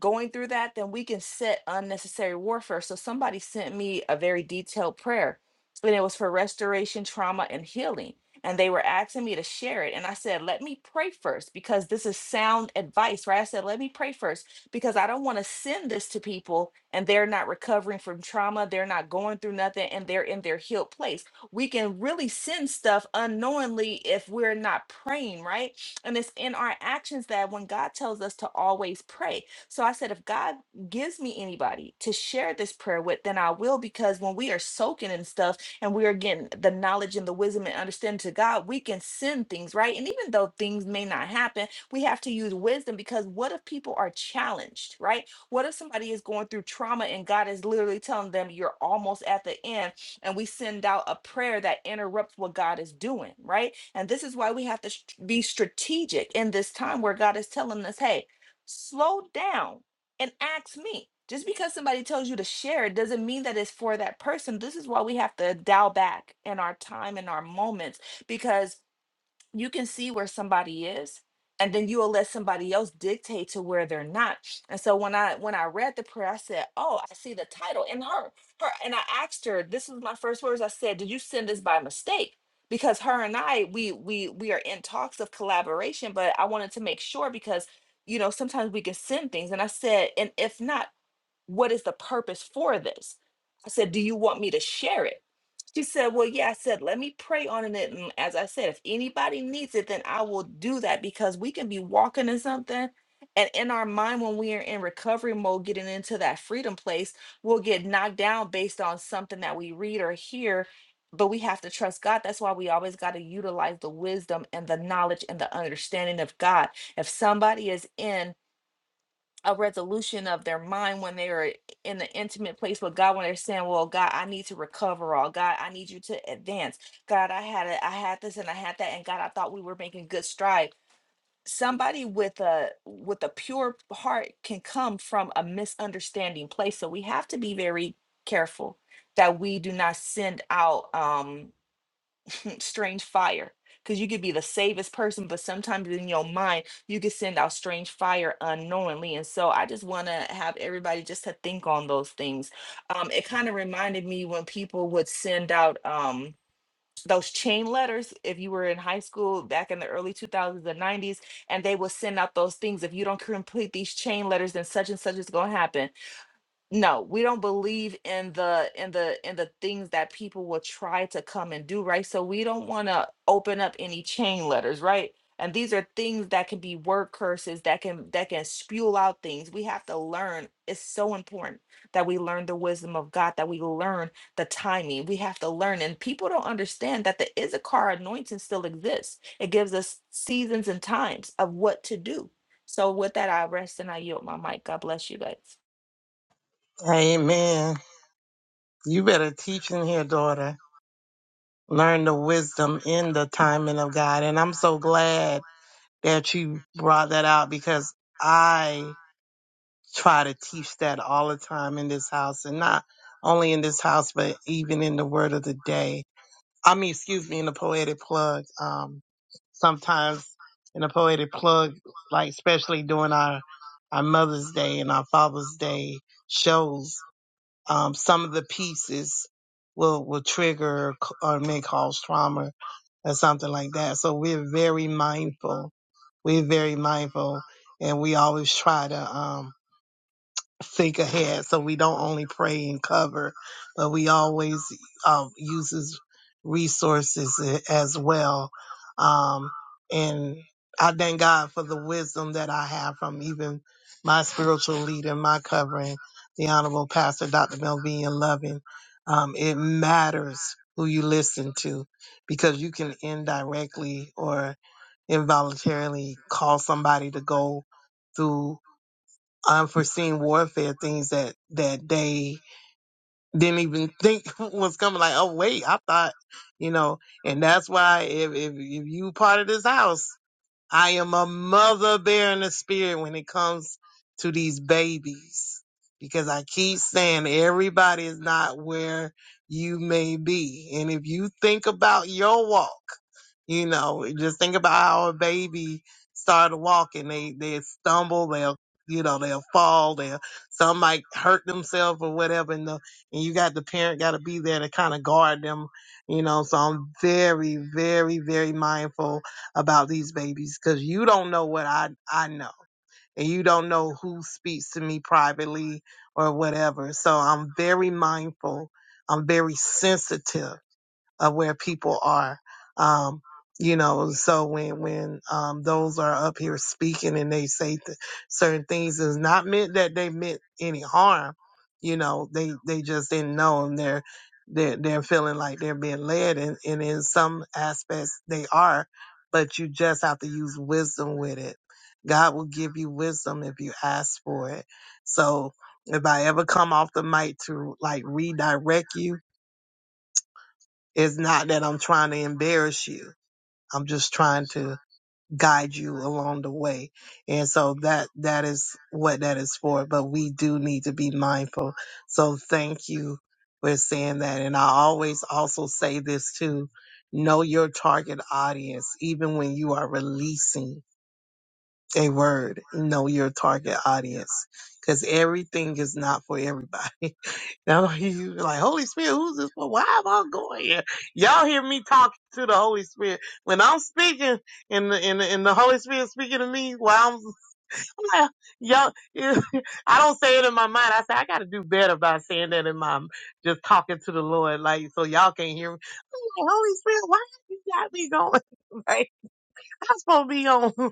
S7: going through that, then we can set unnecessary warfare. So somebody sent me a very detailed prayer, and it was for restoration, trauma, and healing. And they were asking me to share it. And I said, let me pray first because this is sound advice, right? I said, let me pray first because I don't want to send this to people and they're not recovering from trauma. They're not going through nothing and they're in their healed place. We can really send stuff unknowingly if we're not praying, right? And it's in our actions that when God tells us to always pray, so I said, if God gives me anybody to share this prayer with, then I will. Because when we are soaking in stuff and we are getting the knowledge and the wisdom and understanding to God, we can send things, right? And even though things may not happen, we have to use wisdom because what if people are challenged, right? What if somebody is going through trauma and God is literally telling them, you're almost at the end? And we send out a prayer that interrupts what God is doing, right? And this is why we have to st- be strategic in this time where God is telling us, hey, slow down and ask me. Just because somebody tells you to share it doesn't mean that it's for that person. This is why we have to dial back in our time and our moments because you can see where somebody is and then you will let somebody else dictate to where they're not and so when i when i read the prayer i said oh i see the title in her her and i asked her this was my first words i said did you send this by mistake because her and i we we we are in talks of collaboration but i wanted to make sure because you know sometimes we can send things and i said and if not what is the purpose for this i said do you want me to share it she said, Well, yeah, I said, let me pray on it. And as I said, if anybody needs it, then I will do that because we can be walking in something. And in our mind, when we are in recovery mode, getting into that freedom place, we'll get knocked down based on something that we read or hear. But we have to trust God. That's why we always got to utilize the wisdom and the knowledge and the understanding of God. If somebody is in a resolution of their mind when they are in the intimate place with God when they're saying, "Well, God, I need to recover all. God, I need you to advance. God, I had it, I had this and I had that and God, I thought we were making good stride." Somebody with a with a pure heart can come from a misunderstanding place. So we have to be very careful that we do not send out um strange fire because you could be the safest person but sometimes in your mind you could send out strange fire unknowingly and so i just want to have everybody just to think on those things um, it kind of reminded me when people would send out um, those chain letters if you were in high school back in the early 2000s and 90s and they would send out those things if you don't complete these chain letters then such and such is going to happen no we don't believe in the in the in the things that people will try to come and do right so we don't want to open up any chain letters right and these are things that can be word curses that can that can spew out things we have to learn it's so important that we learn the wisdom of god that we learn the timing we have to learn and people don't understand that the issachar anointing still exists it gives us seasons and times of what to do so with that i rest and i yield my mic god bless you guys
S4: Amen. You better teach in here, daughter. Learn the wisdom in the timing of God. And I'm so glad that you brought that out because I. try to teach that all the time in this house and not only in this house, but even in the word of the day. I mean, excuse me, in the poetic plug. Um, sometimes in the poetic plug, like especially during our, our Mother's Day and our Father's Day shows, um, some of the pieces will, will trigger or may cause trauma or something like that. So we're very mindful. We're very mindful and we always try to, um, think ahead. So we don't only pray and cover, but we always um, uses resources a- as well. Um, and I thank God for the wisdom that I have from even my spiritual leader, my covering, the Honorable Pastor Dr. Melvin Loving. Um, it matters who you listen to because you can indirectly or involuntarily call somebody to go through unforeseen warfare things that that they didn't even think was coming like oh wait i thought you know and that's why if if, if you part of this house I am a mother bear in the spirit when it comes to these babies. Because I keep saying everybody is not where you may be. And if you think about your walk, you know, just think about how a baby started walking. They they stumble, they'll you know, they'll fall, they'll some might hurt themselves or whatever and the and you got the parent gotta be there to kinda guard them, you know. So I'm very, very, very mindful about these babies because you don't know what I, I know. And you don't know who speaks to me privately or whatever. So I'm very mindful. I'm very sensitive of where people are. Um, you know, so when when um, those are up here speaking and they say th- certain things, it's not meant that they meant any harm. You know, they they just didn't know, and they're they're, they're feeling like they're being led, and, and in some aspects they are, but you just have to use wisdom with it. God will give you wisdom if you ask for it. So if I ever come off the mic to like redirect you it's not that I'm trying to embarrass you. I'm just trying to guide you along the way. And so that, that is what that is for. But we do need to be mindful. So thank you for saying that. And I always also say this too. Know your target audience, even when you are releasing a word, know your target audience because everything is not for everybody. Now he's like, Holy Spirit, who's this for? Why am I going here? Y'all hear me talking to the Holy Spirit. When I'm speaking and the, and the, and the Holy Spirit speaking to me while I'm, I'm like, y'all, I don't say it in my mind. I say, I got to do better by saying that in my, just talking to the Lord. Like, so y'all can't hear me. I'm like, Holy Spirit, why you got me going? Like, I'm supposed to be on, I'm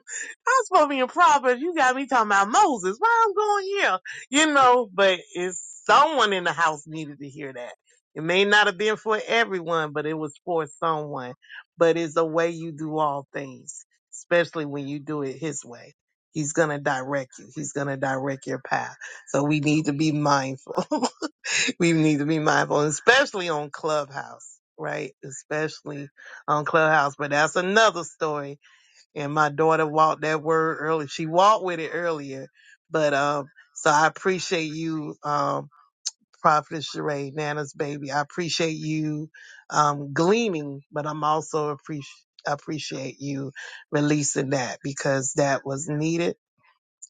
S4: supposed to be in Proverbs. You got me talking about Moses. Why I'm going here? You know, but it's someone in the house needed to hear that. It may not have been for everyone, but it was for someone. But it's the way you do all things, especially when you do it his way. He's going to direct you. He's going to direct your path. So we need to be mindful. we need to be mindful, especially on Clubhouse, right? Especially on Clubhouse. But that's another story and my daughter walked that word early. She walked with it earlier, but um, so I appreciate you, um, Prophet Sheree, Nana's baby. I appreciate you um, gleaning, but I'm also appreciate appreciate you releasing that because that was needed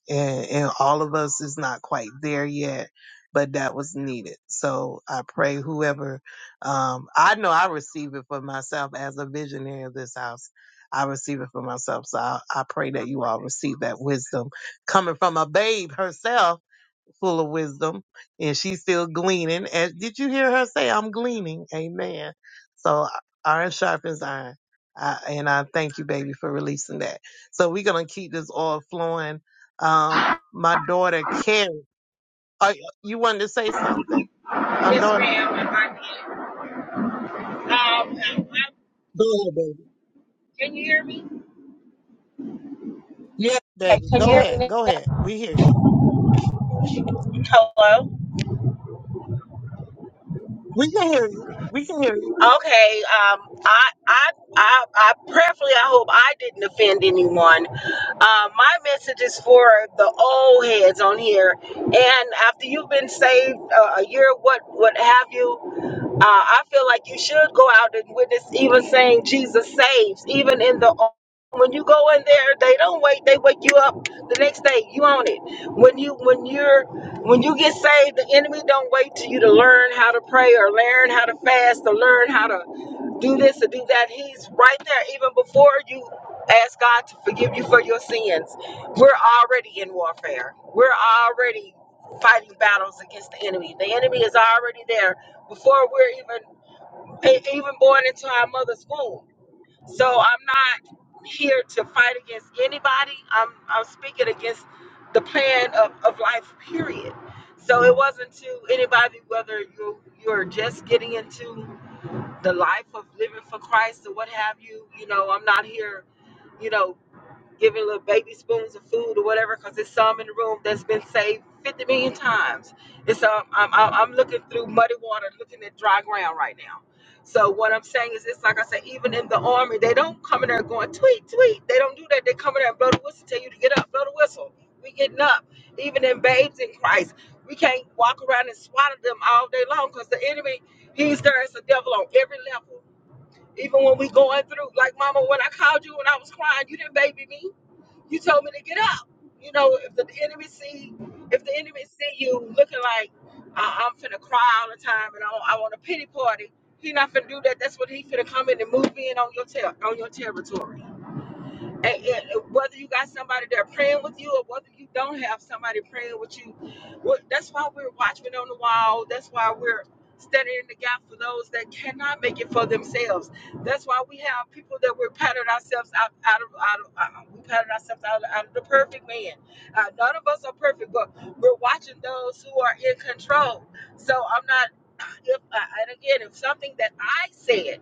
S4: and, and all of us is not quite there yet but that was needed so i pray whoever um i know i receive it for myself as a visionary of this house i receive it for myself so i, I pray that you all receive that wisdom coming from a babe herself full of wisdom and she's still gleaning. As did you hear her say, I'm gleaning? Amen. So iron sharpens iron. I, and I thank you, baby, for releasing that. So we're going to keep this all flowing. Um, my daughter, Carrie, are, you wanted to say something? Um,
S6: Yes,
S4: daughter?
S6: ma'am. I did. Um,
S4: Go ahead, baby. Yes,
S6: Hey,
S4: baby.
S6: can you
S4: Go
S6: hear me?
S4: ahead. Go ahead. We hear you.
S6: Hello.
S4: We can hear you. We can hear you.
S6: Okay. Um, I, I, I, I prayerfully, I hope I didn't offend anyone. Uh, my message is for the old heads on here. And after you've been saved uh, a year, what, what have you? Uh, I feel like you should go out and witness, even saying Jesus saves, even in the when you go in there, they don't wait. They wake you up the next day. You own it. When you when you're when you get saved, the enemy don't wait till you to learn how to pray or learn how to fast or learn how to do this or do that. He's right there even before you ask God to forgive you for your sins. We're already in warfare. We're already fighting battles against the enemy. The enemy is already there before we're even e- even born into our mother's womb. So I'm not here to fight against anybody. I'm I'm speaking against the plan of, of life, period. So it wasn't to anybody whether you you're just getting into the life of living for Christ or what have you. You know, I'm not here, you know, giving little baby spoons of food or whatever, because there's some in the room that's been saved 50 million times. And so I'm, I'm, I'm looking through muddy water, looking at dry ground right now. So what I'm saying is, it's like I said, even in the army, they don't come in there going tweet, tweet. They don't do that. They come in there and blow the whistle, tell you to get up, blow the whistle. We getting up. Even in babes in Christ, we can't walk around and swaddle them all day long because the enemy, he's there as a devil on every level. Even when we going through, like Mama, when I called you when I was crying, you didn't baby me you told me to get up. You know, if the enemy see, if the enemy see you looking like uh, I'm finna cry all the time and I, I want a pity party, he not finna do that. That's what he finna come in and move in on your ter- on your territory. And, and whether you got somebody there praying with you or whether you don't have somebody praying with you, what, that's why we're watchmen on the wall. That's why we're standing in the gap for those that cannot make it for themselves. That's why we have people that we're patting ourselves out, out of, out of uh, uh, we patted ourselves out, out of the perfect man. Uh, none of us are perfect, but we're watching those who are in control. So I'm not, if, uh, and again, if something that I said,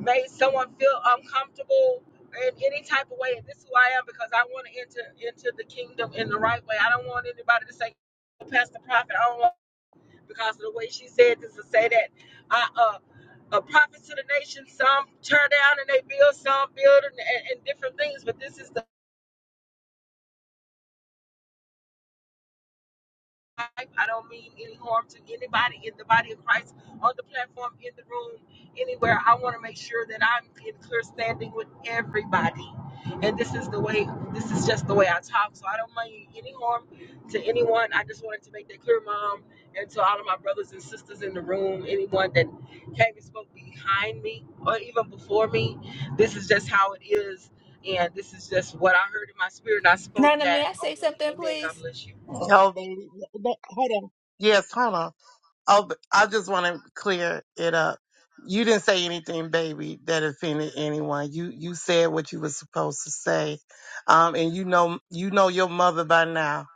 S6: made someone feel uncomfortable in any type of way. And this is who I am because I want to enter into the kingdom in the right way. I don't want anybody to say, "Oh, Pastor Prophet, I don't want because of the way she said this to say that I uh a prophet to the nation, some tear down and they build, some build and, and, and different things. But this is the life. I don't mean any harm to anybody in the body of Christ, on the platform, in the room, anywhere. I want to make sure that I'm in clear standing with everybody. And this is the way, this is just the way I talk. So I don't mean any harm to anyone. I just wanted to make that clear, Mom, and to all of my brothers and sisters in the room, anyone that came and spoke behind me or even before me. This is just how it is. And this is just what I heard in my spirit. And I spoke
S7: Nana,
S6: that
S7: may I say
S6: only.
S7: something,
S6: Amen. God
S7: please?
S6: bless you.
S4: Oh, baby. Hold on. Yes, hold on. Oh, but I just want to clear it up. You didn't say anything, baby, that offended anyone. You you said what you were supposed to say, um, and you know you know your mother by now.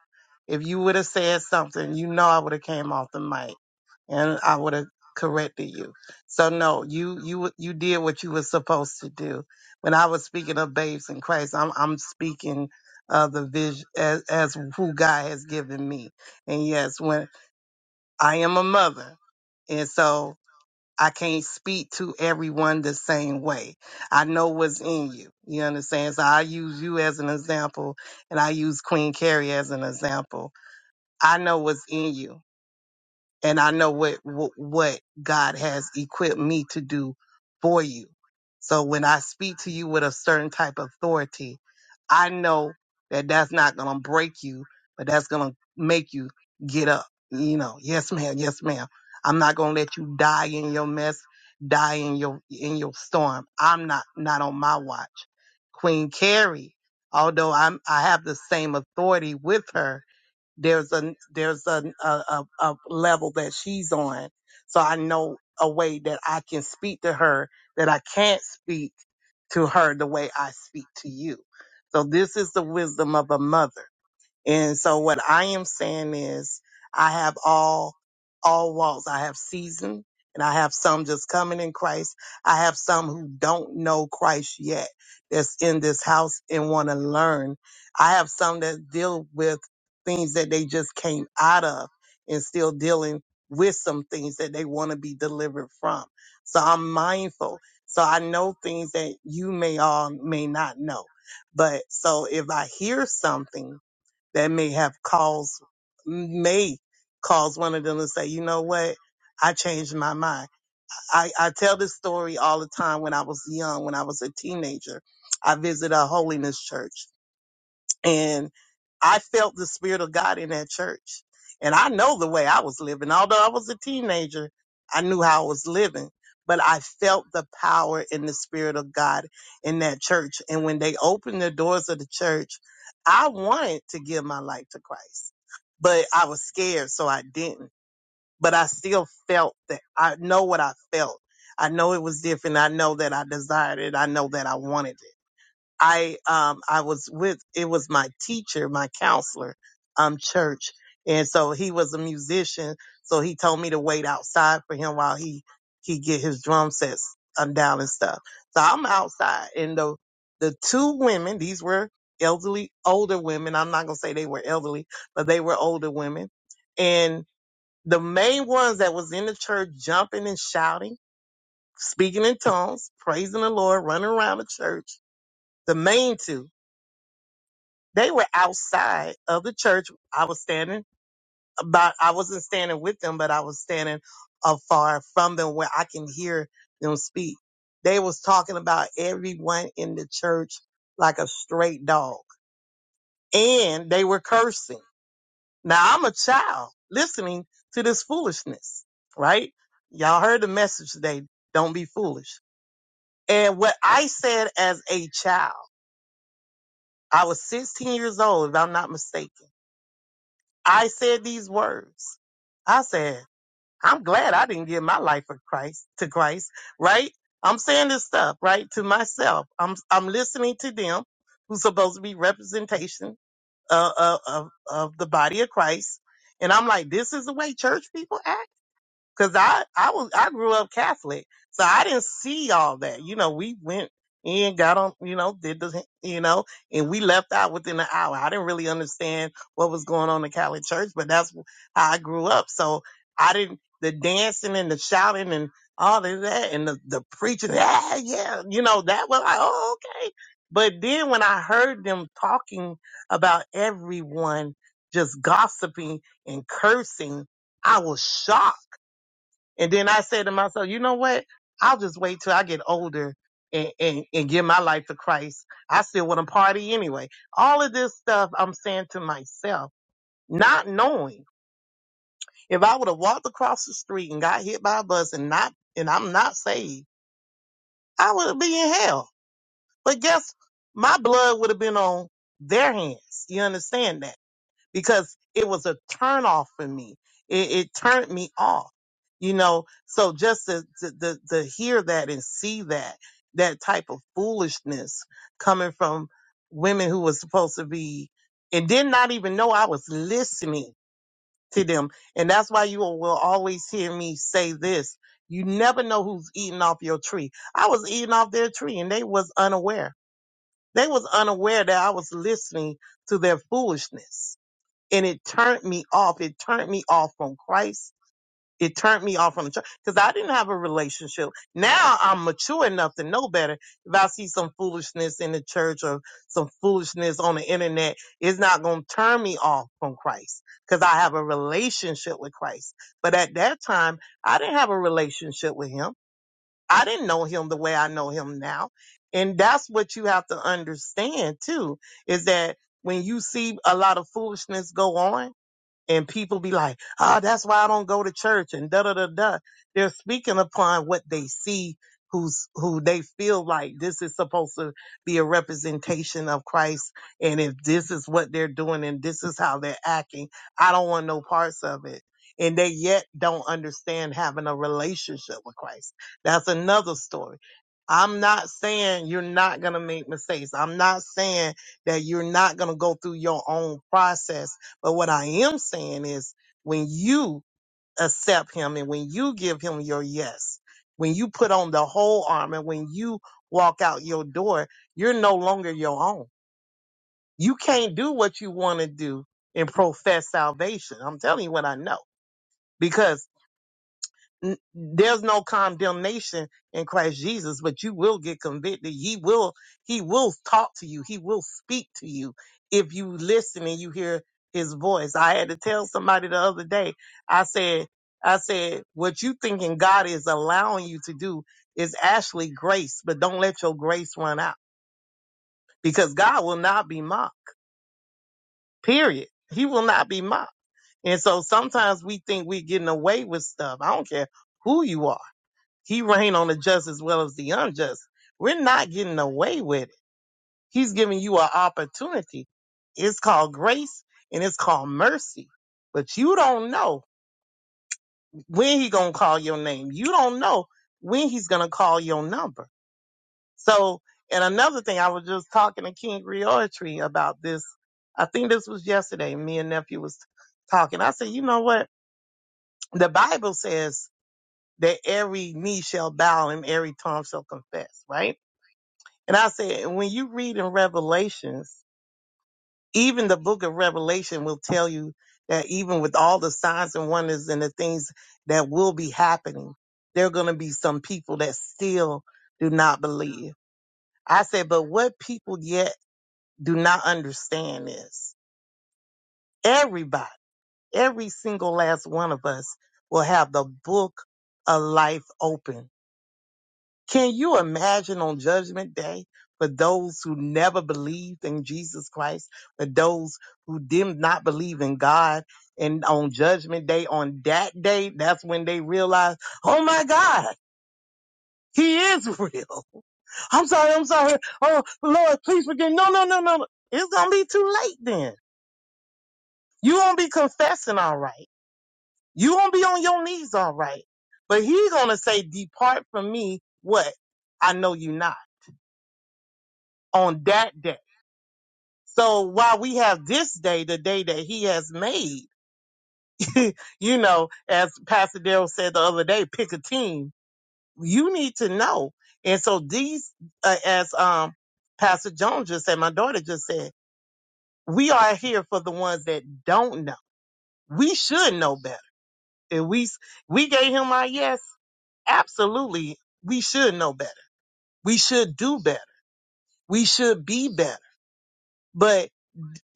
S4: If you would have said something, you know I would have came off the mic and I would have corrected you. So no, you you you did what you were supposed to do. When I was speaking of babes in Christ, I'm I'm speaking of the vision as, as who God has given me. And yes, when. I am a mother. And so I can't speak to everyone the same way. I know what's in you. You understand? So I use you as an example and I use Queen Carrie as an example. I know what's in you and I know what, what what God has equipped me to do for you. So when I speak to you with a certain type of authority, I know that that's not going to break you, but that's going to make you get up. You know, yes ma'am, yes ma'am. I'm not going to let you die in your mess, die in your in your storm. I'm not not on my watch. Queen Carrie, although I'm I have the same authority with her, there's a there's an, a, a a level that she's on so i know a way that i can speak to her that i can't speak to her the way i speak to you so this is the wisdom of a mother and so what I am saying is I have all all walks. I have seasoned and I have some just coming in Christ. I have some who don't know Christ yet that's in this house and want to learn. I have some that deal with things that they just came out of and still dealing with some things that they want to be delivered from. So I'm mindful. So I know things that you may all may not know. But so if I hear something that may have caused may cause one of them to say, you know what, I changed my mind. I, I tell this story all the time when I was young, when I was a teenager. I visited a holiness church and I felt the spirit of God in that church. And I know the way I was living. Although I was a teenager, I knew how I was living. But I felt the power in the spirit of God in that church. And when they opened the doors of the church, I wanted to give my life to Christ, but I was scared, so I didn't. But I still felt that I know what I felt. I know it was different. I know that I desired it. I know that I wanted it. I um I was with it was my teacher, my counselor, um church. And so he was a musician, so he told me to wait outside for him while he he get his drum sets um, down and stuff. So I'm outside and the the two women, these were elderly older women. I'm not going to say they were elderly, but they were older women. And the main ones that was in the church jumping and shouting, speaking in tongues, praising the Lord, running around the church. The main two they were outside of the church. I was standing but I wasn't standing with them, but I was standing afar from them where I can hear them speak. They was talking about everyone in the church like a straight dog and they were cursing. Now I'm a child listening to this foolishness, right? Y'all heard the message today. Don't be foolish. And what I said as a child, I was 16 years old, if I'm not mistaken. I said these words. I said, I'm glad I didn't give my life for Christ to Christ, right? I'm saying this stuff, right, to myself. I'm I'm listening to them who's supposed to be representation uh, uh, of of the body of Christ, and I'm like, this is the way church people act. Cause I, I was, I grew up Catholic. So I didn't see all that. You know, we went in, got on, you know, did the, you know, and we left out within an hour. I didn't really understand what was going on in Catholic church, but that's how I grew up. So I didn't, the dancing and the shouting and all of that and the, the preaching, ah, yeah, you know, that was like, oh, okay. But then when I heard them talking about everyone just gossiping and cursing, I was shocked and then I said to myself, you know what? I'll just wait till I get older and, and, and give my life to Christ. I still want to party anyway. All of this stuff I'm saying to myself, not knowing if I would have walked across the street and got hit by a bus and not, and I'm not saved, I would be in hell. But guess my blood would have been on their hands. You understand that? because it was a turn off for me. It, it turned me off, you know. So just to, to, to, to hear that and see that, that type of foolishness coming from women who was supposed to be and did not even know I was listening to them. And that's why you will always hear me say this. You never know who's eating off your tree. I was eating off their tree and they was unaware. They was unaware that I was listening to their foolishness and it turned me off. It turned me off from Christ. It turned me off from the church because I didn't have a relationship. Now I'm mature enough to know better. If I see some foolishness in the church or some foolishness on the internet, it's not going to turn me off from Christ because I have a relationship with Christ. But at that time, I didn't have a relationship with Him. I didn't know Him the way I know Him now. And that's what you have to understand too, is that when you see a lot of foolishness go on, and people be like, ah, that's why I don't go to church and da da da da. They're speaking upon what they see, who's who they feel like this is supposed to be a representation of Christ, and if this is what they're doing and this is how they're acting, I don't want no parts of it. And they yet don't understand having a relationship with Christ. That's another story. I'm not saying you're not going to make mistakes. I'm not saying that you're not going to go through your own process but what I am saying is when you accept him and when you give him your yes, when you put on the whole armor, when you walk out your door, you're no longer your own. You can't do what you want to do and profess salvation. I'm telling you what I know because n- there's no condemnation in Christ Jesus, but you will get convicted. He will, he will talk to you. He will speak to you if you listen and you hear his voice. I had to tell somebody the other day, I said, I said, what you thinking God is allowing you to do is actually grace, but don't let your grace run out because God will not be mocked, period. He will not be mocked. And so sometimes we think we're getting away with stuff. I don't care who you are he reigned on the just as well as the unjust. We're not getting away with it. He's giving you an opportunity. It's called grace and it's called mercy. But you don't know when he's gonna call your name. You don't know when he's gonna call your number. So, and another thing, I was just talking to King Reoetry about this. I think this was yesterday. Me and nephew was talking. I said, you know what? The Bible says that every knee shall bow and every tongue shall confess, right? And I said, when you read in Revelations, even the book of Revelation will tell you that even with all the signs and wonders and the things that will be happening, there are going to be some people that still do not believe. I said, but what people yet do not understand is everybody, every single last one of us will have the book of life open Can you imagine on Judgment Day for those who never believed in Jesus Christ, for those who did not believe in God, and on Judgment Day, on that day, that's when they realize, oh my God, He is real. I'm sorry, I'm sorry. Oh Lord, please forgive. me. No, no, no, no. no. It's gonna be too late then. You won't be confessing all right. You won't be on your knees all right. But He's gonna say, depart from me. What? I know you not. On that day. So while we have this day, the day that he has made, you know, as Pastor Daryl said the other day, pick a team. You need to know. And so these, uh, as um, Pastor Jones just said, my daughter just said, we are here for the ones that don't know. We should know better. If we we gave him our yes, absolutely, we should know better. We should do better. We should be better. But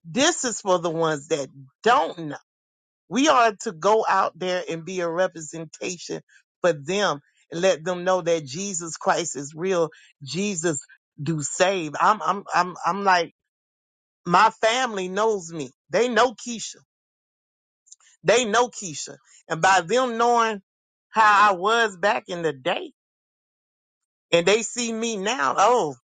S4: this is for the ones that don't know We are to go out there and be a representation for them and let them know that Jesus Christ is real. Jesus do save. I'm I'm I'm I'm like my family knows me. They know Keisha. They know Keisha. And by them knowing how I was back in the day and they see me now, oh,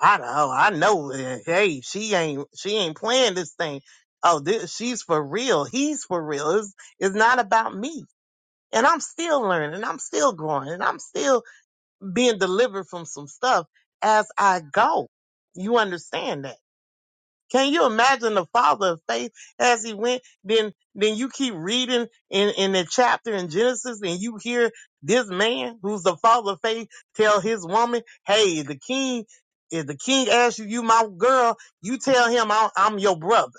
S4: I know, I know. eh, Hey, she ain't she ain't playing this thing. Oh, this, she's for real. He's for real. It's, it's not about me. and I'm still learning, and I'm still growing, and I'm still being delivered from some stuff as I go. You understand that? Can you imagine the father of faith as he went? Then, then you keep reading in, in the chapter in Genesis and you hear this man who's the father of faith tell his woman, Hey, the king, if the king asks you, you my girl, you tell him I, I'm your brother.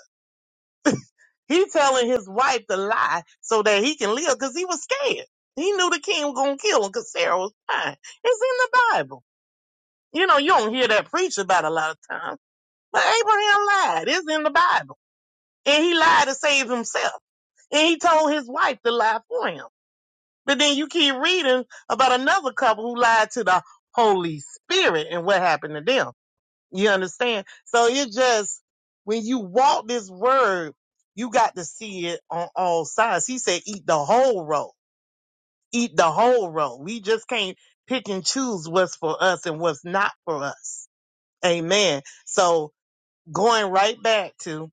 S4: He telling his wife to lie so that he can live because he was scared. He knew the king was gonna kill him because Sarah was fine. It's in the Bible. You know, you don't hear that preached about a lot of times. But Abraham lied. It's in the Bible. And he lied to save himself. And he told his wife to lie for him. But then you keep reading about another couple who lied to the Holy Spirit and what happened to them. You understand? So it just, when you walk this word, you got to see it on all sides. He said, eat the whole roll. Eat the whole roll. We just can't pick and choose what's for us and what's not for us. Amen. So going right back to,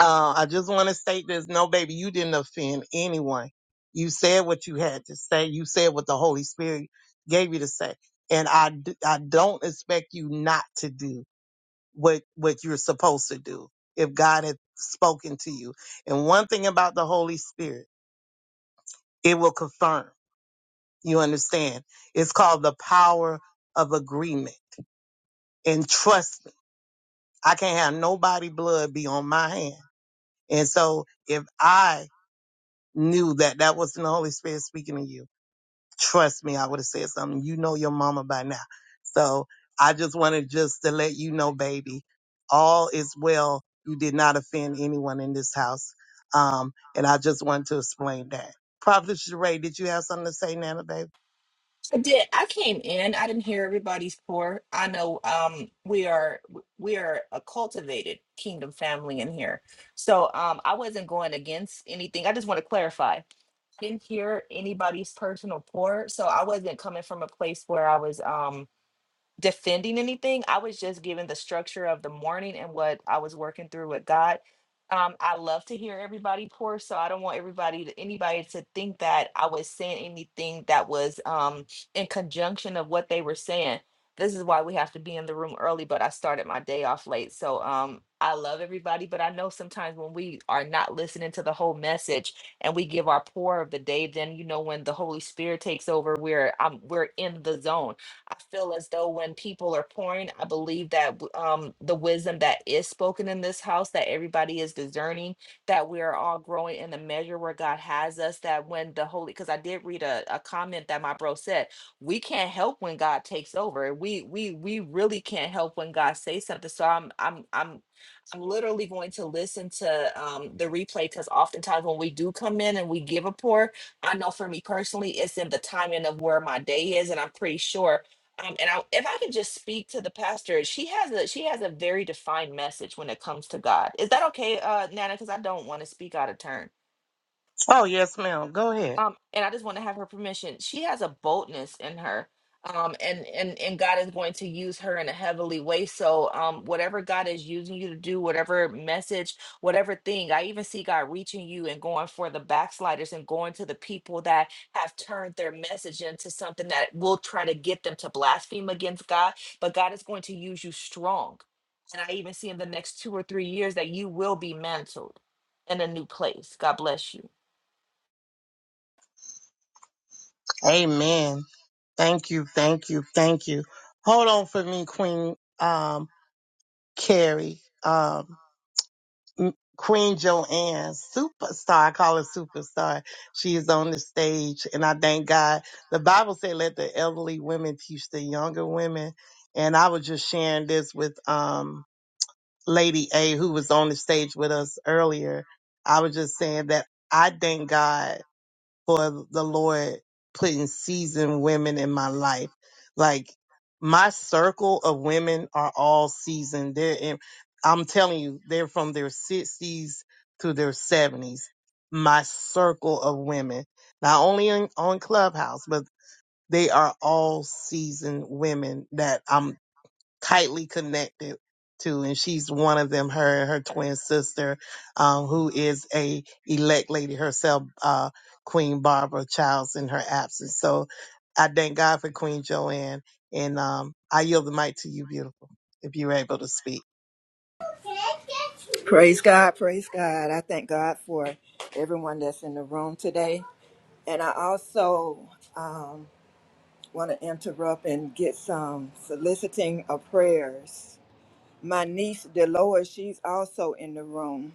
S4: uh, I just want to state this. No, baby, you didn't offend anyone. You said what you had to say. You said what the Holy Spirit gave you to say. And I, d- I don't expect you not to do what what you're supposed to do if God has spoken to you. And one thing about the Holy Spirit, it will confirm. You understand? It's called the power of agreement. And trust me, I can't have nobody blood be on my hand. And so if I knew that that was the Holy Spirit speaking to you, trust me, I would have said something. You know your mama by now. So I just wanted just to let you know, baby, all is well. You did not offend anyone in this house. Um, and I just wanted to explain that. Prophet Sheree, did you have something to say, Nana, baby?
S7: I did. I came in. I didn't hear everybody's pour. I know um, we are we are a cultivated kingdom family in here, so um, I wasn't going against anything. I just want to clarify. Didn't hear anybody's personal pour, so I wasn't coming from a place where I was. Um, defending anything. I was just given the structure of the morning and what I was working through with God. Um, I love to hear everybody pour, so I don't want everybody to anybody to think that I was saying anything that was um in conjunction of what they were saying. This is why we have to be in the room early, but I started my day off late. So um I love everybody, but I know sometimes when we are not listening to the whole message and we give our pour of the day, then you know when the Holy Spirit takes over, we're um we're in the zone I feel as though when people are pouring, I believe that w- um, the wisdom that is spoken in this house, that everybody is discerning, that we are all growing in the measure where God has us. That when the Holy, because I did read a, a comment that my bro said, we can't help when God takes over. We we we really can't help when God says something. So I'm I'm I'm I'm literally going to listen to um, the replay because oftentimes when we do come in and we give a pour, I know for me personally, it's in the timing of where my day is, and I'm pretty sure um, and I, if I could just speak to the pastor, she has a she has a very defined message when it comes to God. Is that okay, uh, Nana? Because I don't want to speak out of turn
S4: Oh, yes, ma'am. Go ahead.
S7: um and i just want to have her permission she has a boldness in her um and and and god is going to use her in a heavily way so um whatever god is using you to do whatever message whatever thing i even see god reaching you and going for the backsliders and going to the people that have turned their message into something that will try to get them to blaspheme against god but god is going to use you strong and i even see in the next two or three years that you will be mantled in a new place god bless you
S4: Amen. Thank you. Thank you. Thank you. Hold on for me, Queen, um, Carrie. Um, Queen Joanne, superstar. I call her superstar. She is on the stage, and I thank God. The Bible said, "Let the elderly women teach the younger women." And I was just sharing this with um, Lady A, who was on the stage with us earlier. I was just saying that I thank God for the Lord putting seasoned women in my life. Like my circle of women are all seasoned. They're in, I'm telling you, they're from their 60s to their 70s. My circle of women, not only in, on Clubhouse, but they are all seasoned women that I'm tightly connected to, and she's one of them. Her and her twin sister, um, who is a elect lady herself, uh, Queen Barbara Childs, in her absence. So I thank God for Queen Joanne, and um, I yield the mic to you, beautiful, if you're able to speak.
S8: Praise God, praise God. I thank God for everyone that's in the room today. And I also um, want to interrupt and get some soliciting of prayers. My niece, Delora, she's also in the room.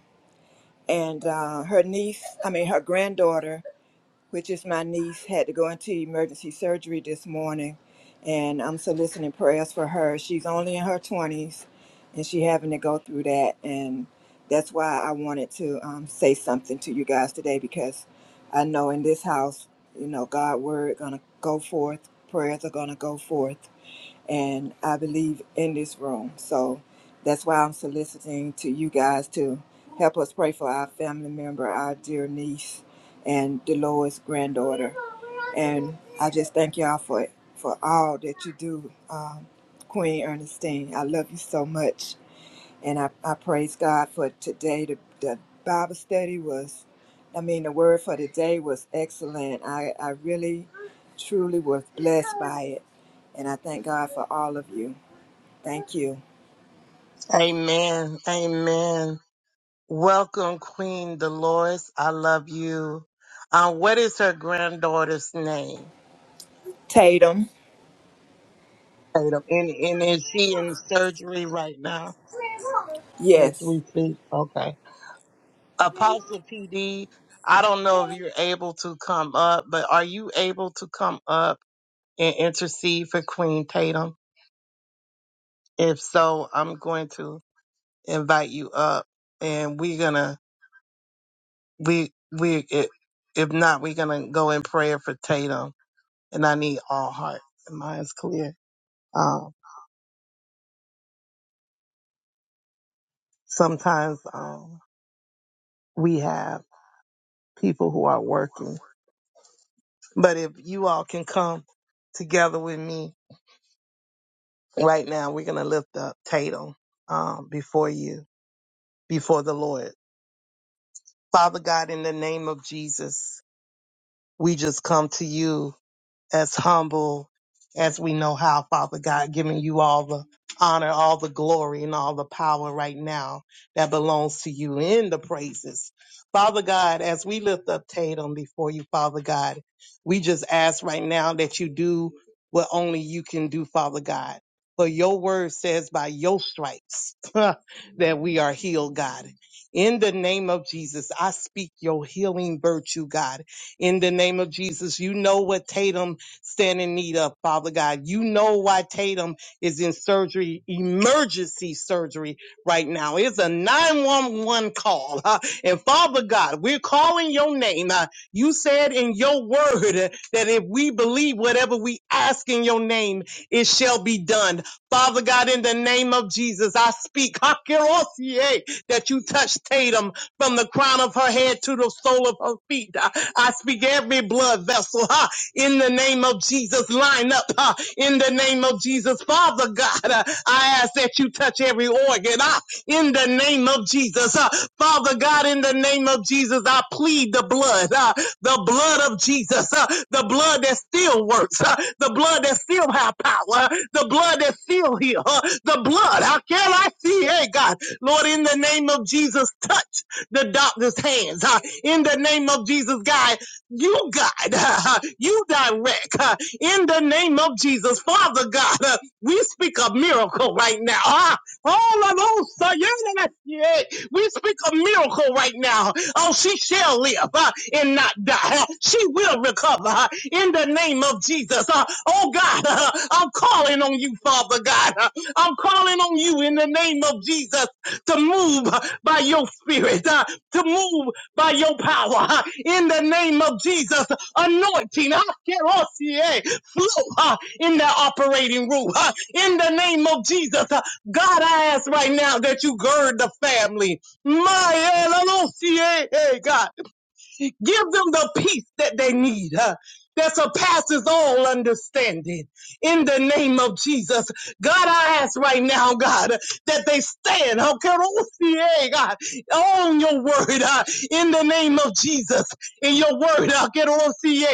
S8: And uh, her niece, I mean, her granddaughter, which is my niece, had to go into emergency surgery this morning, and I'm soliciting prayers for her. She's only in her 20s, and she having to go through that, and that's why I wanted to um, say something to you guys today because I know in this house, you know, God' word gonna go forth, prayers are gonna go forth, and I believe in this room. So that's why I'm soliciting to you guys to help us pray for our family member, our dear niece, and Dolores' granddaughter. And I just thank y'all for for all that you do, um, Queen Ernestine. I love you so much. And I, I praise God for today. The, the Bible study was, I mean, the word for today was excellent. I, I really, truly was blessed by it. And I thank God for all of you. Thank you.
S4: Amen. Amen. Welcome, Queen Dolores. I love you. Um, what is her granddaughter's name?
S8: Tatum.
S4: Tatum. And, and is she in surgery right now? It's
S8: Yes.
S4: weekly. Okay. Apostle PD, I don't know if you're able to come up, but are you able to come up and intercede for Queen Tatum? If so, I'm going to invite you up and we're gonna we we i- if not, we're gonna go in prayer for Tatum and I need all heart and minds clear. Um sometimes um we have people who are working. But if you all can come together with me Right now, we're going to lift up Tatum um, before you, before the Lord. Father God, in the name of Jesus, we just come to you as humble as we know how, Father God, giving you all the honor, all the glory, and all the power right now that belongs to you in the praises. Father God, as we lift up Tatum before you, Father God, we just ask right now that you do what only you can do, Father God. For your word says by your stripes that we are healed, God. In the name of Jesus, I speak your healing virtue, God. In the name of Jesus, you know what Tatum stand in need of, Father God. You know why Tatum is in surgery, emergency surgery right now. It's a 911 call. huh? And Father God, we're calling your name. Uh, You said in your word uh, that if we believe whatever we ask in your name, it shall be done. Father God, in the name of Jesus, I speak Hakerosie, that you touch Tatum from the crown of her head to the sole of her feet. I I speak every blood vessel. in the name of Jesus. Line up uh, in the name of Jesus. Father God, uh, I ask that you touch every organ uh, in the name of Jesus. Uh, Father God, in the name of Jesus, I plead the blood, uh, the blood of Jesus, uh, the blood that still works, uh, the blood that still has power, huh? the blood that still heals, uh, the blood. How can I see? Hey, God, Lord, in the name of Jesus, touch the doctor's hands. uh, in the name of Jesus, God, you guide, you direct in the name of Jesus. Father God, uh, we speak a miracle right now. Ah, all of those, uh, yeah, yeah, yeah. we speak a miracle right now. Oh, she shall live uh, and not die. Uh, She will recover uh, in the name of Jesus. Uh, oh, God, uh, I'm calling on you, Father God. Uh, I'm calling on you in the name of Jesus to move uh, by your spirit, uh, to move by your power huh, in the name of Jesus. Anointing, huh, kerosie, flow huh, in that operating room huh, in the name of Jesus. huh. God, I ask right now that you gird the family. My eh, Hey, God. Give them the peace that they need, huh, that surpasses all understanding. In the name of Jesus, God, I ask right now, God, that they stand, huh, Kerosie, God, on your word, huh, in the name of Jesus. In your word, huh, Kerosie,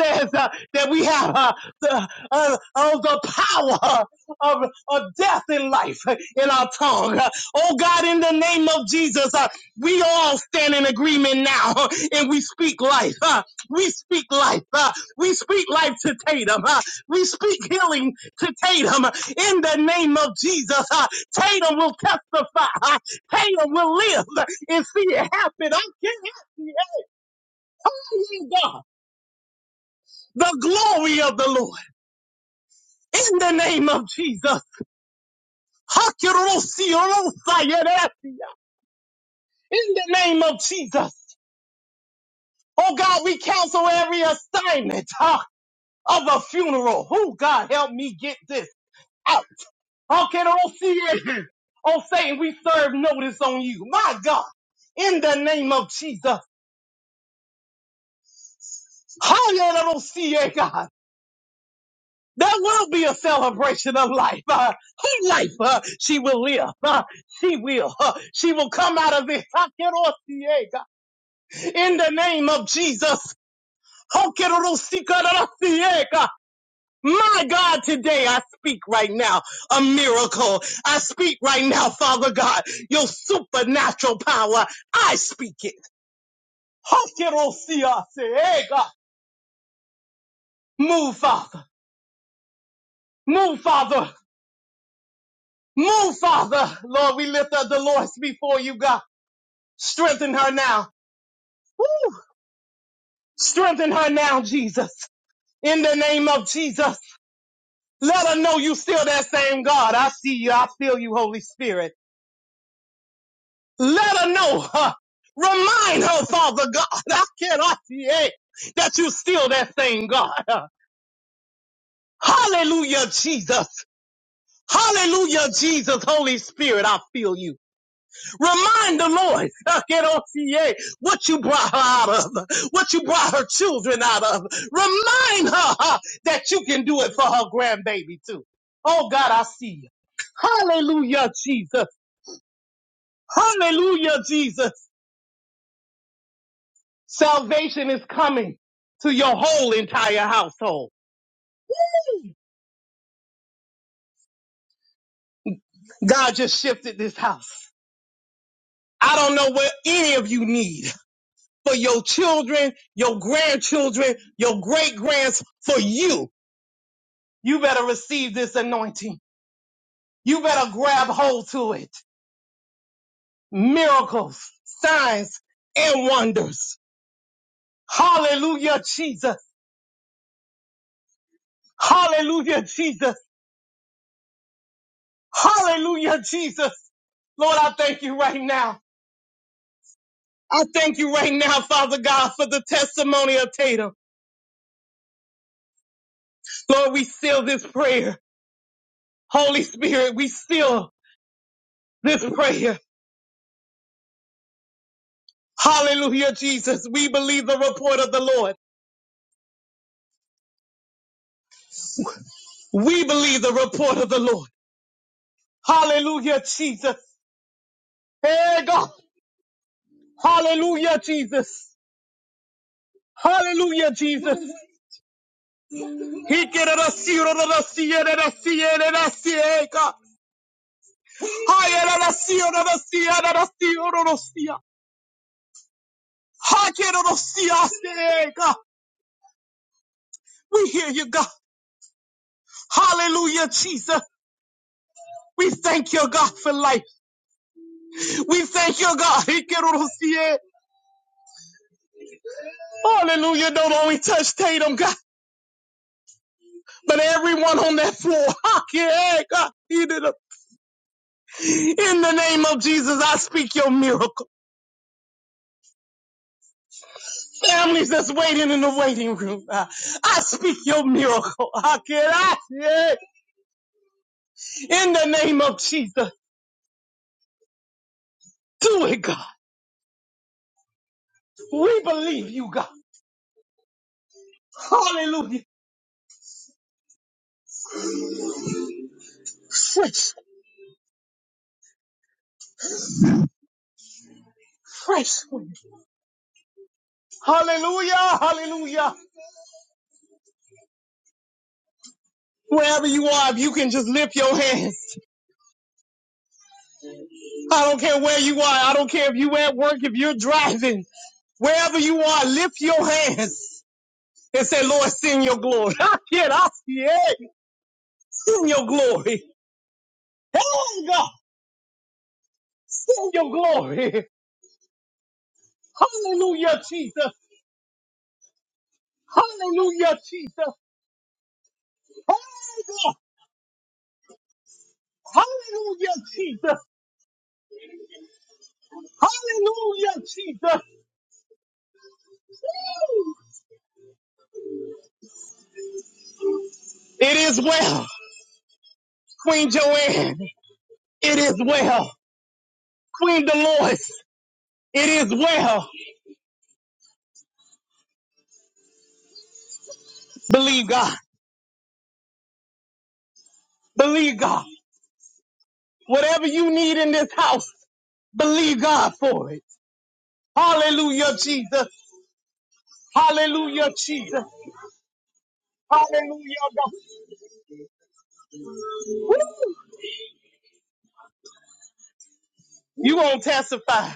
S4: says uh, that we have uh, the, uh, uh, the power uh, of, of death and life in our tongue. Uh, Oh God, in the name of Jesus, uh, we all stand in agreement now huh, and we speak life. huh? we speak life. huh? we speak life to Tatum. huh? we speak healing to Tatum huh. in the name of Jesus. huh? Tatum will testify. huh? Tatum will live and see it happen. I can't help it. Only God. The glory of the Lord in the name of Jesus. In the name of Jesus. Oh God, we counsel every assignment. Huh? of a funeral. Who God help me get this out? How can I see it? Oh Satan, we serve notice on you. My God, in the name of Jesus, how can I see it, God? There will be a celebration of life. Uh, her life, uh, she will live. Uh, she will. Uh, she will come out of it. How can I see it, God? In the name of Jesus. How can I see God? My God, today I speak right now a miracle. I speak right now, Father God, your supernatural power. I speak it. Hakerosiase. Hey, Move, Father. Move, Father. Move, Father. Lord, we lift up Dolores before you, God. Strengthen her now. Woo. Strengthen her now, Jesus. In the name of Jesus. Let her know you still that same God. I see you. I feel you, Holy Spirit. Let her know, huh? Remind her, Father God, I cannot yeah, that you still that same God. Hallelujah, Jesus. Hallelujah, Jesus. Holy Spirit, I feel you. Remind the Lord, I cannot yeah, what you brought her out of, what you brought her children out of. Remind her huh, that you can do it for her grandbaby too. Oh God, I see you. Hallelujah, Jesus. Hallelujah, Jesus. Salvation is coming to your whole entire household. God just shifted this house. I don't know what any of you need for your children, your grandchildren, your great grands, for you. You better receive this anointing. You better grab hold to it. Miracles, signs, and wonders. Hallelujah, Jesus. Hallelujah, Jesus. Hallelujah, Jesus. Lord, I thank you right now. I thank you right now, Father God, for the testimony of Tatum. Lord, we seal this prayer. Holy Spirit, we seal this prayer. Hallelujah, Jesus. We believe the report of the Lord. We believe the report of the Lord. Hallelujah, Jesus. Hey, God. Hallelujah, Jesus. Hallelujah, Jesus. He get it, I see it, I see it, I see it, I see God. I see it, I see it, I see it, I see it. I see I see it, I see it, hey, God. We hear you, God. Hallelujah, Jesus. We thank you, God, for life. We thank you, God. Hallelujah. Don't only touch Tatum, God, but everyone on that floor. Yeah, hey, God. In the name of Jesus, I speak your miracle. Families that's waiting in the waiting room, I speak your miracle. Yeah. hey, yeah. In the name of Jesus, do it, God. We believe you, God. Hallelujah. Fresh, fresh. wind. Hallelujah, hallelujah. Wherever you are, if you can just lift your hands. I don't care where you are. I don't care if you at work, if you're driving. Wherever you are, lift your hands and say, Lord, send your glory. I can't, I see it. Send your glory. Hey, God, send your glory. Hallelujah, Jesus. Hallelujah, Jesus. Hey, God. Hallelujah, Jesus. Hallelujah, Jesus. It is well, Queen Joanne. It is well. Queen Dolores, it is well. Believe God. Believe God. Whatever you need in this house, believe God for it. Hallelujah, Jesus. Hallelujah, Jesus. Hallelujah, God. Woo! You gonna testify.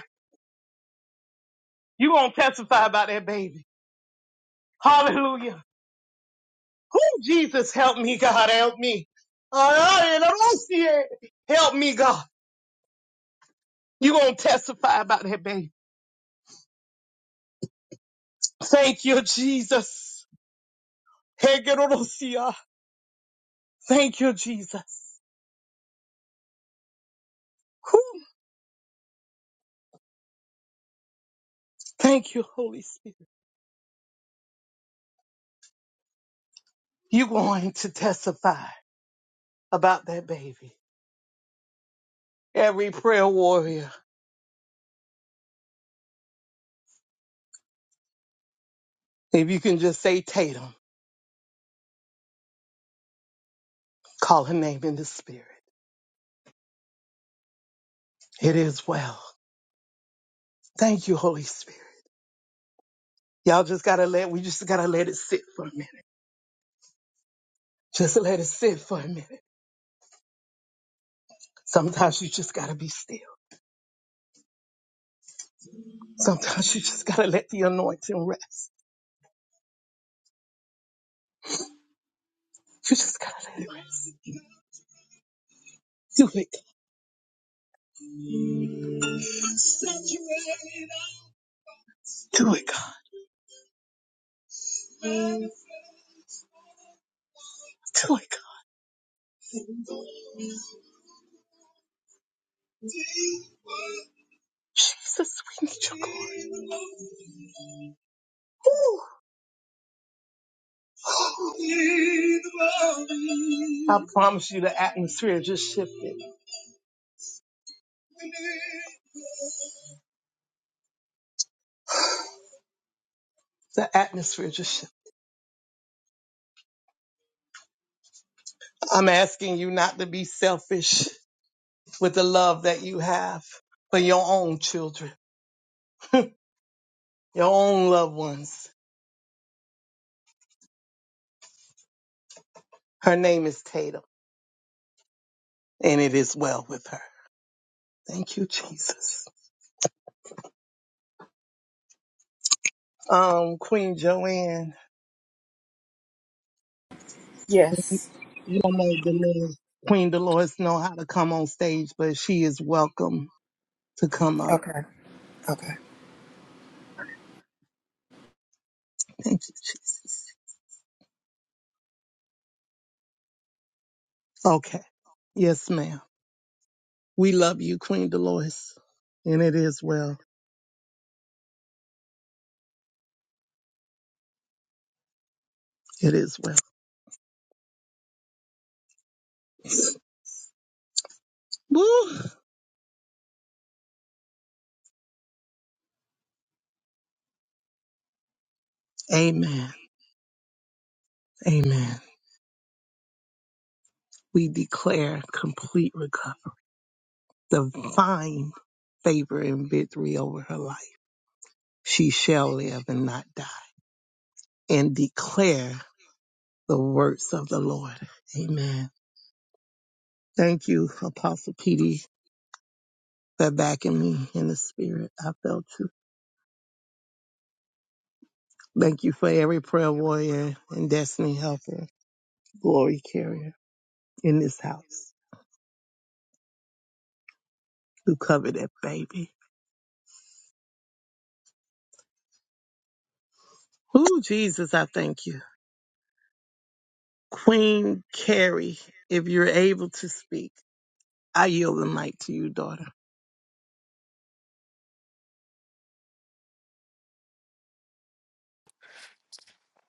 S4: You gonna testify about that baby. Hallelujah. Who Jesus help me, God, help me. Hallelujah. Help me, God. You gonna testify about that baby. Thank you, Jesus. Hegerolosia. Thank you, Jesus. Whew. Thank you, Holy Spirit. You're going to testify about that baby. Every prayer warrior, if you can just say Tatum, call her name in the spirit. It is well. Thank you, Holy Spirit. Y'all just gotta let, we just gotta let it sit for a minute. Just let it sit for a minute. Sometimes you just gotta be still. Sometimes you just gotta let the anointing rest. You just gotta let it rest. Do it. God. Do it, God. Do it, God. Jesus, we need your glory. I promise you the atmosphere just shifted. The atmosphere just shifted. I'm asking you not to be selfish with the love that you have for your own children, your own loved ones. Her name is Tatum, and it is well with her. Thank you, Jesus. Um, Queen Joanne,
S8: Yes.
S4: you don't know Dolores. Queen Dolores know how to come on stage, but she is welcome to come up.
S8: Okay. Okay.
S4: Thank you, Jesus. Okay. Yes, ma'am. We love you, Queen Dolores. And it is well. It is well. Woo! Amen. Amen. We declare complete recovery, divine favor and victory over her life. She shall live and not die and declare the works of the Lord. Amen. Thank you, Apostle Petey, for backing me in the spirit. I felt you. Thank you for every prayer warrior and destiny helper, glory carrier in this house. You covered that baby. Ooh, Jesus, I thank you. Queen Carrie, if you're able to speak, I yield the mic to you, daughter.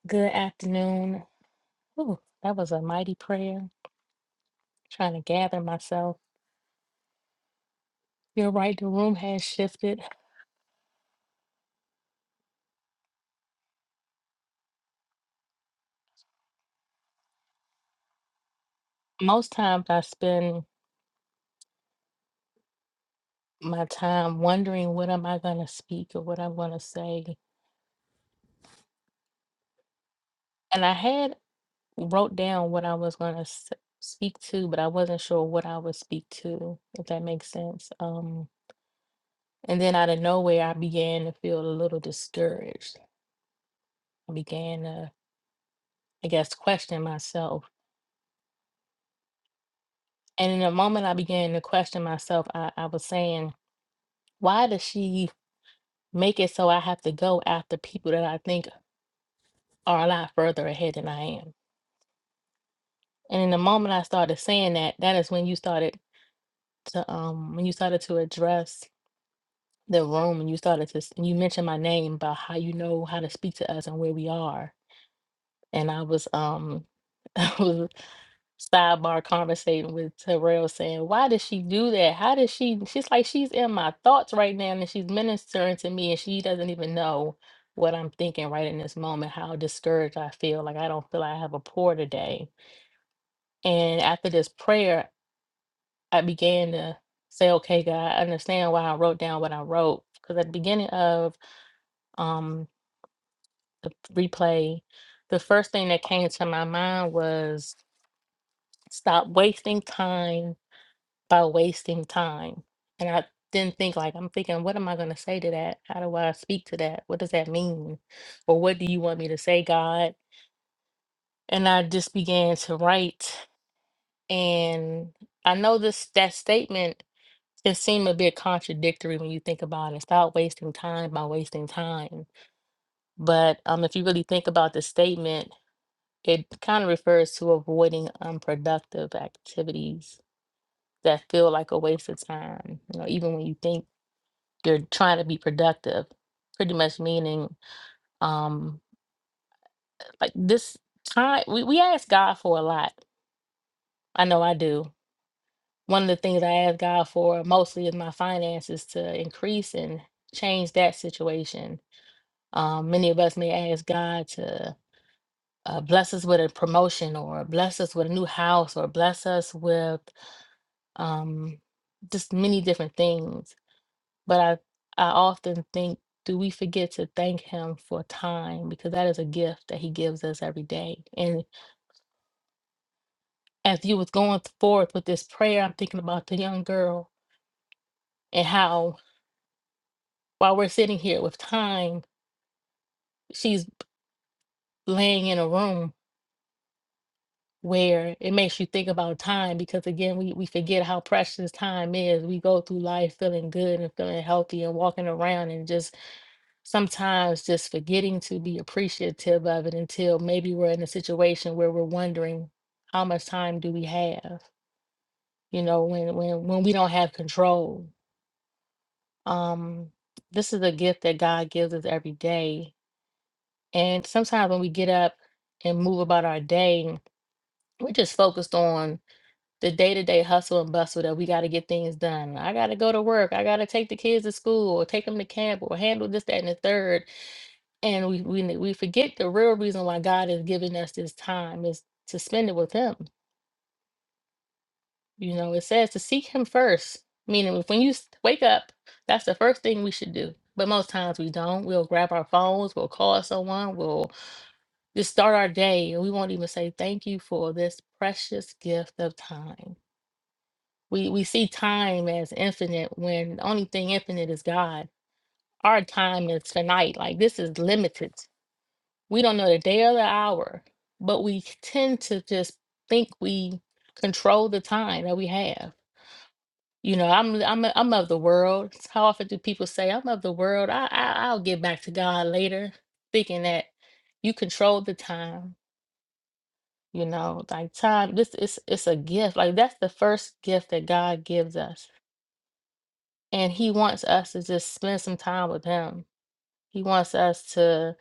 S9: Good afternoon. Ooh, that was a mighty prayer. Trying to gather myself. You're right, the room has shifted. Most times I spend my time wondering what am I going to speak or what I'm going to say. And I had wrote down what I was going to s- speak to, but I wasn't sure what I would speak to, if that makes sense. Um, and then out of nowhere, I began to feel a little discouraged. I began to, I guess, question myself And in a moment, I began to question myself. I, I was saying, why does she make it so I have to go after people that I think are a lot further ahead than I am? And in the moment I started saying that, that is when you started to um when you started to address the room and you started to s- and you mentioned my name about how you know how to speak to us and where we are. And I was um I was sidebar conversating with Terrell saying, Why did she do that? How did she? She's like, She's in my thoughts right now and she's ministering to me and she doesn't even know what I'm thinking right in this moment, how discouraged I feel. Like, I don't feel like I have a pour today. And after this prayer, I began to say, Okay, God, I understand why I wrote down what I wrote. Because at the beginning of um, the replay, the first thing that came to my mind was stop wasting time by wasting time. And I didn't think like I'm thinking, what am I gonna say to that? How do I speak to that? What does that mean? Or what do you want me to say, God? And I just began to write. And I know this that statement can seem a bit contradictory when you think about it. Stop wasting time by wasting time. But um if you really think about the statement, it kind of refers to avoiding unproductive activities that feel like a waste of time. You know, even when you think they're trying to be productive pretty much meaning um like this time we, we ask god for a lot i know i do one of the things i ask god for mostly is my finances to increase and change that situation um many of us may ask god to uh, bless us with a promotion or bless us with a new house or bless us with um just many different things But I, I often think, do we forget to thank him for time? Because that is a gift that he gives us every day. And as you was going forth with this prayer, I'm thinking about the young girl and how while we're sitting here with time, she's laying in a room where it makes you think about time because again we, we forget how precious time is. We go through life feeling good and feeling healthy and walking around and just sometimes just forgetting to be appreciative of it until maybe we're in a situation where we're wondering how much time do we have you know when when when we don't have control um this is a gift that god gives us every day and sometimes when we get up and move about our day we're just focused on the day-to-day hustle and bustle that we got to get things done i got to go to work i got to take the kids to school or take them to camp or handle this that and the third And we we ne- we forget the real reason why God is giving us this time is to spend it with Him. You know, it says to seek Him first, meaning if- when you s- wake up, that's the first thing we should do. But most times we don't. We'll grab our phones, we'll call someone, we'll just start our day, and we won't even say thank you for this precious gift of time. We we see time as infinite when the only thing infinite is God. Our time is finite. Like this is limited We don't know the day or the hour, but we tend to just think we control the time that we have. You know, I'm I'm I'm of the world. How often do people say, "I'm of the world. I, I I'll get back to God later," thinking that you control the time. You know, like time. This is it's a gift. Like that's the first gift that God gives us, and He wants us to just spend some time with Him. He wants us to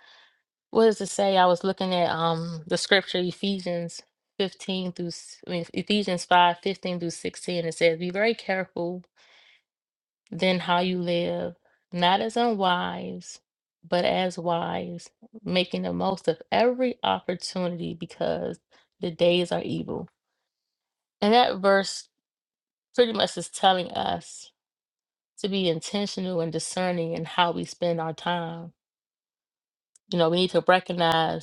S9: What does it say? I was looking at um the scripture Ephesians 15 through s- I mean, Ephesians 5 15 through 16. It says, Be very careful then how you live, not as unwise, but as wise, making the most of every opportunity because the days are evil. And that verse pretty much is telling us to be intentional and discerning in how we spend our time. You know, we need to recognize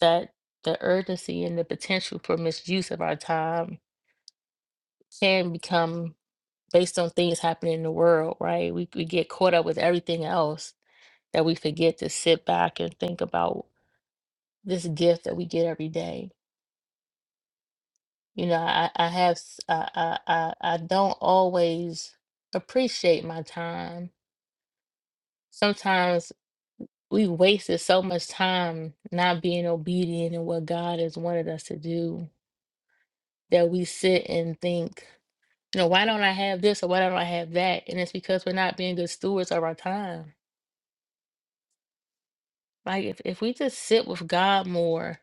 S9: that the urgency and the potential for misuse of our time can become based on things happening in the world, right? We, we get caught up with everything else that we forget to sit back and think about this gift that we get every day. You know, I, I have, s- I, I, I I don't always appreciate my time. Sometimes we wasted so much time not being obedient in what God has wanted us to do that we sit and think You know, why don't I have this or why don't I have that? And it's because we're not being good stewards of our time. Like if, if we just sit with God more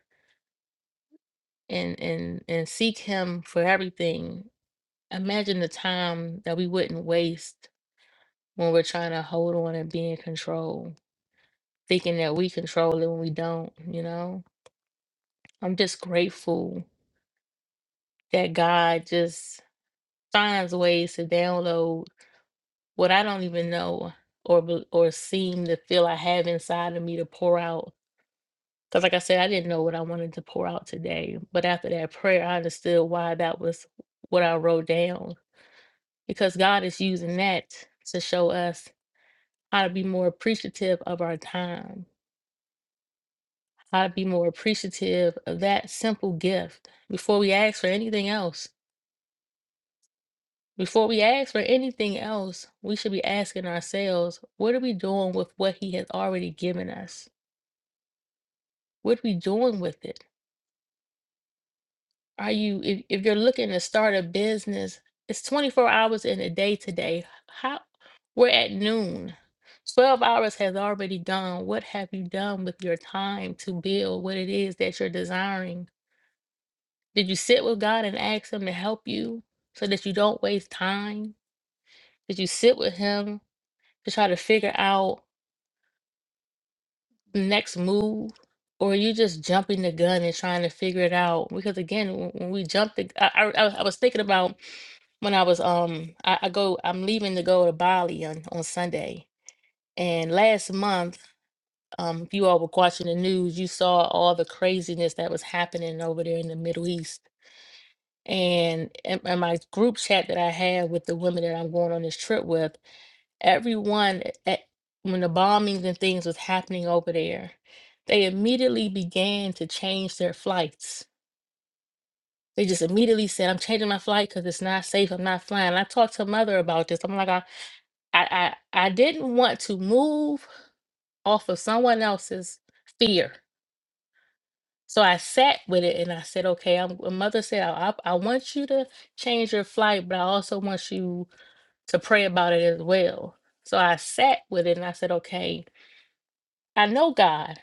S9: and and and seek him for everything, imagine the time that we wouldn't waste when we're trying to hold on and be in control, thinking that we control it when we don't, you know? I'm just grateful that God just finds ways to download what I don't even know or bel- or seem to feel I have inside of me to pour out Because, like I said, I didn't know what I wanted to pour out today. But after that prayer, I understood why that was what I wrote down. Because God is using that to show us how to be more appreciative of our time, how to be more appreciative of that simple gift. Before we ask for anything else, before we ask for anything else, we should be asking ourselves, what are we doing with what He has already given us? What are we doing with it? Are you, if, if you're looking to start a business, it's 24 hours in a day today. How, we're at noon. 12 hours has already gone. What have you done with your time to build what it is that you're desiring? Did you sit with God and ask Him to help you so that you don't waste time? Did you sit with Him to try to figure out the next move? Or are you just jumping the gun and trying to figure it out? Because again, when when we jump the, I, I, I was thinking about when I was um I, I go I'm leaving to go to Bali on, on Sunday. And last month, um, if you all were watching the news, you saw all the craziness that was happening over there in the Middle East. And in, in my group chat that I had with the women that I'm going on this trip with, everyone at, when the bombings and things was happening over there, they immediately began to change their flights they just immediately said, I'm changing my flight because it's not safe. I'm not flying. And I talked to mother about this. I'm like, I, I, I I didn't want to move off of someone else's fear. So I sat with it and I said, okay, I'm, my mother said, I, I I want you to change your flight, but I also want you to pray about it as well. So I sat with it and I said, okay, I know God.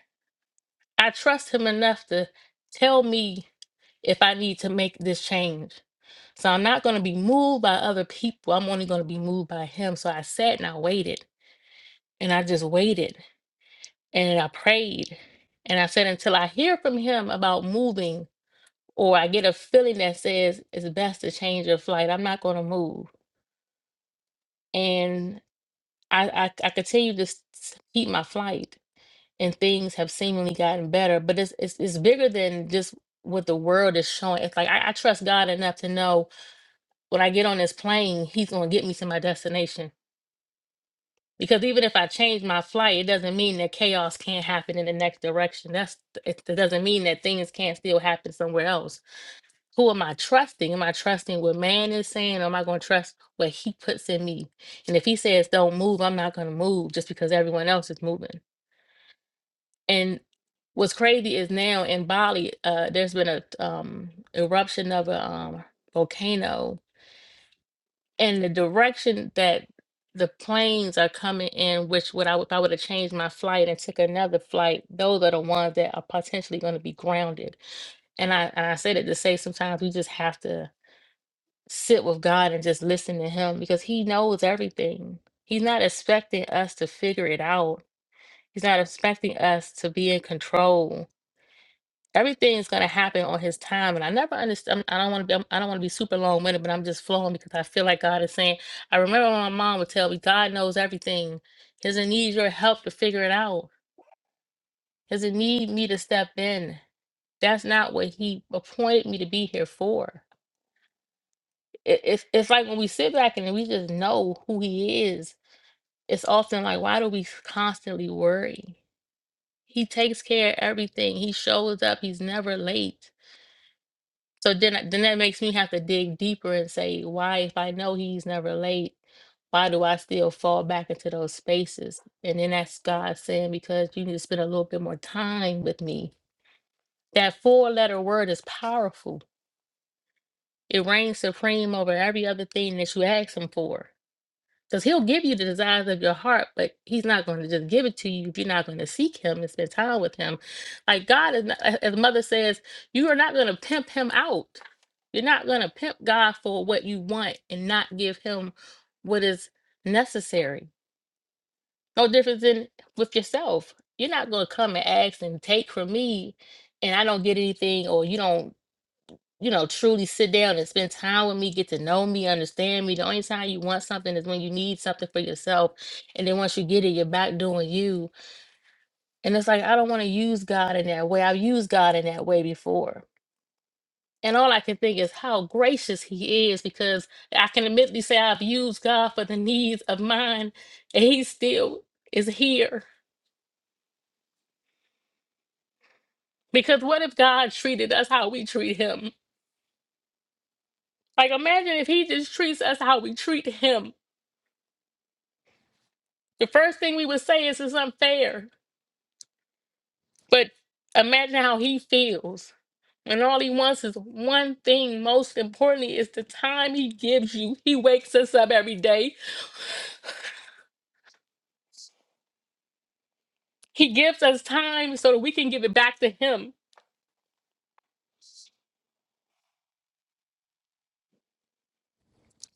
S9: I trust him enough to tell me if I need to make this change. So I'm not going to be moved by other people. I'm only going to be moved by him. So I sat and I waited and I just waited And I prayed and I said, until I hear from him about moving or I get a feeling that says it's best to change your flight, I'm not going to move. And I, I, I continue to s- s- keep my flight and things have seemingly gotten better, but it's, it's, it's bigger than just what the world is showing. It's like, I, I trust God enough to know when I get on this plane, he's going to get me to my destination Because even if I change my flight, it doesn't mean that chaos can't happen in the next direction. That's it it doesn't mean that things can't still happen somewhere else. Who am I trusting? Am I trusting what man is saying? Or am I going to trust what he puts in me? And if he says don't move, I'm not going to move just because everyone else is moving. And what's crazy is now in Bali, uh, there's been a um, eruption of a um, volcano and the direction that the planes are coming in, which would I would- if I would have changed my flight and took another flight, those are the ones that are potentially going to be grounded. And I and I said it to say sometimes we just have to sit with God and just listen to Him because He knows everything. He's not expecting us to figure it out. He's not expecting us to be in control everything's going to happen on his time and i never understand i don't want to be i don't want to be super long-winded but i'm just flowing because i feel like god is saying i remember when my mom would tell me god knows everything he doesn't need your help to figure it out he doesn't need me to step in that's not what he appointed me to be here for it, it's, it's like when we sit back and we just know who he is it's often like why do we constantly worry he takes care of everything he shows up he's never late So then, uh, then that makes me have to dig deeper and say, why, if I know he's never late, why do I still fall back into those spaces? And then that's God saying, because you need to spend a little bit more time with me. That four letter word is powerful. It reigns supreme over every other thing that you ask him for. Because he'll give you the desires of your heart, but he's not going to just give it to you if you're not going to seek him and spend time with him. Like God is not, as as mother says, you are not going to pimp him out. You're not going to pimp God for what you want and not give him what is necessary. No difference than with yourself. You're not going to come and ask and take from me and I don't get anything or you don't you know, truly sit down and spend time with me, get to know me, understand me. The only time you want something is when you need something for yourself. And then once you get it, you're back doing you. And it's like, I don't want to use God in that way. I've used God in that way before. And all I can think is how gracious He is because I can admittedly say I've used God for the needs of mine and He still is here. Because what if God treated us how we treat Him? Like, imagine if He just treats us how we treat Him The first thing we would say is it's unfair. But imagine how he feels. And all he wants is one thing, most importantly, is the time he gives you. He wakes us up every day. He gives us time so that we can give it back to him.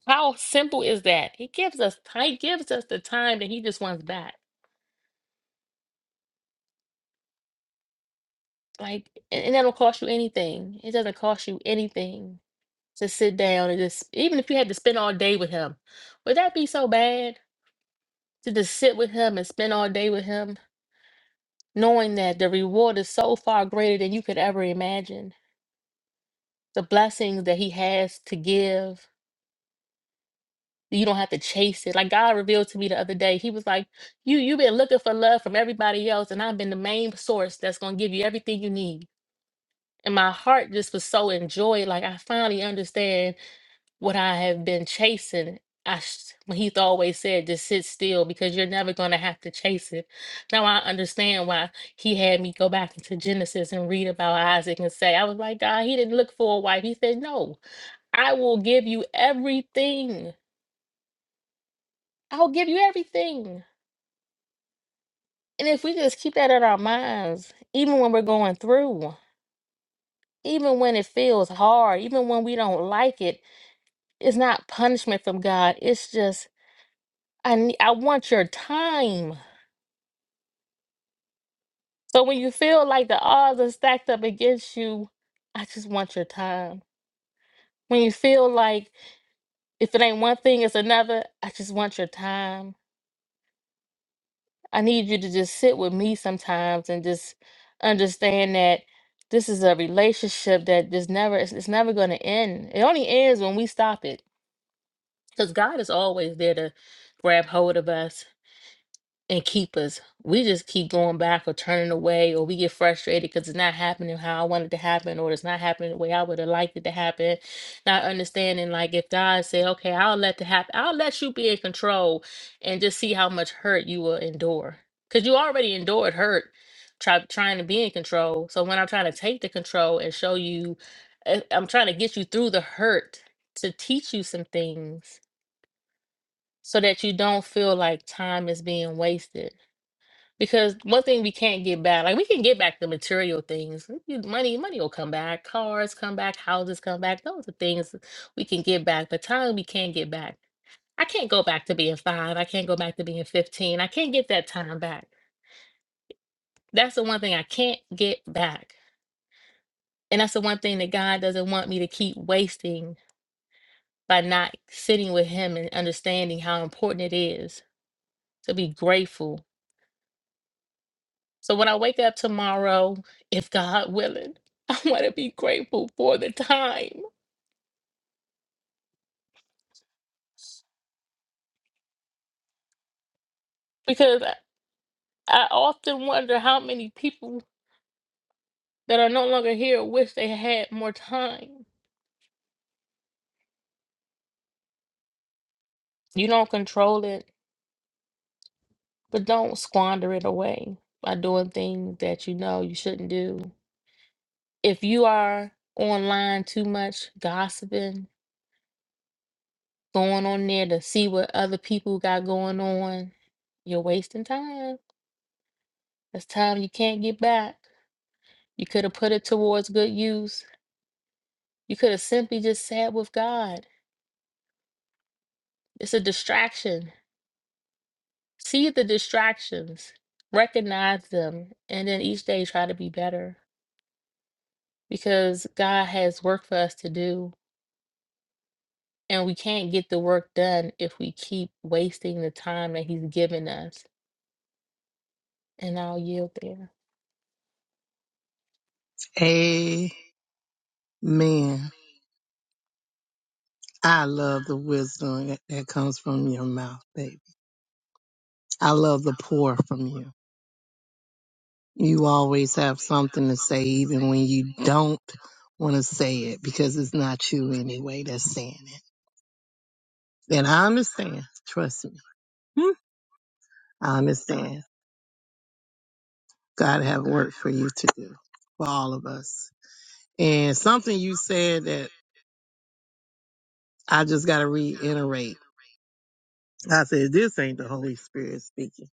S9: How simple is that? He gives us he gives us the time that he just wants back. Like and and that'll cost you anything. It doesn't cost you anything to sit down and just even if you had to spend all day with him, would that be so bad? to just sit with him and spend all day with him. knowing that the reward is so far greater than you could ever imagine. The blessings that He has to give, you don't have to chase it. Like God revealed to me the other day, He was like, "You you've been looking for love from everybody else, and I've been the main source that's gonna give you everything you need." And my heart just was so enjoyed. Like I finally understand what I have been chasing. I sh- when he always said, just sit still because you're never going to have to chase it. Now I understand why he had me go back into Genesis and read about Isaac and say, I was like, God, he didn't look for a wife. He said, No, I will give you everything. I'll give you everything. And if we just keep that in our minds, even when we're going through, even when it feels hard, even when we don't like it, it's not punishment from God. It's just, I, ne- I want your time. So when you feel like the odds are stacked up against you, I just want your time. When you feel like if it ain't one thing, it's another, I just want your time. I need you to just sit with me sometimes and just understand that this is a relationship that just never it's, it's never going to end. It only ends when we stop it. Cuz God is always there to grab hold of us and keep us. We just keep going back or turning away, or we get frustrated because it's not happening how I want it to happen, or it's not happening the way I would have liked it to happen. Not understanding, like if God said, "Okay, I'll let the happen. I'll let you be in control, and just see how much hurt you will endure," because you already endured hurt try, trying to be in control. So when I'm trying to take the control and show you, uh, I'm trying to get you through the hurt to teach you some things so that you don't feel like time is being wasted because one thing we can't get back, like we can get back the material things. like, You- Money, money will come back. Cars come back. Houses come back. Those are things we can get back. But time we can't get back. I can't go back to being five. I can't go back to being 15. I can't get that time back. That's the one thing I can't get back. And that's the one thing that God doesn't want me to keep wasting by not sitting with Him and understanding how important it is to be grateful So when I wake up tomorrow, if God willing, I want to be grateful for the time because I I often wonder how many people that are no longer here wish they had more time. You don't control it, but don't squander it away by doing things that you know you shouldn't do. If you are online too much, gossiping, going on there to see what other people got going on, you're wasting time. That's time you can't get back. You could have put it towards good use. You could have simply just sat with God. It's a distraction. See the distractions, recognize them, and then each day try to be better because God has work for us to do. And we can't get the work done if we keep wasting the time that He's given us. And I'll yield there.
S4: Amen. I love the wisdom that, that comes from your mouth, baby. I love the pour from you. You always have something to say, even when you don't want to say it, because it's not you anyway that's saying it. And I understand. Trust me. Hmm. I understand. God have work for you to do, for all of us. And something you said that I just got to reiterate. I said, this ain't the Holy Spirit speaking.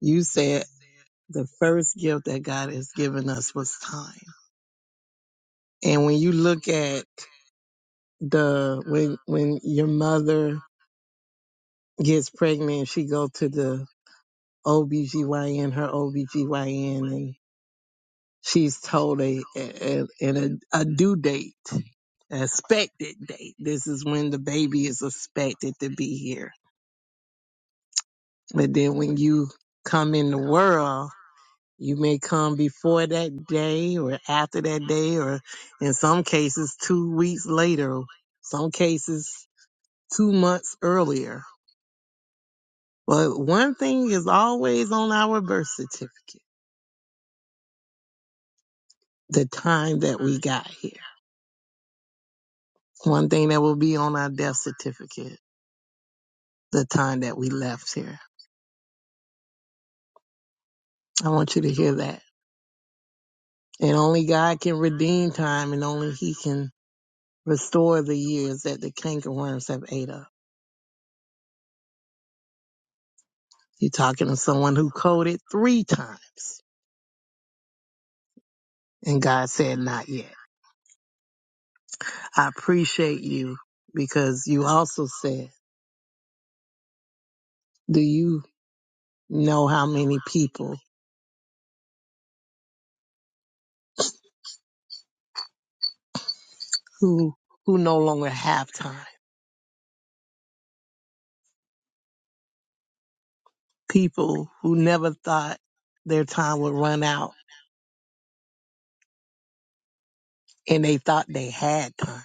S4: You said the first gift that God has given us was time. And when you look at the, when, when your mother gets pregnant, and she go to the OBGYN, her OBGYN, and she's told a, a, a, a due date, an expected date. This is when the baby is expected to be here But then when you come in the world, you may come before that day or after that day, or in some cases, two weeks later, some cases, two months earlier. But one thing is always on our birth certificate the time that we got here. One thing that will be on our death certificate the time that we left here. I want you to hear that. And only God can redeem time, and only He can restore the years that the cankerworms have ate up. You're talking to someone who coded three times. And God said, not yet. I appreciate you because you also said, do you know how many people who, who no longer have time? People who never thought their time would run out and they thought they had time.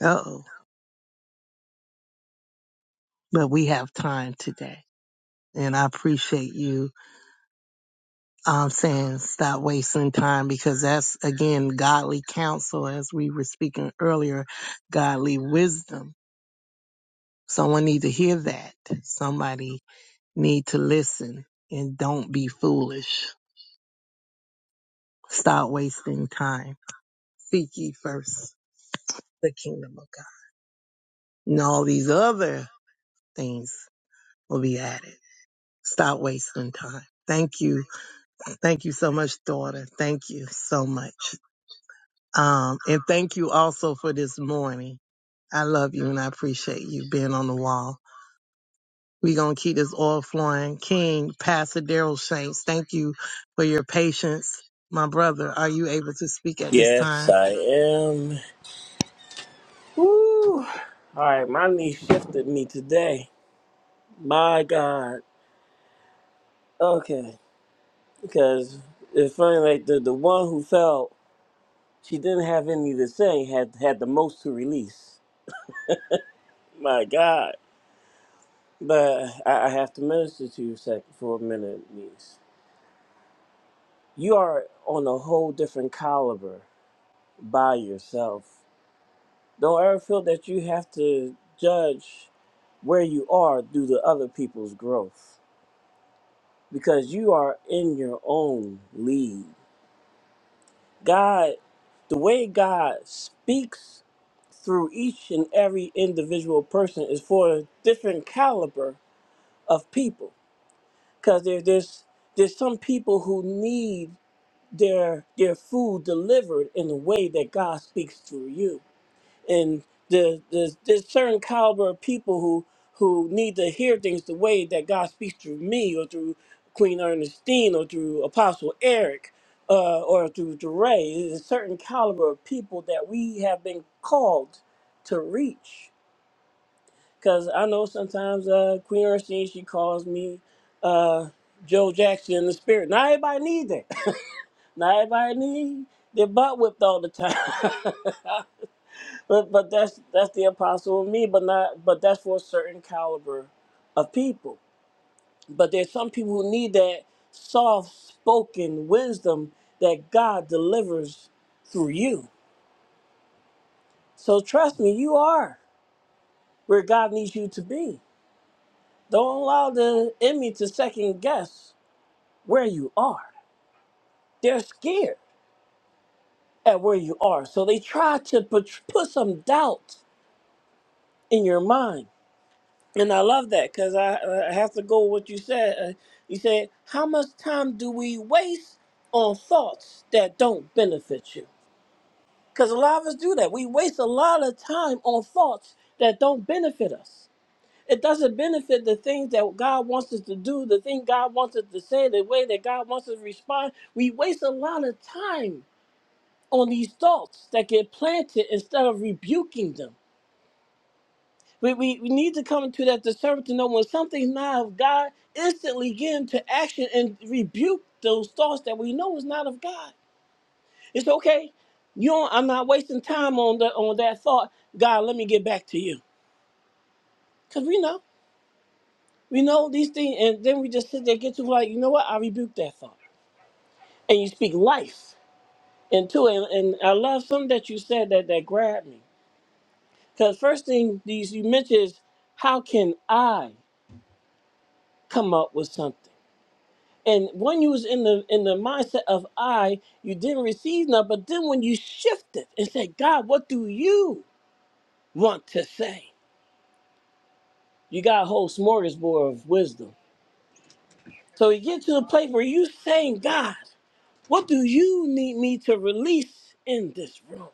S4: Uh oh. But we have time today. And I appreciate you I'm saying stop wasting time because that's again godly counsel as we were speaking earlier, godly wisdom. Someone need to hear that. Somebody need to listen and don't be foolish. Stop wasting time. Seek ye first the kingdom of God. And all these other things will be added. Stop wasting time. Thank you. Thank you so much, daughter. Thank you so much. Um, and thank you also for this morning. I love you and I appreciate you being on the wall. We're going to keep this oil flowing. King, Pastor Daryl Shanks, thank you for your patience. My brother, are you able to speak at this
S3: Yes,
S4: time?
S3: I am. Woo! All right, my knee shifted me today. My God. Okay, because it's funny, like the, the one who fell, she didn't have any to say, had had the most to release. My God. But I, I have to minister to you sec- for a minute, niece. You are on a whole different caliber by yourself. Don't ever feel that you have to judge where you are due to other people's growth because you are in your own league. God, the way God speaks through each and every individual person is for a different caliber of people because there, there's there's some people who need their their food delivered in the way that God speaks through you and the, the there's certain caliber of people who who need to hear things the way that God speaks through me or through Queen Ernestine or through Apostle Eric uh, or through DeRay. There's a certain caliber of people that we have been called to reach. Because I know sometimes uh, Queen Ernestine, she calls me uh, Joe Jackson in the spirit. Not everybody need that. Not everybody need their butt whipped all the time. But but that's that's the apostle of me, but not but that's for a certain caliber of people. But there's some people who need that soft spoken wisdom that God delivers through you. So trust me, you are where God needs you to be. Don't allow the enemy to second guess where you are. They're scared at where you are. So they try to put, put some doubt in your mind. And I love that because I, uh, I have to go with what you said. Uh, you said, How much time do we waste on thoughts that don't benefit you? Because a lot of us do that. We waste a lot of time on thoughts that don't benefit us. It doesn't benefit the things that God wants us to do, the thing God wants us to say, the way that God wants us to respond. We waste a lot of time on these thoughts that get planted instead of rebuking them. We, we, we need to come to that discernment to know when something's not of God, instantly get into action and rebuke those thoughts that we know is not of God. It's okay. You don't, I'm not wasting time on the, on that thought. God, let me get back to you. Because we know. We know these things. And then we just sit there, get to like, you know what? I rebuke that thought. And you speak life into it. And, and I love something that you said that, that grabbed me. Because first thing these you mentioned is, how can I come up with something? And when you was in the in the mindset of I, you didn't receive none. But then when you shifted and said, God, what do you want to say? You got a whole smorgasbord of wisdom. So you get to the place where you saying, God, what do you need me to release in this room?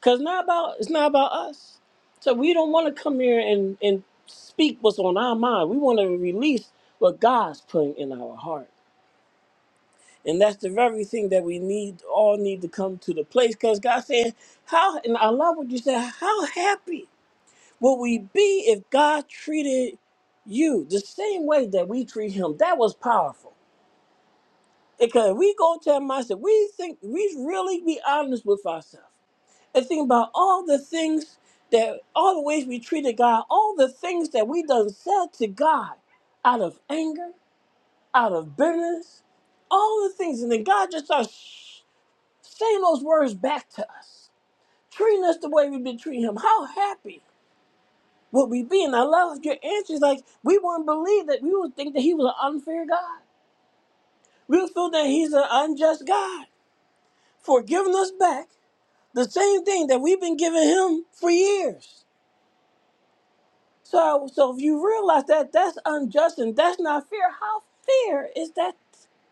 S3: Cause not about it's not about us. So we don't want to come here and and speak what's on our mind. We want to release what God's putting in our heart. And that's the very thing that we need, all need to come to the place. Because God said, how, and I love what you said, how happy would we be if God treated you the same way that we treat him? That was powerful. Because we go to him, I said, we think, we really be honest with ourselves. And think about all the things that, all the ways we treated God, all the things that we done said to God out of anger, out of bitterness, all the things. And then God just starts saying those words back to us, treating us the way we've been treating him, how happy would we be? And I love your answers. Like we wouldn't believe that we would think that he was an unfair God. We would feel that he's an unjust God for giving us back the same thing that we've been giving him for years. So, so if you realize that that's unjust and that's not fair, how fair is that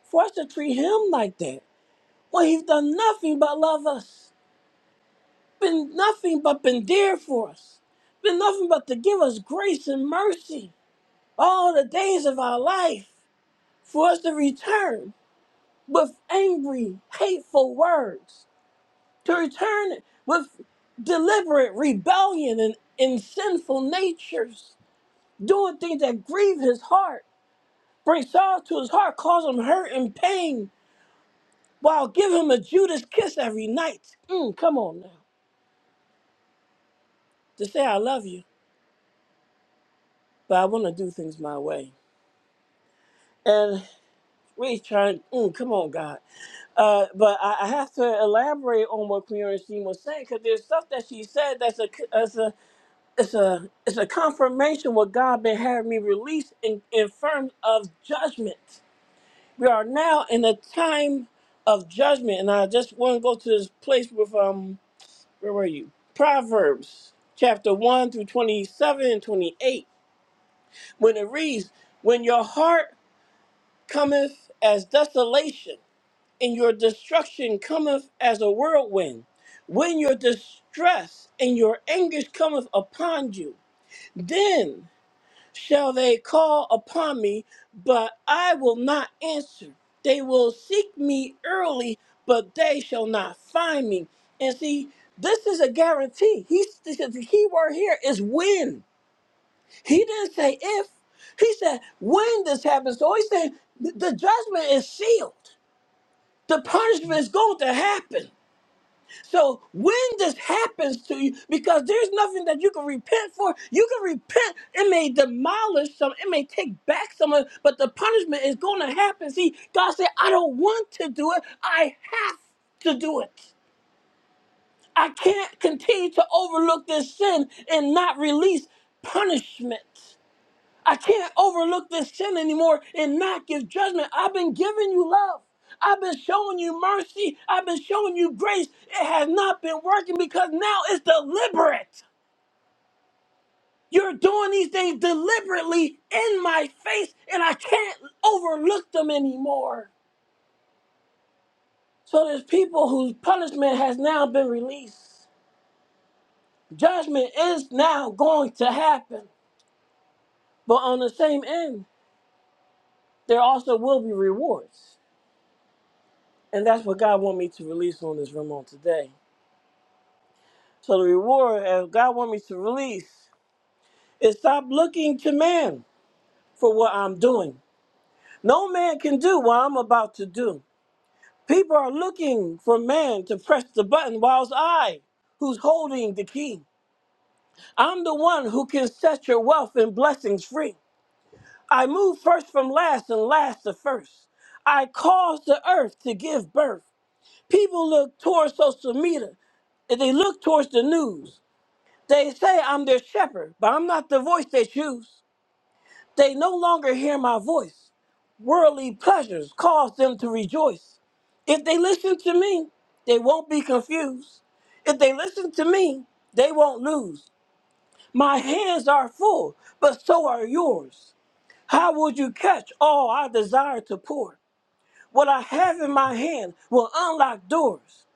S3: for us to treat him like that when he's done nothing but love us? been nothing but been there for us. Been nothing but to give us grace and mercy all the days of our life for us to return with angry, hateful words, to return with deliberate rebellion and, and sinful natures, doing things that grieve his heart, bring sorrow to his heart, cause him hurt and pain, while give him a Judas kiss every night. Mm, come on now, to say I love you, but I want to do things my way. We trying, mm, come on, God. Uh, but I, I have to elaborate on what Clarence Jean was saying because there's stuff that she said that's a, that's a, it's a, it's a confirmation what God been having me release in, in terms of judgment. We are now in a time of judgment, and I just want to go to this place with um, where were you? Proverbs chapter one through twenty-seven and twenty-eight. When it reads, "When your heart cometh as desolation." and your destruction cometh as a whirlwind, when your distress and your anguish cometh upon you, then shall they call upon me, but I will not answer. They will seek me early, but they shall not find me. And see, this is a guarantee. He's, the key word here is when. He didn't say if. He said when this happens. So he's saying the the judgment is sealed. The punishment is going to happen. So when this happens to you, because there's nothing that you can repent for, you can repent. It may demolish some, it may take back some, of- but the punishment is going to happen. See, God said, "I don't want to do it. I have to do it. I can't continue to overlook this sin and not release punishment." I can't overlook this sin anymore and not give judgment. I've been giving you love. I've been showing you mercy. I've been showing you grace. It has not been working because now it's deliberate. You're doing these things deliberately in my face, and I can't overlook them anymore. So there's people whose punishment has now been released. Judgment is now going to happen. But on the same end, there also will be rewards. And that's what God want me to release on this room on today. So the reward as God want me to release is stop looking to man for what I'm doing. No man can do what I'm about to do. People are looking for man to press the button whilst I, who's holding the key. I'm the one who can set your wealth and blessings free. I move first from last and last to first. I cause the earth to give birth. People look towards social media. and They look towards the news. They say I'm their shepherd, but I'm not the voice they choose. They no longer hear my voice. Worldly pleasures cause them to rejoice. If they listen to me, they won't be confused. If they listen to me, they won't lose. My hands are full, but so are yours. How would you catch all I desire to pour? What I have in my hand will unlock doors.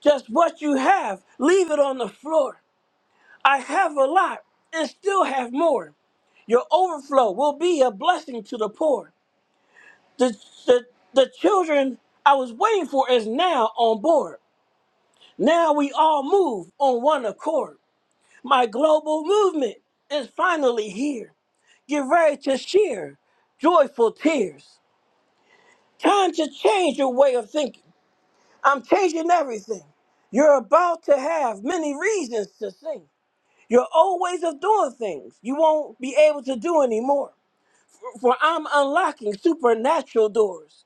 S3: Just what you have, leave it on the floor. I have a lot and still have more. Your overflow will be a blessing to the poor. The, the, the children I was waiting for is now on board. Now we all move on one accord. My global movement is finally here. Get ready to share joyful tears. Time to change your way of thinking. I'm changing everything. You're about to have many reasons to sing. Your old ways of doing things, you won't be able to do anymore. For I'm unlocking supernatural doors.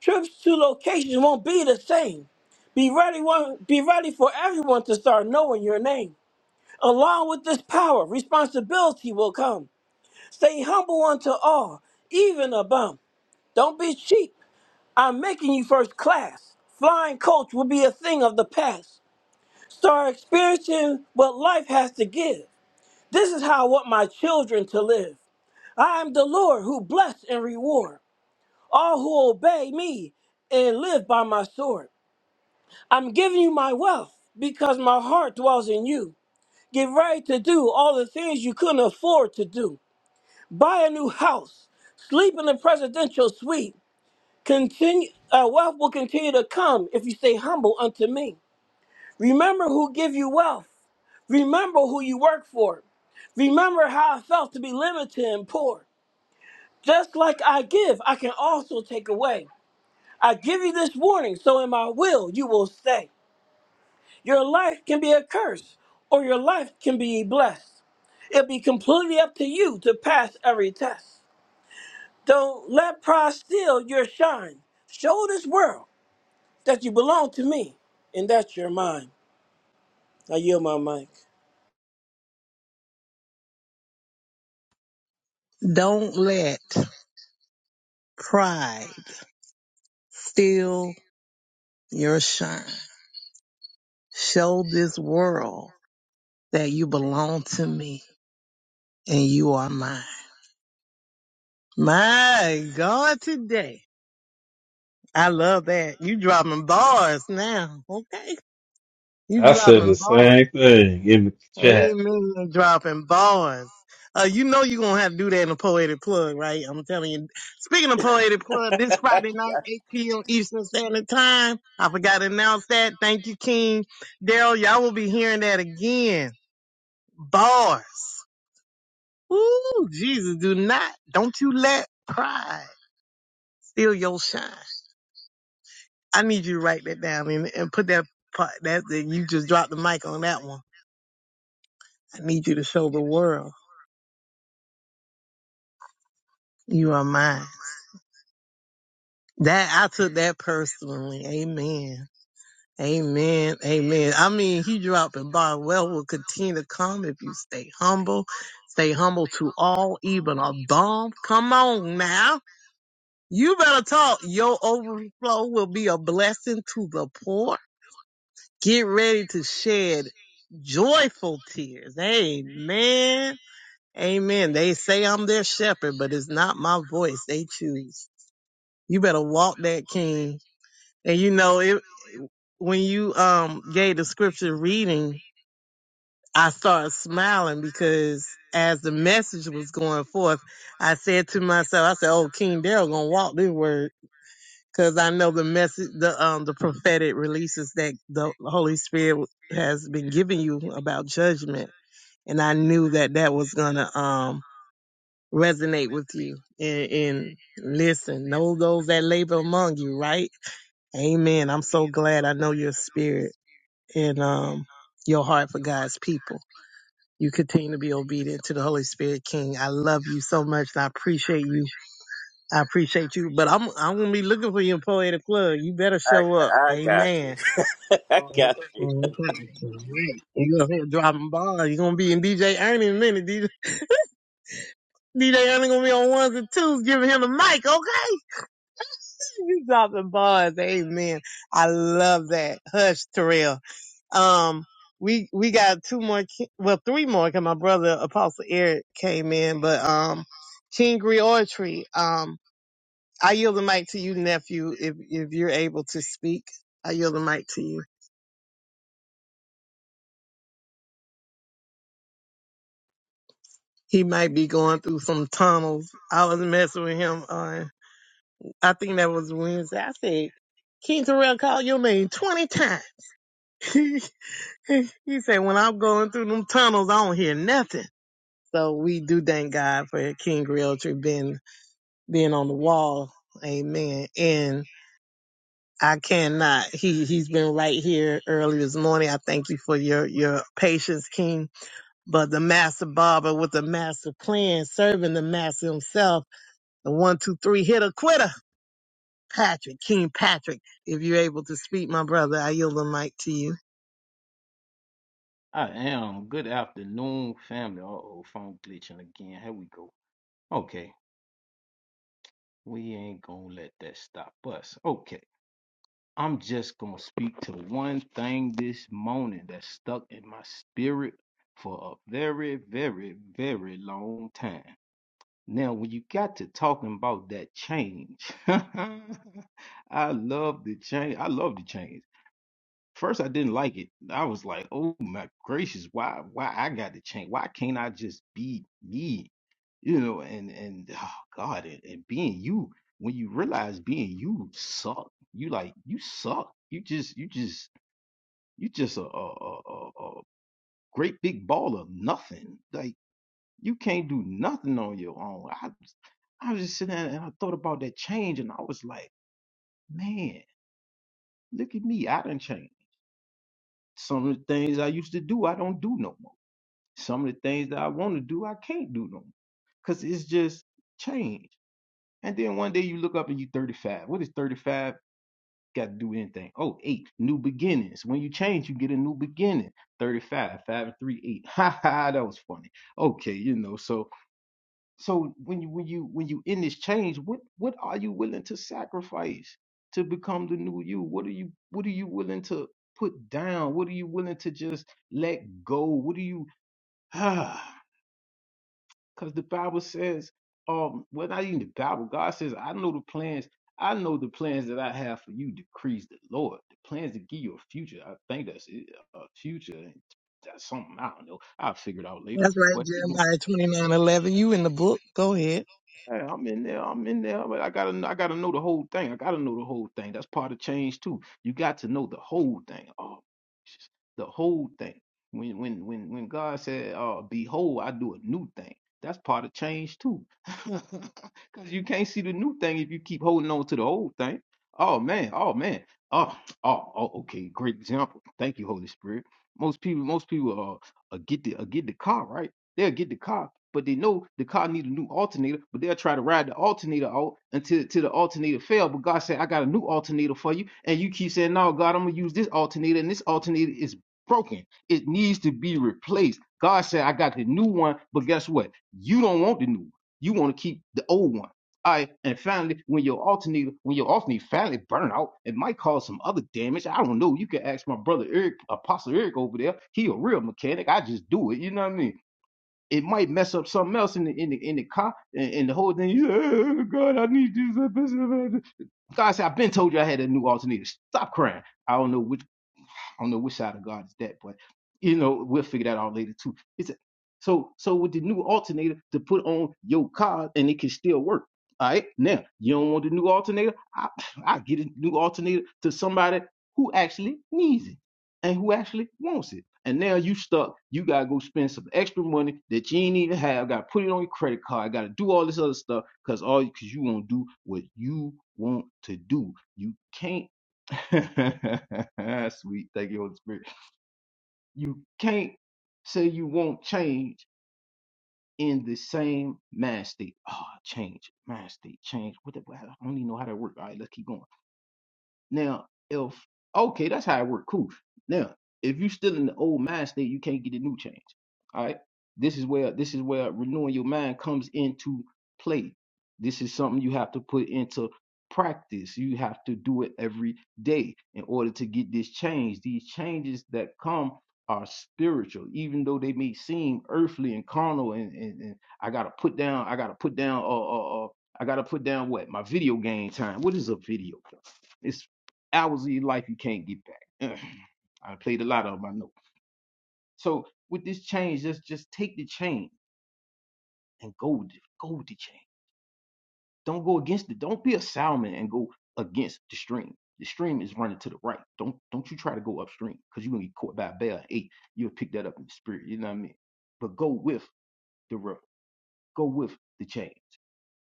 S3: Trips to locations won't be the same. Be ready, one, be ready for everyone to start knowing your name. Along with this power, responsibility will come. Stay humble unto all, even a bum. Don't be cheap. I'm making you first class. Flying coach will be a thing of the past. Start experiencing what life has to give. This is how I want my children to live. I am the Lord who bless and reward all who obey me and live by my sword. I'm giving you my wealth because my heart dwells in you. Get ready to do all the things you couldn't afford to do. Buy a new house, sleep in a presidential suite. Continue, uh, wealth will continue to come if you stay humble unto me. Remember who give you wealth. Remember who you work for. Remember how I felt to be limited and poor. Just like I give, I can also take away. I give you this warning, so in my will you will stay. Your life can be a curse, or your life can be blessed. It'll be completely up to you to pass every test. Don't let pride steal your shine. Show this world that you belong to me and that you're mine. I yield my mic.
S4: Don't let pride steal your shine. Show this world that you belong to me and you are mine. My God, today. I love that. You dropping bars now. Okay. You dropping bars. Amen. You Dropping bars. Uh, you know you're gonna have to do that in a poetic plug, right? I'm telling you. Speaking of poetic plug, this Friday night, 8 p.m. Eastern Standard Time. I forgot to announce that. Thank you, King. Daryl, y'all will be hearing that again. Bars. Ooh, Jesus, do not. Don't you let pride steal your shine. I need you to write that down and, and put that part that, that you just dropped the mic on that one. I need you to show the world you are mine. That I took that personally. Amen. Amen. Amen. I mean, he dropped a bomb. Well, will continue to come if you stay humble. Stay humble to all, even a bomb. Come on now. You better talk. Your overflow will be a blessing to the poor. Get ready to shed joyful tears. Amen. Amen. They say I'm their shepherd, but it's not my voice. They choose. You better walk that king. And you know, it, when you um gave the scripture reading, I started smiling because as the message was going forth, I said to myself, I said, "Oh, King Daryl gonna walk this word because I know the message, the um the prophetic releases that the Holy Spirit has been giving you about judgment, and I knew that that was gonna um resonate with you and, and listen know those that labor among you right amen i'm so glad i know your spirit and um, your heart for God's people. You continue to be obedient to the Holy Spirit King. I love you so much. And I appreciate you. I appreciate you. But I'm I'm gonna be looking for you in Poetic Club. You better show up.
S3: I got you.
S4: Amen.
S3: I got you.
S4: You're gonna be dropping balls. You're gonna be in DJ Ernie in a minute. DJ, DJ Ernie gonna be on ones and twos, giving him the mic, okay? You dropping bars. Amen. I love that. Hush, Terrell. Um, we, we got two more, ki- well, three more, cause my brother Apostle Eric came in, but, um, King Griotry, um, I yield the mic to you, nephew, if, if you're able to speak. I yield the mic to you. He might be going through some tunnels. I was messing with him on, I think that was Wednesday. I said, King Terrell called your name 20 times. he he said, when I'm going through them tunnels, I don't hear nothing. So we do thank God for King Realtree being being on the wall. Amen. And I cannot. He he's been right here early this morning. I thank you for your your patience, King. But the master barber with the master plan, serving the master himself, the one, two, three hitter quitter. Patrick, King Patrick, if you're able to speak, my brother, I yield the mic to you.
S10: I am. Good afternoon, family. Uh oh, phone glitching again. Here we go. Okay, we ain't gonna let that stop us. Okay, I'm just gonna speak to one thing this morning that stuck in my spirit for a very, very, very long time. Now, when you got to talking about that change, I love the change. I love the change. First, I didn't like it. I was like, "Oh my gracious, why, why I got to change? Why can't I just be me?" You know, and and oh God, and, and being you, when you realize being you suck, you like you suck. You just you just you just a a a, a a great big ball of nothing. Like you can't do nothing on your own. I was- I was just sitting there and I thought about that change, and I was like, man, look at me, I done changed. Some of the things I used to do, I don't do no more Some of the things that I want to do, I can't do no more because it's just change. And then one day you look up and you 35. What is 35 got to do with anything? Oh, eight, new beginnings. When you change, you get a new beginning. 35, five and three, eight. Ha ha, that was funny. Okay, you know, so so when you when you when you in this change, what what are you willing to sacrifice to become the new you? What are you what are you willing to put down? What are you willing to just let go? What are you Because the Bible says, um, well, not even the Bible, God says, I know the plans, I know the plans that I have for you, decrees the Lord. The plans to give you a future. I think that's it, a future. That's something I don't know. I'll figure it out later.
S4: That's right,
S10: But you know,
S4: Jeremiah twenty nine eleven. You in the book. Go ahead.
S10: Hey, I'm in there. I'm in there. But I gotta, I gotta know the whole thing. I gotta know the whole thing. That's part of change too. You got to know the whole thing. Oh, Jesus. the whole thing. When, when, when, when God said, "Uh, behold, I do a new thing." That's part of change too. Because you can't see the new thing if you keep holding on to the old thing. Oh man. Oh man. Oh, oh, oh. Okay. Great example. Thank you, Holy Spirit. Most people, most people, uh, uh get the, uh, get the car right. They'll get the car, but they know the car need a new alternator, but they'll try to ride the alternator out until, until the alternator fail. But God said, I got a new alternator for you. And you keep saying, No, God, I'm gonna use this alternator, and this alternator is broken. It needs to be replaced. God said, I got the new one, but guess what? You don't want the new one. You want to keep the old one. All right, and finally, when your alternator, when your alternator finally burn out, it might cause some other damage. I don't know. You can ask my brother Eric, Apostle Eric over there. He a real mechanic. I just do it. You know what I mean? it might mess up something else in the in the in the car and, and the whole thing. You, oh, God, I need this. God said, I've been told you I had a new alternator. Stop crying. I don't know which I don't know which side of God is that, but you know, we'll figure that out later too. It's a, so so with the new alternator to put on your car and it can still work. All right. Now you don't want the new alternator. I I get a new alternator to somebody who actually needs it and who actually wants it. And now you stuck. You gotta go spend some extra money that you ain't even have. Gotta put it on your credit card. Gotta do all this other stuff because all because you won't do what you want to do. You can't Sweet, thank you, Holy Spirit. You can't say you won't change in the same mind state. Ah, change, mind state, change. What the, I don't even know how that works. All right, let's keep going. Now, if okay, that's how it worked. Cool. Now, if you still in the old mind state, you can't get a new change. All right. This is where this is where renewing your mind comes into play. This is something you have to put into practice. You have to do it every day in order to get this change. These changes that come are spiritual, even though they may seem earthly and carnal. And, and, and I gotta put down. I gotta put down. Uh, uh, uh, I gotta put down what my video game time. What is a video? hours of your life you can't get back. Ugh, I played a lot of them, I know. So with this change, just just take the change and go with it. Go with the change. Don't go against it. Don't be a salmon and go against the stream. The stream is running to the right. Don't don't you try to go upstream because you're gonna get caught by a bear Hey, you You'll pick that up in the spirit. You know what I mean? But go with the river. Go with the change.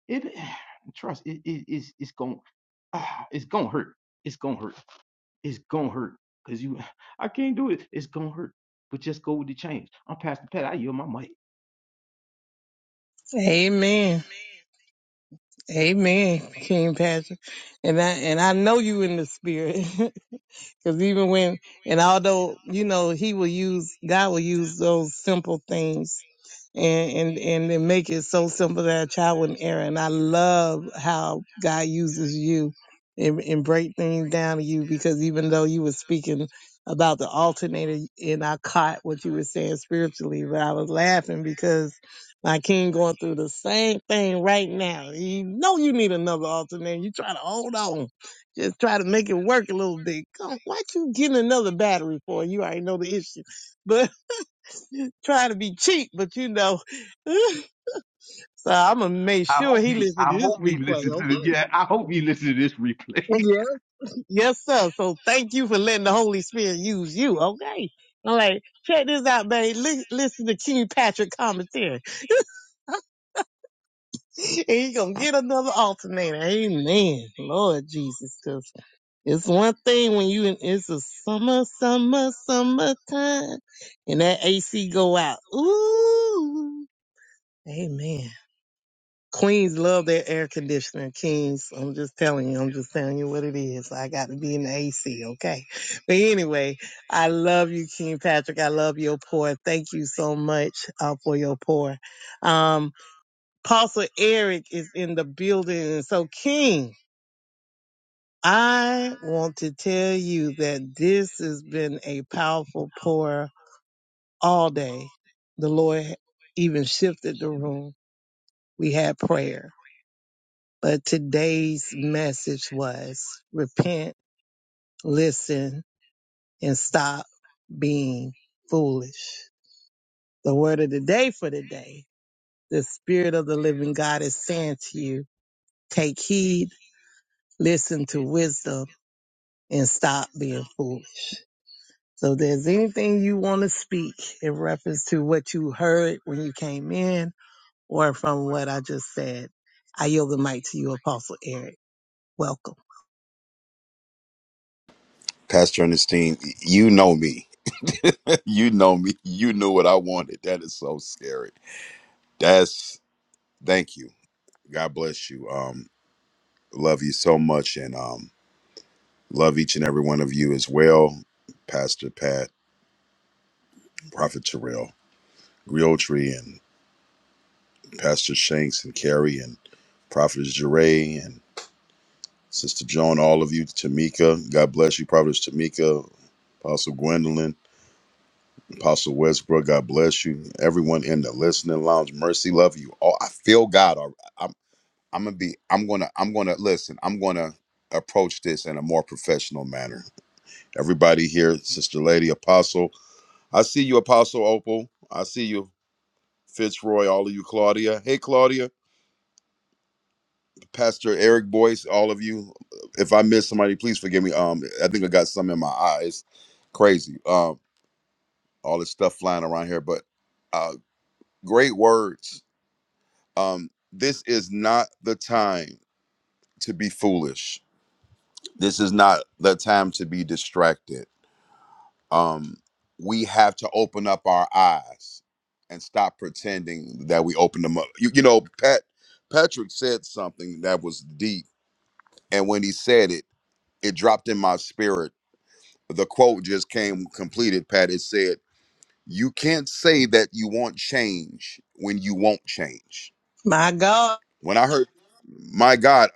S10: It trust it's it it's it's gonna ah, it's gonna hurt. It's gonna hurt It's gonna hurt. Cause you I can't do it. It's gonna hurt. But just go with the change. I'm Pastor Pat. I yield my mic.
S4: Amen. Amen, King Patrick. And I and I know you in the spirit. Cause even when, and although, you know, he will use, God will use those simple things and and and then make it so simple that a child wouldn't err. And I love how God uses you and, and break things down to you because even though you were speaking about the alternator and I caught what you were saying spiritually, but I was laughing because my king going through the same thing right now. You know you need another alternator. You try to hold on. Just try to make it work a little bit. Come, what you getting another battery for? You already know the issue. but trying to be cheap, but you know. so I'm gonna make
S10: I
S4: sure
S10: hope
S4: he
S10: he
S4: listen to
S10: I
S4: this
S10: hope he
S4: replay.
S10: listens to
S4: Okay?
S10: the yeah, I hope he listens to this replay.
S4: Yeah. Yes, sir. So thank you for letting the Holy Spirit use you. Okay. I'm like, check this out, babe. Li- listen to King Patrick commentary. And you gonna get another alternator. Amen. Lord Jesus. 'Cause it's one thing when you in, it's a summer, summer, summertime. And that AC go out. Ooh. Amen. Queens love their air conditioner. Kings, I'm just telling you, I'm just telling you what it is. I got to be in the AC, okay? But anyway, I love you, King Patrick. I love your pour. Thank you so much uh, for your pour. Um, Apostle Eric is in the building. So, King, I want to tell you that this has been a powerful pour all day. The Lord even shifted the room. We had prayer But today's message was repent, listen, and stop being foolish. The word of the day for today, the spirit of the living God is saying to you, take heed, listen to wisdom, and stop being foolish. So if there's anything you want to speak in reference to what you heard when you came in or from what I just said, I yield the mic to you, Apostle Eric. Welcome.
S11: Pastor Ernestine, you know me. You know me. You knew what I wanted. That is so scary. That's thank you. God bless you. Um, love you so much and um love each and every one of you as well. Pastor Pat, Prophet Terrell, Realtree and Pastor Shanks and Carrie and Prophet Jeray and Sister Joan, all of you, Tamika. God bless you, Prophet Tamika, Apostle Gwendolyn. Apostle Westbrook, God bless you. Everyone in the listening lounge, mercy, love you. All I feel God. all- right. I'm I'm gonna be. I'm gonna. I'm gonna listen. I'm gonna approach this in a more professional manner. Everybody here, Sister Lady Apostle. I see you, Apostle Opal. I see you, Fitzroy. All of you, Claudia. Hey, Claudia. Pastor Eric Boyce. All of you. If I miss somebody, please forgive me. Um, I think I got some in my eyes. Crazy. Um, all this stuff flying around here, but uh, great words um, this is not the time to be foolish. This is not the time to be distracted. Um, we have to open up our eyes and stop pretending that we open them up. You, you know, Pat Patrick said something that was deep, and when he said it, it dropped in my spirit. The quote just came completed. Pat, it said, "You can't say that you want change when you won't change."
S4: My God.
S11: When I heard, my God,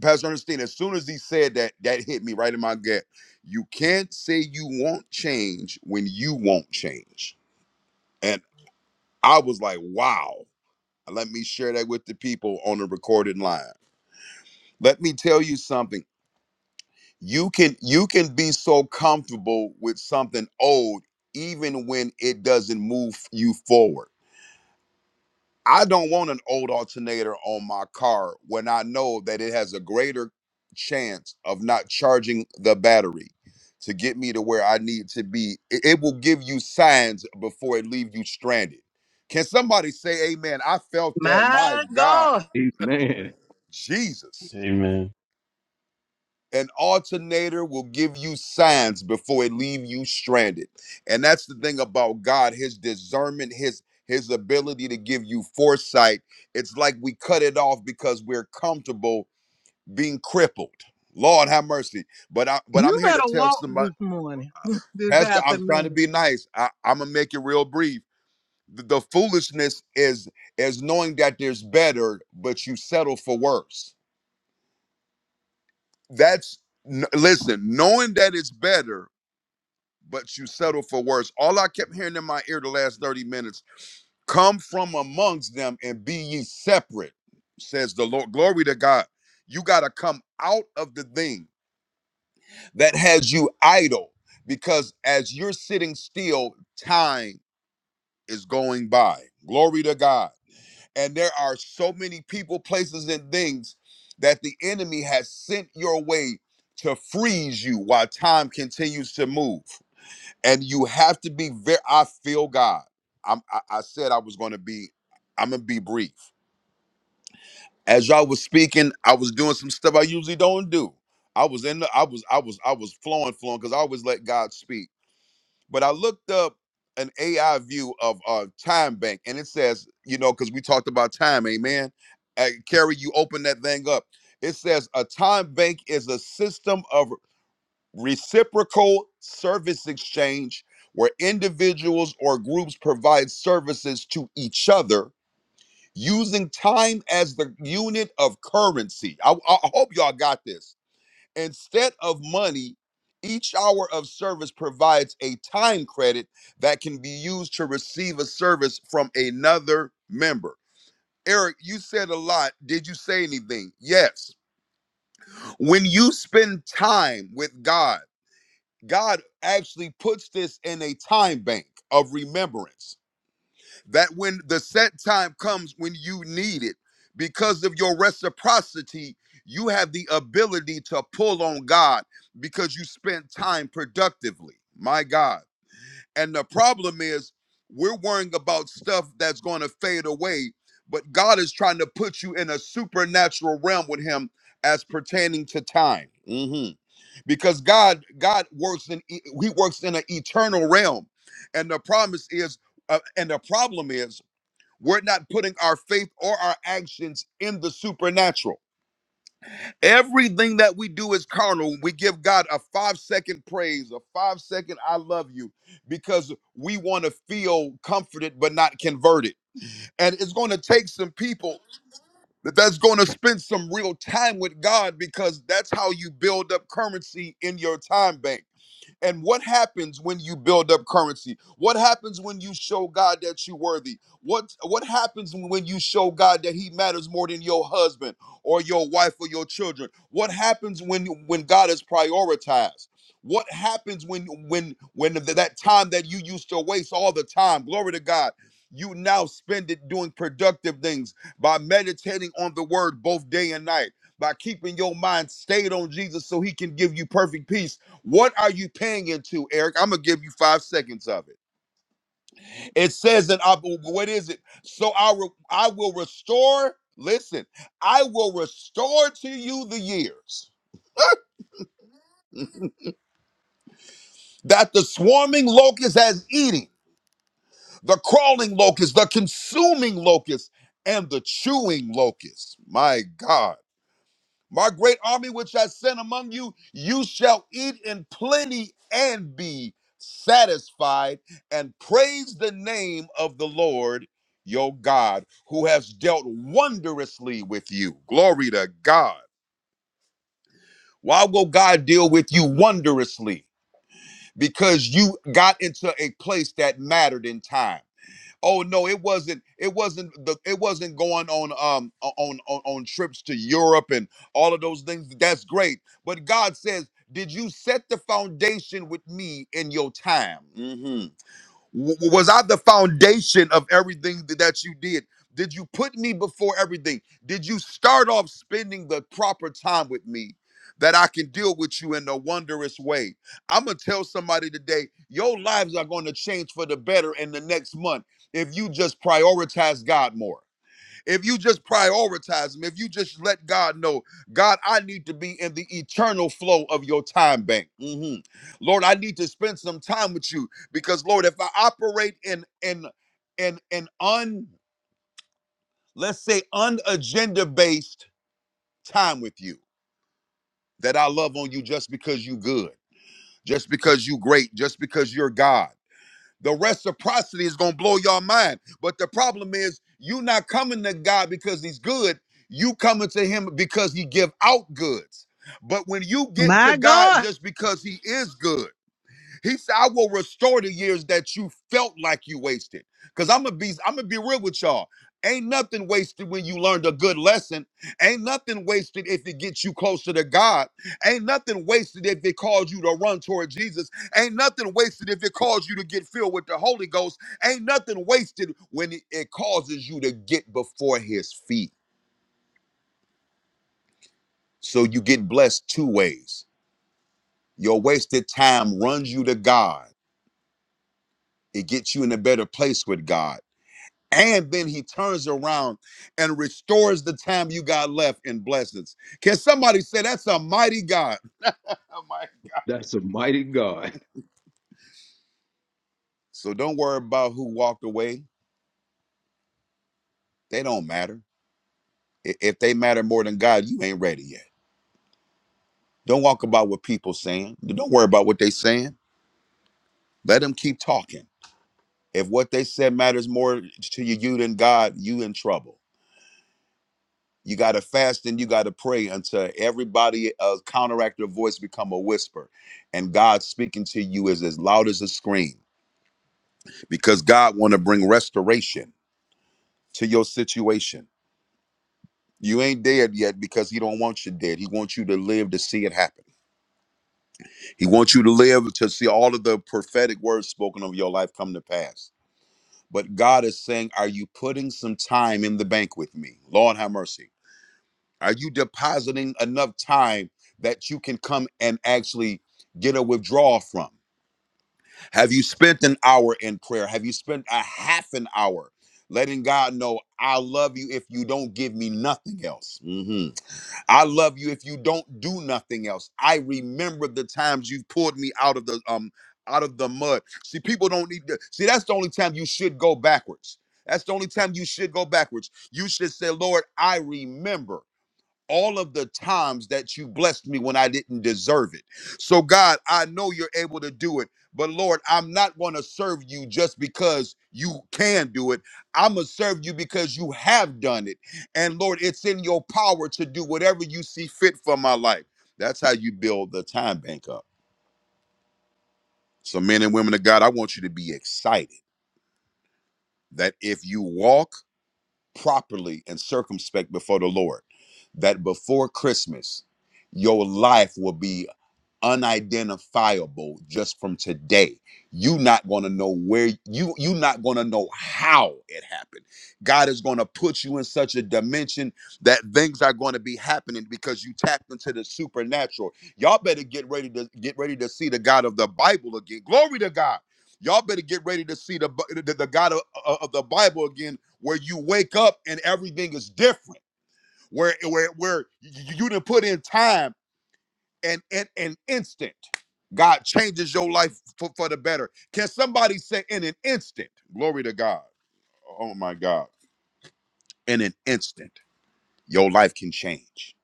S11: Pastor Ernestine, as soon as he said that, that hit me right in my gut. You can't say you won't change when you won't change. And I was like, wow. Let me share that with the people on the recorded line. Let me tell you something. You can you can be so comfortable with something old even when it doesn't move you forward. I don't want an old alternator on my car when I know that it has a greater chance of not charging the battery to get me to where I need to be. It, it will give you signs before it leave you stranded. Can somebody say amen? I felt that. My
S4: My
S11: God,
S4: God.
S10: Amen.
S11: Jesus.
S2: Amen.
S11: An alternator will give you signs before it leave you stranded. And that's the thing about God, his discernment, his his ability to give you foresight. It's like we cut it off because we're comfortable being crippled. Lord have mercy. But I but I'm
S4: You
S11: here to
S4: better
S11: tell
S4: walk this
S11: somebody,
S4: morning, this
S11: Pastor, I'm trying to
S4: afternoon.
S11: be nice. I, I'm gonna make it real brief. The, the foolishness is is knowing that there's better, but you settle for worse. That's n- listen, knowing that it's better but you settle for worse. All I kept hearing in my ear the last 30 minutes come from amongst them and be ye separate says the lord glory to god you got to come out of the thing that has you idle because as you're sitting still time is going by glory to god and there are so many people places and things that the enemy has sent your way to freeze you while time continues to move and you have to be very i feel god I'm, I, I said i was going to be i'm going to be brief as y'all was speaking i was doing some stuff i usually don't do i was in the i was i was i was flowing flowing because i always let god speak but i looked up an ai view of uh time bank and it says you know because we talked about time amen uh, carrie you open that thing up it says a time bank is a system of reciprocal service exchange where individuals or groups provide services to each other using time as the unit of currency. I, I hope y'all got this. Instead of money, each hour of service provides a time credit that can be used to receive a service from another member. Eric, you said a lot. Did you say anything? Yes. When you spend time with God, God actually puts this in a time bank of remembrance that when the set time comes when you need it, because of your reciprocity, you have the ability to pull on God because you spent time productively. My God. And the problem is, we're worrying about stuff that's going to fade away, but God is trying to put you in a supernatural realm with Him as pertaining to time. Mhm because God God works in e- he works in an eternal realm, and the promise is uh, and the problem is we're not putting our faith or our actions in the supernatural. Everything that we do is carnal. We give God a five second praise, a five second I love you, because we want to feel comforted but not converted. And it's going to take some people that that's going to spend some real time with God because that's how you build up currency in your time bank and what happens when you build up currency? What happens when you show God that you're worthy? What what happens when you show God that He matters more than your husband or your wife or your children? What happens when when God is prioritized? What happens when when when th- that time that you used to waste all the time? Glory to God. You now spend it doing productive things by meditating on the word both day and night, by keeping your mind stayed on Jesus so he can give you perfect peace what are you paying into, Eric? I'm gonna give you five seconds of it. It says that I, what is it? So I re- I will restore. Listen, I will restore to you the years that the swarming locust has eaten, the crawling locust, the consuming locust, and the chewing locust. My God. My great army which I sent among you, you shall eat in plenty and be satisfied, and praise the name of the Lord your God, who has dealt wondrously with you. Glory to God. Why will God deal with you wondrously? Because you got into a place that mattered in time oh no it wasn't it wasn't the it wasn't going on um on on, on trips to europe and all of those things that's great but god says did you set the foundation with me in your time Mhm. W- was I the foundation of everything th- that you did? Did you put me before everything? Did you start off spending the proper time with me that I can deal with you in a wondrous way? I'm going to tell somebody today your lives are going to change for the better in the next month if you just prioritize God more. If you just prioritize them, if you just let God know, God, I need to be in the eternal flow of your time bank. Mhm. Lord, I need to spend some time with you because, Lord, if I operate in in in an un let's say unagenda based time with you, that I love on you just because you good, just because you great, just because you're God. The reciprocity is gonna blow your mind. But the problem is you not coming to God because he's good. You coming to him because he give out goods. But when you get to
S1: My
S11: God
S1: God.
S11: just because he is good, he said, I will restore the years that you felt like you wasted. Cause I'm gonna be I'm gonna be real with y'all. Ain't nothing wasted when you learned a good lesson. Ain't nothing wasted if it gets you closer to God. Ain't nothing wasted if it calls you to run toward Jesus. Ain't nothing wasted if it calls you to get filled with the Holy Ghost. Ain't nothing wasted when it it causes you to get before his feet. So you get blessed two ways. Your wasted time runs you to God. It gets you in a better place with God And then he turns around and restores the time you got left in blessings. Can somebody say that's a mighty God?
S10: That's a mighty God.
S11: So don't worry about who walked away. They don't matter. I- If they matter more than God, you ain't ready yet. Don't walk about what people saying. Don't worry about what they saying. Let them keep talking. If what they said matters more to you, you than God, you in trouble. You got to fast and you got to pray until everybody uh, counteract their voice become a whisper. And God speaking to you is as loud as a scream because God want to bring restoration to your situation. You ain't dead yet because he don't want you dead. He wants you to live to see it happen. He wants you to live to see all of the prophetic words spoken over your life come to pass. But God is saying, are you putting some time in the bank with me? Lord have mercy. Are you depositing enough time that you can come and actually get a withdrawal from? Have you spent an hour in prayer? Have you spent a half an hour letting God know, I love you if you don't give me nothing else? Mhm. I love you if you don't do nothing else. I remember the times you've pulled me out of the um out of the mud. See, people don't need to see that's the only time you should go backwards. That's the only time you should go backwards. You should say, Lord, I remember all of the times that you blessed me when I didn't deserve it. So, God, I know you're able to do it, but Lord, I'm not going to serve you just because you can do it. I'm going to serve you because you have done it. And Lord, it's in your power to do whatever you see fit for my life. That's how you build the time bank up. So, men and women of God, I want you to be excited that if you walk properly and circumspect before the Lord, that before Christmas, your life will be unidentifiable just from today. You not going to know where you you not going to know how it happened. God is going to put you in such a dimension that things are going to be happening because you tapped into the supernatural. Y'all better get ready to get ready to see the God of the Bible again. Glory to God. Y'all better get ready to see the Bi- the, the God of, of of the Bible again where you wake up and everything is different. Where where where you, you didn't put in time and in an instant, God changes your life for, for the better. Can somebody say, in an instant, glory to God? Oh my God. In an instant, your life can change.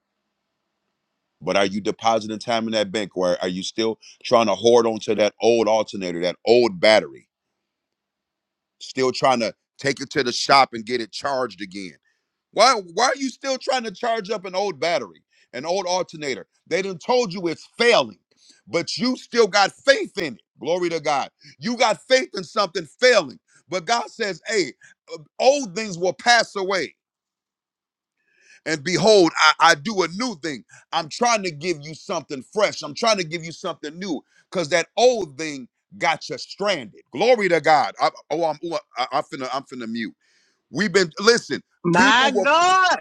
S11: But are you depositing time in that bank or are you still trying to hoard onto that old alternator, that old battery? Still trying to take it to the shop and get it charged again? Why why are you still trying to charge up an old battery, an old alternator? They done told you it's failing, but you still got faith in it. Glory to God. You got faith in something failing. But God says, hey, uh, old things will pass away. And behold, I, I do a new thing. I'm trying to give you something fresh. I'm trying to give you something new because that old thing got you stranded. Glory to God. I, oh, I'm, oh, I, am finna, I'm finna mute. We've been, listen, people
S4: My
S11: will.
S4: God,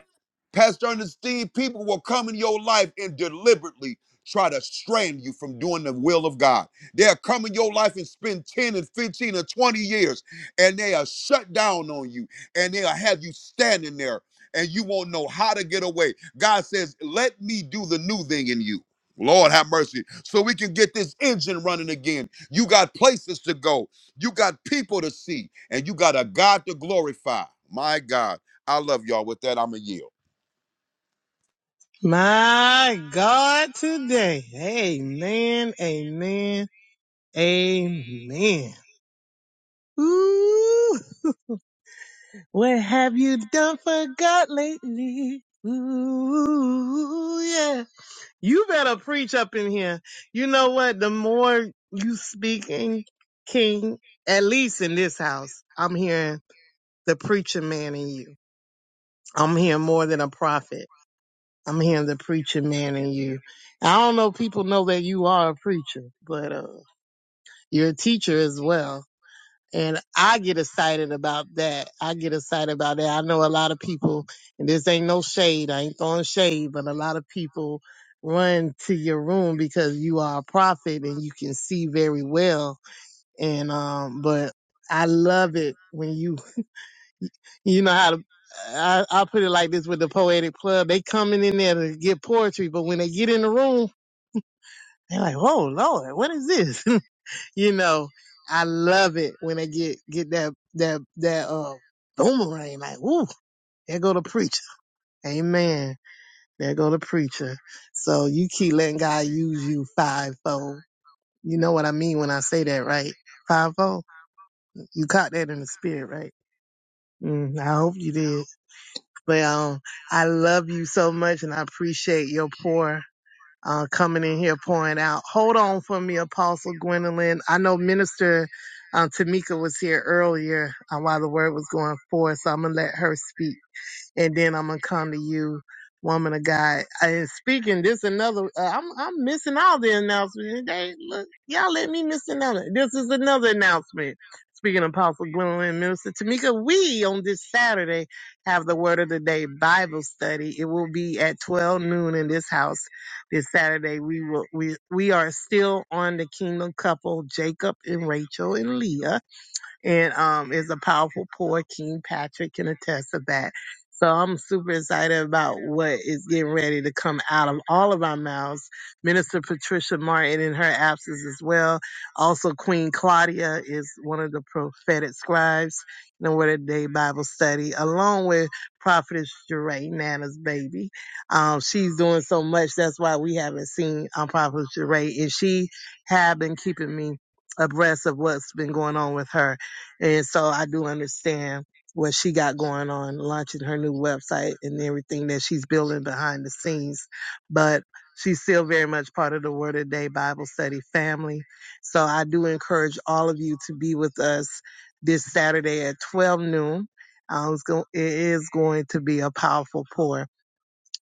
S11: Pastor Ernestine, people will come in your life and deliberately try to strand you from doing the will of God. They'll come in your life and spend 10 and 15 and 20 years and they are shut down on you and they'll have you standing there and you won't know how to get away. God says, Let me do the new thing in you. Lord have mercy. So we can get this engine running again. You got places to go, you got people to see, and you got a God to glorify. My God, I love y'all. With that, I'm a yield.
S4: my God today. Amen, amen, amen. Ooh, what have you done for God lately? Ooh, yeah. You better preach up in here. You know what? The more you speaking, King, at least in this house, I'm hearing the preacher man in you. I'm hearing more than a prophet. I'm hearing the preacher man in you. I don't know if people know that you are a preacher, but uh, you're a teacher as well. And I get excited about that. I get excited about that. I know a lot of people, and this ain't no shade. I ain't throwing shade, but a lot of people run to your room because you are a prophet and you can see very well. And um, but I love it when you you know how to, I, I put it like this with the poetic club. They coming in there to get poetry, but when they get in the room, they're like, "Whoa, Lord, what is this?" you know, I love it when they get get that that that uh boomerang. Like, "Woo, there go the preacher." Amen. There go the preacher. So you keep letting God use you fivefold. You know what I mean when I say that, right? Fivefold. You caught that in the spirit, right? Mm, I hope you did. But um, I love you so much, and I appreciate your pour uh, coming in here, pouring out. Hold on for me, Apostle Gwendolyn. I know Minister uh, Tamika was here earlier uh, while the word was going forth, so I'm gonna let her speak and then I'm gonna come to you, woman of God. And speaking, this another. Uh, I'm I'm missing all the announcements. They, look, y'all let me miss another. This is another announcement. Speaking of Apostle Gwendolyn and Minister Tamika, we on this Saturday have the Word of the Day Bible study. It will be at 12 noon in this house this Saturday. We will we we are still on the Kingdom couple, Jacob and Rachel and Leah and um, is a powerful poet. King Patrick can attest to that. So I'm super excited about what is getting ready to come out of all of our mouths. Minister Patricia Martin in her absence as well. Also, Queen Claudia is one of the prophetic scribes in the Word of the Day Bible study, along with Prophetess Jeray, Nana's baby. Um, she's doing so much. That's why we haven't seen um, Prophetess Jeray. And she have been keeping me abreast of what's been going on with her and so I do understand what she got going on, launching her new website and everything that she's building behind the scenes. But she's still very much part of the Word of Day Bible study family. So I do encourage all of you to be with us this Saturday at 12 noon. Um, it's go- it is going to be a powerful pour.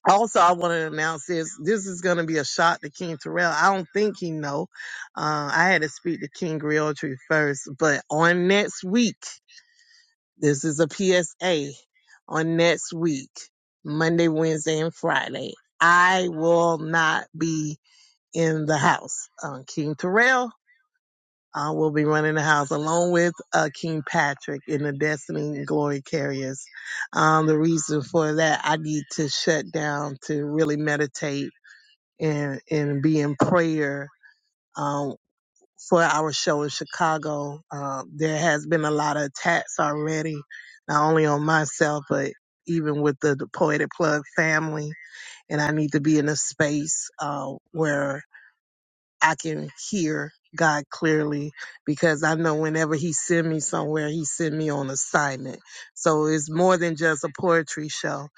S4: Also, I want to announce this. This is going to be a shot to King Terrell. I don't think he know. Uh, I had to speak to King Realtree first, but on next week, this is a PSA on next week, Monday, Wednesday, and Friday. I will not be in the house. Uh, King Terrell uh, will be running the house along with uh, King Patrick in the Destiny Glory Carriers. Um, the reason for that, I need to shut down to really meditate and, and be in prayer Um, for our show in Chicago. Um, there has been a lot of attacks already, not only on myself, but even with the, the Poetic Plug family. And I need to be in a space uh, where I can hear God clearly because I know whenever He send me somewhere, He send me on assignment. So it's more than just a poetry show.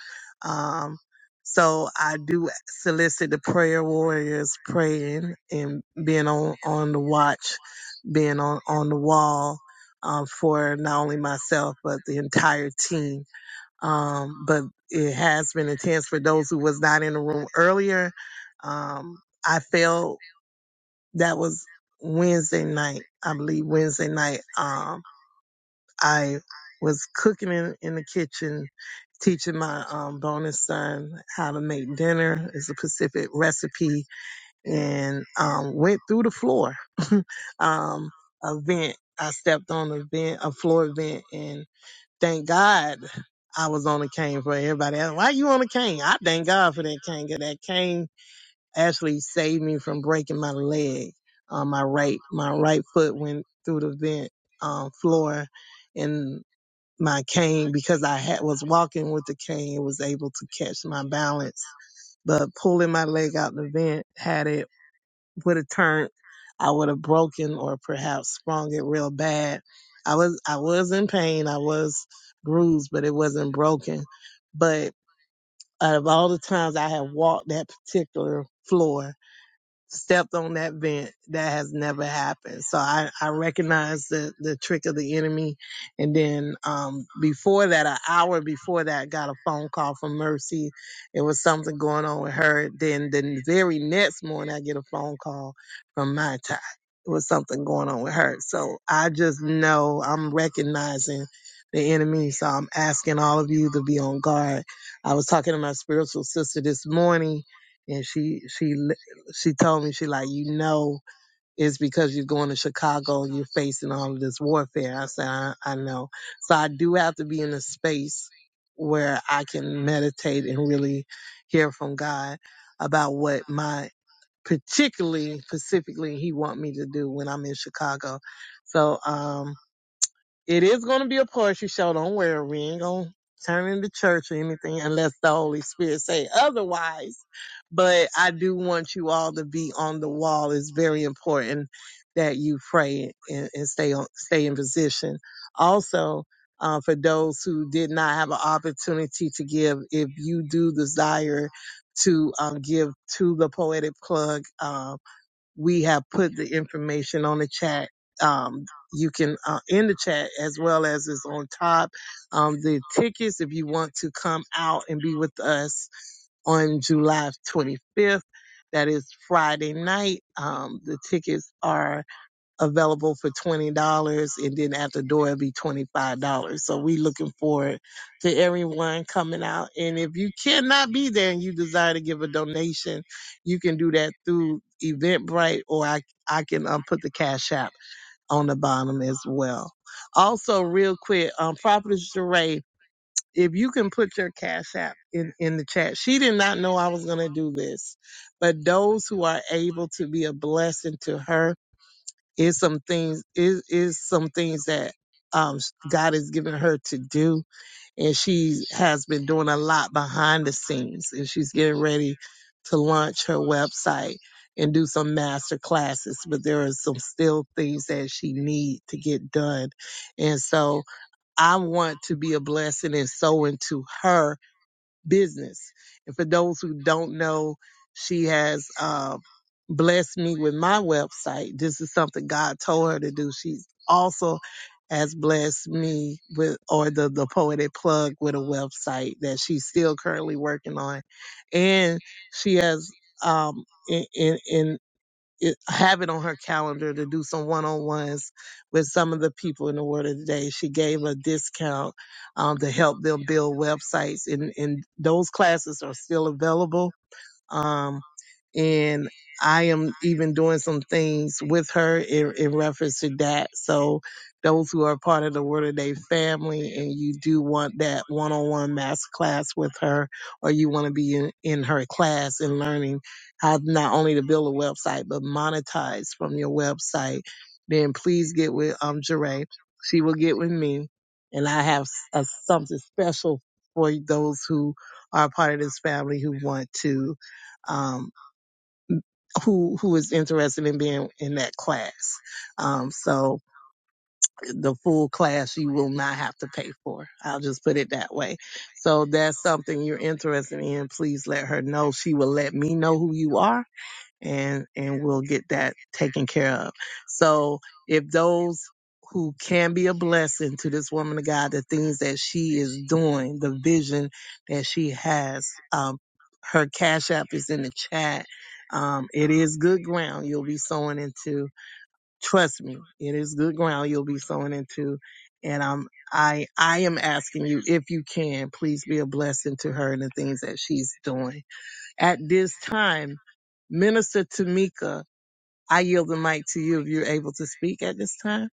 S4: Um, so I do solicit the prayer warriors praying and being on, on the watch being on, on the wall um, for not only myself but the entire team. Um, but it has been intense for those who was not in the room earlier. Um, I felt that was Wednesday night. I believe Wednesday night. Um, I was cooking in, in the kitchen, teaching my um, bonus son how to make dinner. It's a Pacific recipe and um, went through the floor um, a vent. I stepped on a vent, a floor vent, and thank God I was on a cane for everybody. Else. Why you on a cane? I thank God for that cane. 'cause that cane actually saved me from breaking my leg. Uh, my right, my right foot went through the vent um, floor, and my cane because I had was walking with the cane was able to catch my balance. But pulling my leg out the vent had it would have turned, I would have broken or perhaps sprung it real bad. I was I was in pain, I was bruised, but it wasn't broken. But out of all the times I have walked that particular floor, stepped on that vent. That has never happened. So I, I recognize the, the trick of the enemy. And then um, before that, an hour before that, I got a phone call from Mercy. It was something going on with her. Then the very next morning, I get a phone call from my tie. It was something going on with her. So I just know I'm recognizing the enemy. So I'm asking all of you to be on guard. I was talking to my spiritual sister this morning and she she she told me, she like, you know, it's because you're going to Chicago and you're facing all of this warfare. I said, I, I know. So I do have to be in a space where I can meditate and really hear from God about what my particularly specifically he want me to do when I'm in Chicago. So, um, it is going to be a poetry show. Don't worry. We ain't going to turn into church or anything unless the Holy Spirit say otherwise. But I do want you all to be on the wall. It's very important that you pray and, and stay on, stay in position. Also, uh, for those who did not have an opportunity to give, if you do desire to um, give to the Poetic Plug, uh, we have put the information on the chat. Um, you can uh, in the chat as well as is on top. Um, the tickets if you want to come out and be with us on July 25th. That is Friday night. Um, the tickets are available for twenty dollars, and then at the door it'll be twenty five dollars. So we looking forward to everyone coming out. And if you cannot be there and you desire to give a donation, you can do that through Eventbrite, or I I can um, put the cash app on the bottom as well. Also, real quick, um, Prophetess Jeray, if you can put your cash app in in the chat. She did not know I was gonna do this, but those who are able to be a blessing to her is some things is is some things that um God has given her to do, and she has been doing a lot behind the scenes, and she's getting ready to launch her website and do some master classes but there are some still things that she need to get done and so i want to be a blessing and so into her business. And for those who don't know, she has uh, blessed me with my website. This is something God told her to do. She also has blessed me with, or the, the Poetic Plug with a website that she's still currently working on. And she has, um, in, in, in it, have it on her calendar to do some one-on-ones with some of the people in the Word of the Day. She gave a discount um, to help them build websites, and, and those classes are still available. Um, and I am even doing some things with her in, in reference to that. So those who are part of the Word of Day family and you do want that one-on-one master class with her or you want to be in, in her class and learning how not only to build a website but monetize from your website, then please get with um Jeray. She will get with me and I have s- a, something special for those who are part of this family who want to. um, who who is interested in being in that class. Um, so the full class you will not have to pay for. I'll just put it that way. So that's something you're interested in. Please let her know. She will let me know who you are and and we'll get that taken care of. So if those who can be a blessing to this woman of God, the things that she is doing, the vision that she has, um, her cash app is in the chat. Um, it is good ground you'll be sowing into. Trust me, it is good ground you'll be sowing into. And I'm I I am asking you if you can, please be a blessing to her and the things that she's doing. At this time, Minister Tamika I yield the mic to you if you're able to speak at this time.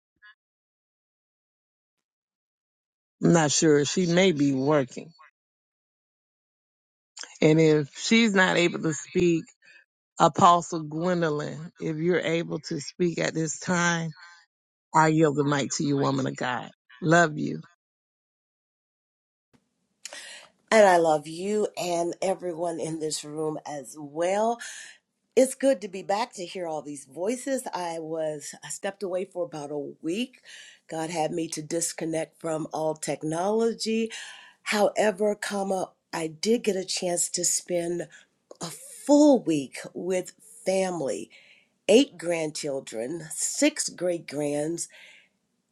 S4: I'm not sure. She may be working. And if she's not able to speak, Apostle Gwendolyn, if you're able to speak at this time, I yield the mic to you, woman of God. Love you.
S12: And I love you and everyone in this room as well. It's good to be back to hear all these voices. I was I stepped away for about a week. God had me to disconnect from all technology. However, comma, I did get a chance to spend a full week with family, eight grandchildren, six great grands,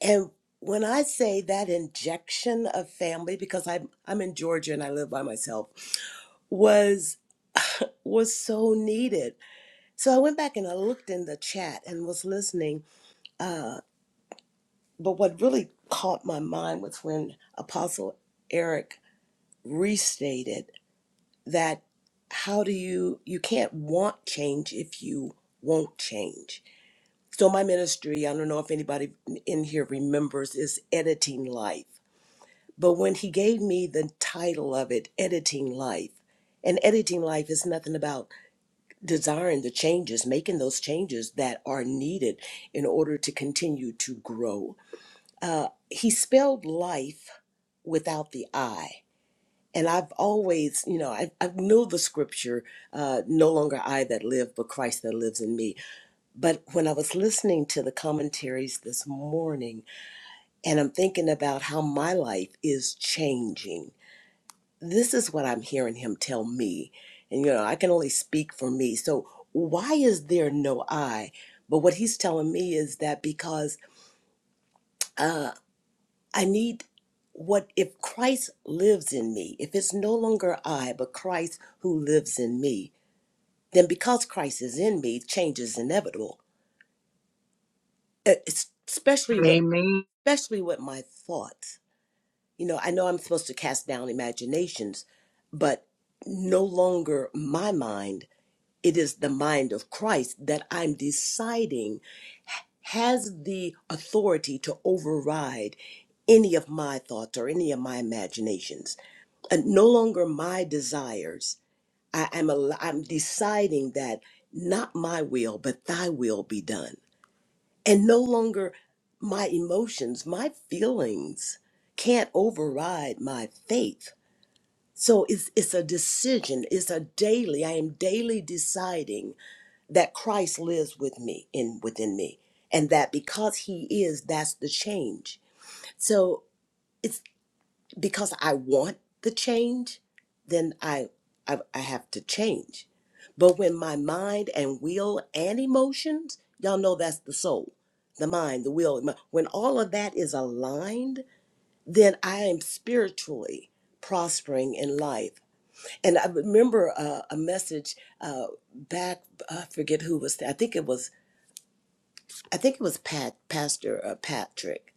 S12: and when I say that injection of family, because I'm I'm in Georgia and I live by myself was was so needed. So I went back and I looked in the chat and was listening. Uh, but what really caught my mind was when Apostle Eric restated that how do you you can't want change if you won't change. So my ministry, I don't know if anybody in here remembers, is editing life. But when he gave me the title of it, editing life, and editing life is nothing about desiring the changes, making those changes that are needed in order to continue to grow. Uh, he spelled life without the I. And I've always, you know, I, I know the scripture, uh, no longer I that live, but Christ that lives in me. But when I was listening to the commentaries this morning, and I'm thinking about how my life is changing this is what I'm hearing him tell me. And, you know, I can only speak for me. So, why is there no I? But what he's telling me is that because uh, I need what if Christ lives in me, if it's no longer I, but Christ who lives in me, then because Christ is in me, change is inevitable, E- especially with,
S4: Amen.
S12: especially with my thoughts. You know, I know I'm supposed to cast down imaginations, but no longer my mind it is the mind of Christ that I'm deciding has the authority to override any of my thoughts or any of my imaginations. And no longer my desires. I, am al- I'm deciding that not my will, but thy will be done. And no longer my emotions, my feelings can't override my faith. So it's, it's a decision, it's a daily, I am daily deciding that Christ lives with me in within me and that because he is that's the change so it's because I want the change then I I, I have to change but when my mind and will and emotions y'all know that's the soul the mind the will emo- when all of that is aligned then I am spiritually prospering in life and I remember uh, a message uh, back I forget who was I think it was I think it was Pat, Pastor uh, Patrick,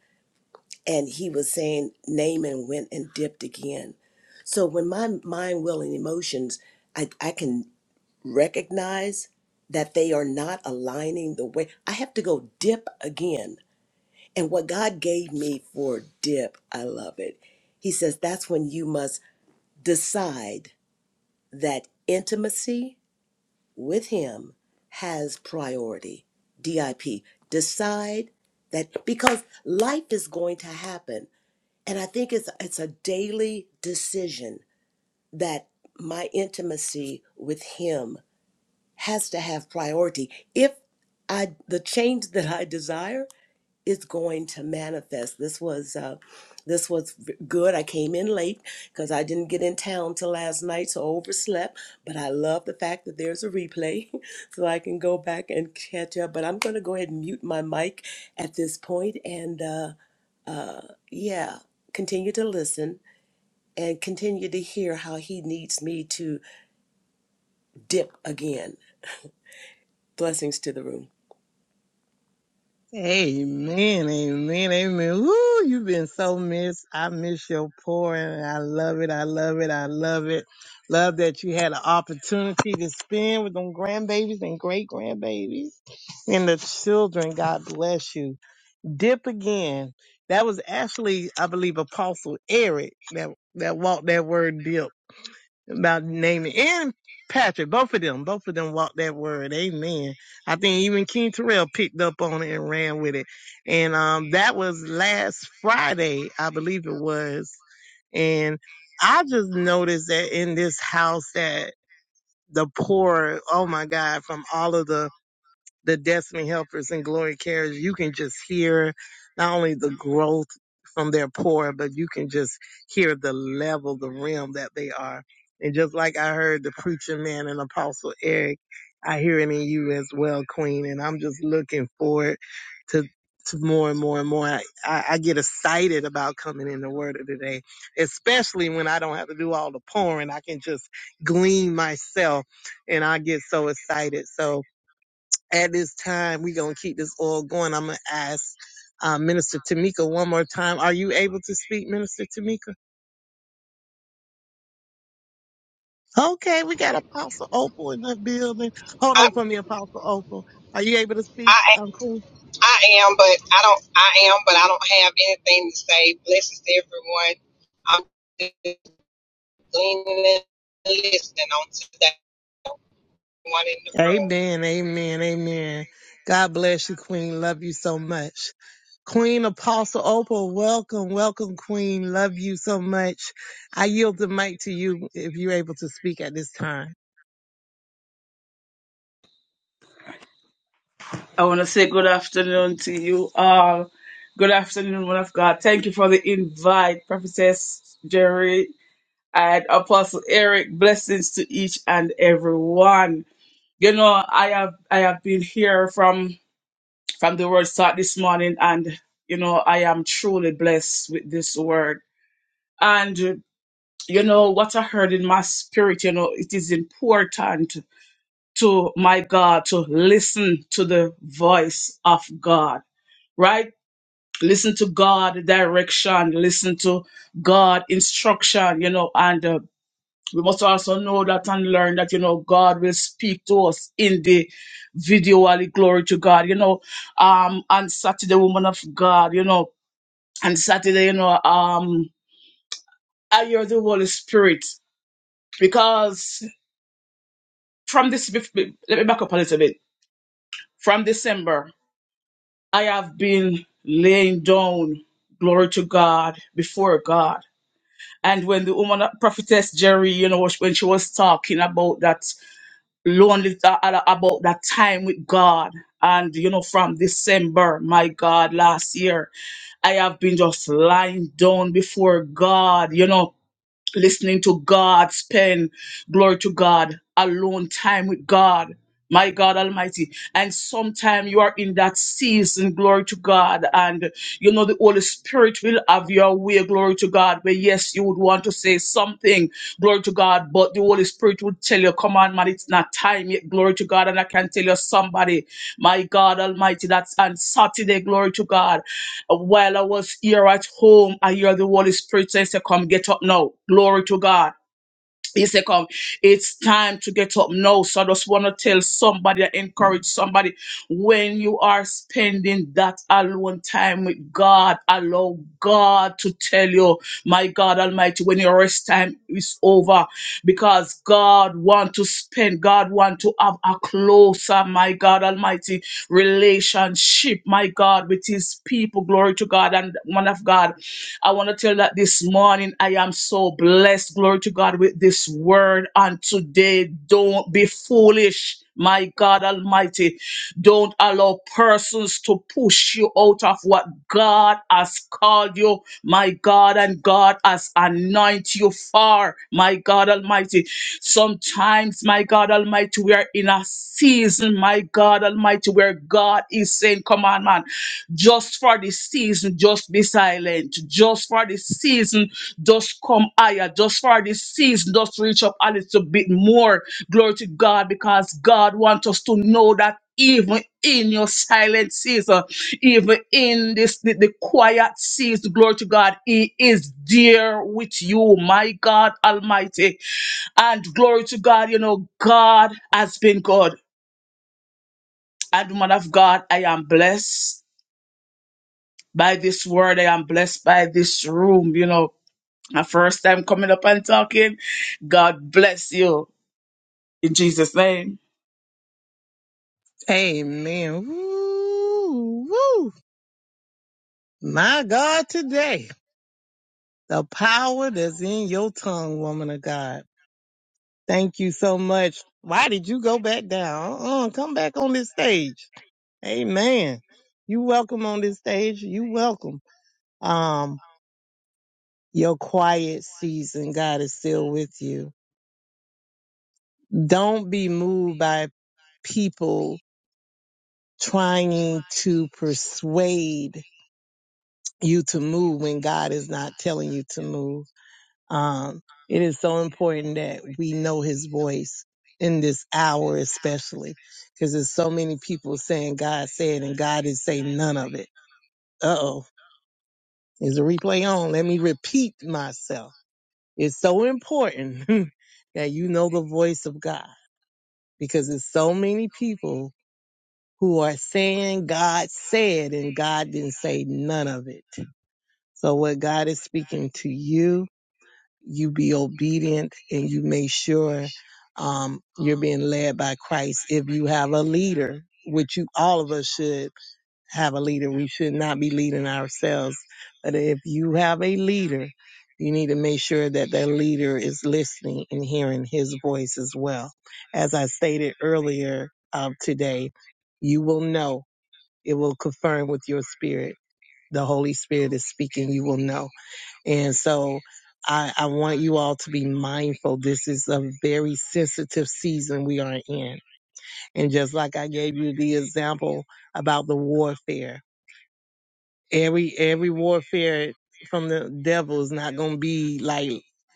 S12: and he was saying Naaman went and dipped again. So when my mind, will, and emotions, I, I can recognize that they are not aligning the way I have to go dip again. And what God gave me for dip, I love it. He says that's when you must decide that intimacy with him has priority. DIP. Decide that because life is going to happen. And I think it's it's a daily decision that my intimacy with him has to have priority. If I the change that I desire is going to manifest. This was uh, this was good. I came in late because I didn't get in town till last night, so overslept. But I love the fact that there's a replay, so I can go back and catch up. But I'm going to go ahead and mute my mic at this point, and uh, uh, yeah, continue to listen and continue to hear how he needs me to dip again. Blessings to the room.
S4: Amen, amen, amen. Woo, you've been so missed. I miss your pouring. I love it. I love it. I love it. Love that you had an opportunity to spend with them grandbabies and great grandbabies and the children. God bless you. Dip again. That was actually, I believe, Apostle Eric that, that walked that word dip about naming and Patrick. Both of them, both of them walked that word. Amen. I think even King Terrell picked up on it and ran with it. And um, that was last Friday, I believe it was. And I just noticed that in this house that the poor, oh my God, from all of the the Destiny Helpers and Glory Carriers, you can just hear not only the growth from their pour, but you can just hear the level, the realm that they are. And just like I heard the preacher man and Apostle Eric, I hear it in you as well, Queen. And I'm just looking forward to, to more and more and more. I, I I get excited about coming in the Word of the Day, especially when I don't have to do all the pouring. I can just glean myself and I get so excited. So, at this time. We're going to keep this all going. I'm going to ask uh, Minister Tamika one more time. Are you able to speak, Minister Tamika? Okay, we got Apostle Opal in the building. Hold
S13: I,
S4: on for me, Apostle Opal. Are you able to speak,
S13: I
S4: um, Queen?
S13: I am, but I don't. I am, but I don't have anything to say. Blessings to everyone. I'm just gleaning and listening on today. One in the room.
S4: Amen, amen, amen. God bless you, Queen. Love you so much. Queen Apostle Opal, welcome, welcome, Queen. Love you so much. I yield the mic to you if you're able to speak at this time.
S14: I want to say good afternoon to you all. Good afternoon, one of God. Thank you for the invite, Prophetess Jerry and Apostle Eric. Blessings to each and every one. You know, I have I have been here from from the word start this morning, and you know, I am truly blessed with this word. And uh, you know what I heard in my spirit. You know, it is important to my God to listen to the voice of God right? listen to God direction, listen to God instruction, you know, and uh, we must also know that and learn that, you know, God will speak to us in the visually glory to God, you know, um, on Saturday, woman of God, you know, and Saturday, you know, um, I hear the Holy Spirit because from this, let me back up a little bit. From December, I have been laying down glory to God before God And when the woman, prophetess Jerry, you know, when she was talking about that lonely, uh, about that time with God, and you know, from December, my God, last year, I have been just lying down before God, you know, listening to God, spend glory to God, alone time with God. My God Almighty. And sometime you are in that season, glory to God. And you know, the Holy Spirit will have your way, glory to God. But yes, you would want to say something something, glory to God, but the Holy Spirit will tell you, come on, man, it's not time yet, glory to God. And I can tell you somebody, my God Almighty, that's on Saturday, glory to God. While I was here at home, I hear the Holy Spirit say, come get up now, glory to God. He said, "Come, it's time to get up now. So I just want to tell somebody, I encourage somebody, when you are spending that alone time with God, allow God to tell you, my God Almighty, when your rest time is over, because God want to spend, God want to have a closer, my God Almighty, relationship, my God, with His people. Glory to God. And man of God. I want to tell that this morning I am so blessed. Glory to God with this word. And today, don't be foolish. My God Almighty, don't allow persons to push you out of what God has called you, my God, and God has anointed you for, my God Almighty. Sometimes, my God Almighty, we are in a season, my God. God Almighty, where God is saying, Come on, man, just for this season, just be silent. Just for this season, just come higher. Just for this season, just reach up a little bit more. Glory to God, because God wants us to know that even in your silent season, even in this the, the quiet season, glory to God, He is there with you, my God Almighty. And glory to God, you know, God has been good. And woman of God, I am blessed by this word. I am blessed by this room. You know, my first time coming up and talking. God bless you in Jesus' name.
S4: Amen. Woo, woo. My God, today, the power that's in your tongue, woman of God. Thank you so much. Why did you go back down? Uh-uh, come back on this stage. Amen. You welcome on this stage. You welcome. Um, your quiet season, God is still with you. Don't be moved by people trying to persuade you to move when God is not telling you to move Um, it is so important that we know his voice in this hour, especially because there's so many people saying God said and God is saying none of it. Uh oh, is a replay on? Let me repeat myself. It's so important that you know the voice of God because there's so many people who are saying God said and God didn't say none of it. So what God is speaking to you you be obedient and you make sure um, you're being led by Christ. If you have a leader, which you all of us should have a leader, we should not be leading ourselves. But if you have a leader, you need to make sure that that leader is listening and hearing his voice as well. As I stated earlier of today, you will know. It will confirm with your spirit. The Holy Spirit is speaking. You will know. And so I, I want you all to be mindful. This is a very sensitive season we are in. And just like I gave you the example about the warfare, every, every warfare from the devil is not going to be like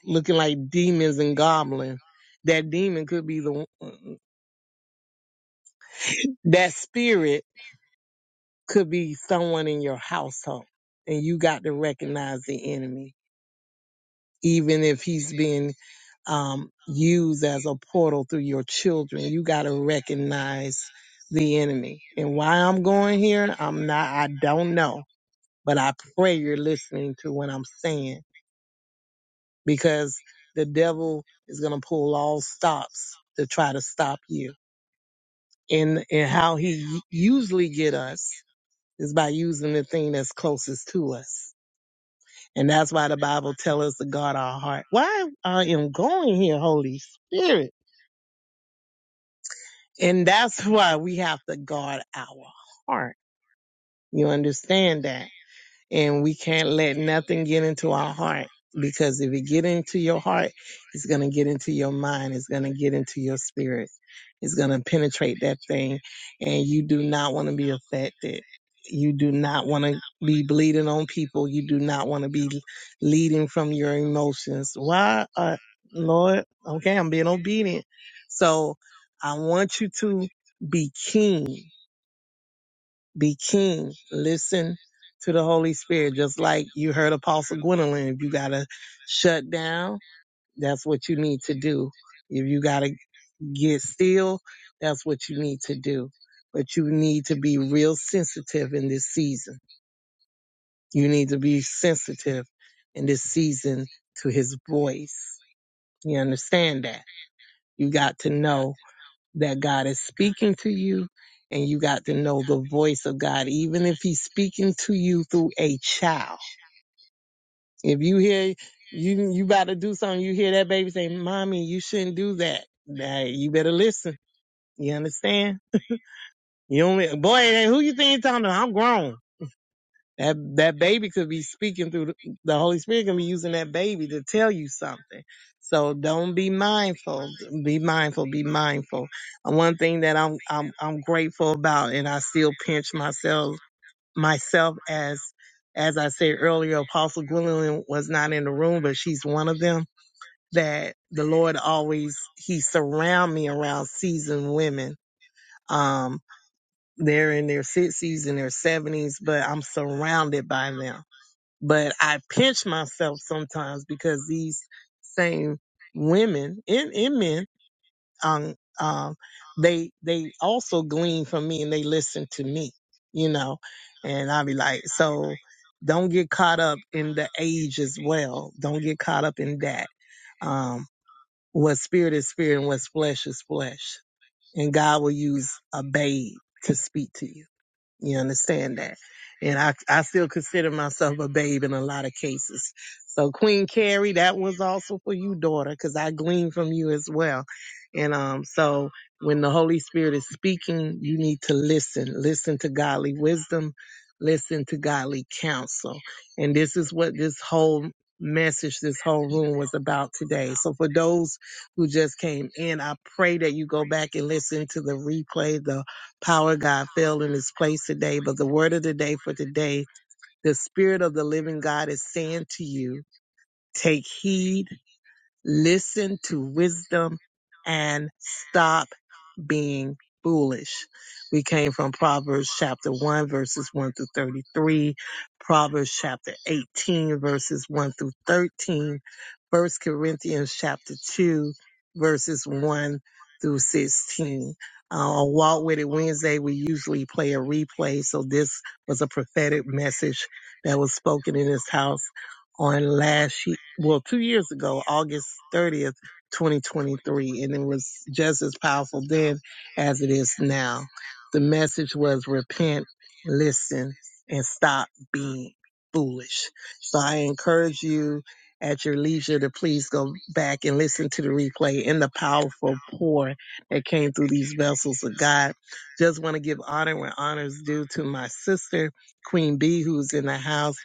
S4: looking like demons and goblins. That demon could be the, that spirit could be someone in your household and you got to recognize the enemy even if he's being um, used as a portal through your children. You got to recognize the enemy. And why I'm going here, I'm not, I don't know, but I pray you're listening to what I'm saying because the devil is going to pull all stops to try to stop you. And, and how he usually get us is by using the thing that's closest to us. And that's why the Bible tells us to guard our heart. Why I am going here, Holy Spirit? And that's why we have to guard our heart. You understand that? and we can't let nothing get into our heart because if it get into your heart it's going to get into your mind it's going to get into your spirit it's going to penetrate that thing and you do not want to be affected you do not want to be bleeding on people you do not want to be leading from your emotions why uh, lord okay i'm being obedient so i want you to be king be keen. Listen to the Holy Spirit. Just like you heard Apostle Gwendolyn, if you gotta shut down, that's what you need to do. If you gotta get still, that's what you need to do. But you need to be real sensitive in this season. You need to be sensitive in this season to his voice. You understand that? You got to know that God is speaking to you and you got to know the voice of God, even if he's speaking to you through a child. If you hear, you, you about to do something, you hear that baby say, mommy, you shouldn't do that. Now, you better listen. You understand? You only, boy, who you think you are talking to? I'm grown. That that baby could be speaking through the, the Holy Spirit can be using that baby to tell you something. So don't be mindful. Be mindful. Be mindful. And one thing that I'm I'm I'm grateful about, and I still pinch myself myself as as I said earlier, Apostle Gwendolyn was not in the room, but she's one of them. That the Lord always He surround me around seasoned women. Um, they're in their sixties and their seventies, but I'm surrounded by them but I pinch myself sometimes because these same women and, and men, um, um, they they also glean from me and they listen to me, you know, and I'll be like, so don't get caught up in the age as well. Don't get caught up in that. Um, what spirit is spirit and what's flesh is flesh, and God will use a babe to speak to you. You understand that? And I, I still consider myself a babe in a lot of cases. So Queen Carrie, that was also for you, daughter, because I gleaned from you as well. And um, so when the Holy Spirit is speaking, you need to listen. Listen to godly wisdom. Listen to godly counsel. And this is what this whole message, this whole room was about today. So for those who just came in, I pray that you go back and listen to the replay, the Power of God fell in this place today, but the word of the day for today, the Spirit of the living God is saying to you, take heed, listen to wisdom, and stop being foolish. We came from Proverbs chapter 1 verses 1 through 33, Proverbs chapter 18 verses 1 through 13, First Corinthians chapter 2 verses 1 through 16. Uh, on Walk With It Wednesday, we usually play a replay. So this was a prophetic message that was spoken in this house on last year, well, two years ago, August 30th 2023, and it was just as powerful then as it is now. The message was repent, listen, and stop being foolish. So I encourage you at your leisure to please go back and listen to the replay and the powerful pour that came through these vessels of God. Just want to give honor where honor is due to my sister, Queen B, who's in the house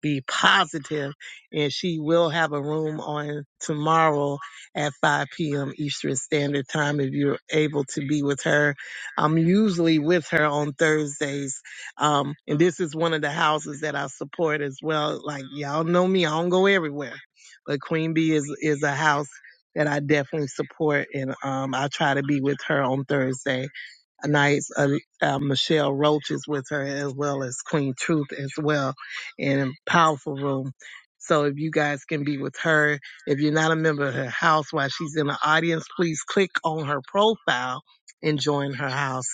S4: be positive, and she will have a room on tomorrow at 5 p.m. Eastern Standard Time if you're able to be with her. I'm usually with her on Thursdays, um, and this is one of the houses that I support as well. Like y'all know me, I don't go everywhere, but Queen Bee is is a house that I definitely support, and um, I try to be with her on Thursday nights, uh, uh, Michelle Roach is with her as well as Queen Truth as well in a powerful room. So if you guys can be with her, if you're not a member of her house while she's in the audience, please click on her profile and join her house.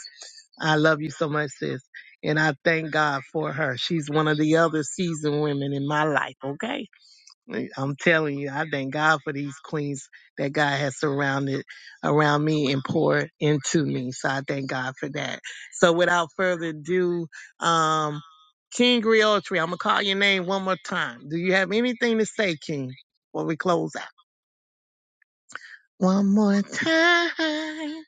S4: I love you so much, sis. And I thank God for her. She's one of the other seasoned women in my life, okay? Like, I'm telling you, I thank God for these queens that God has surrounded around me and poured into me. So I thank God for that. So without further ado, um, King Griotry, I'm gonna call your name one more time. Do you have anything to say, King, before we close out? One more time,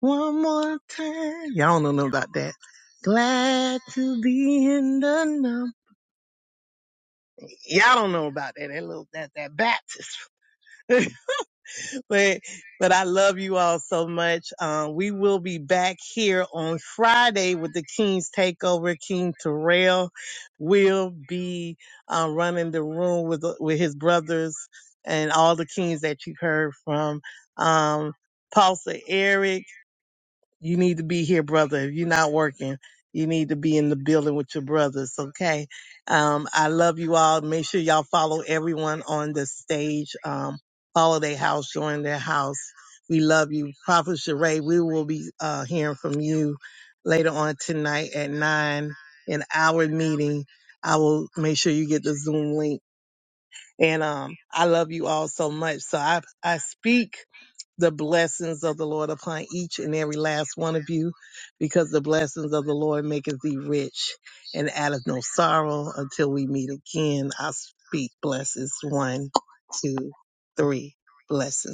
S4: one more time. Y'all don't know about that. Glad to be in the number. Y'all don't know about that. That little that that Baptist. but but I love you all so much. Um, we will be back here on Friday with the King's Takeover. King Terrell will be uh, running the room with with his brothers and all the kings that you heard from. Um, Pastor Eric. You need to be here, brother. If you're not working, you need to be in the building with your brothers, okay? Um, I love you all. Make sure y'all follow everyone on the stage. Um, follow their house, join their house. We love you. Prophet Sheree, we will be uh, hearing from you later on tonight at 9 in our meeting. I will make sure you get the Zoom link. And um, I love you all so much. So I, I speak the blessings of the Lord upon each and every last one of you, because the blessings of the Lord maketh thee rich and addeth no sorrow until we meet again. I speak blessings. One, two, three. Blessings.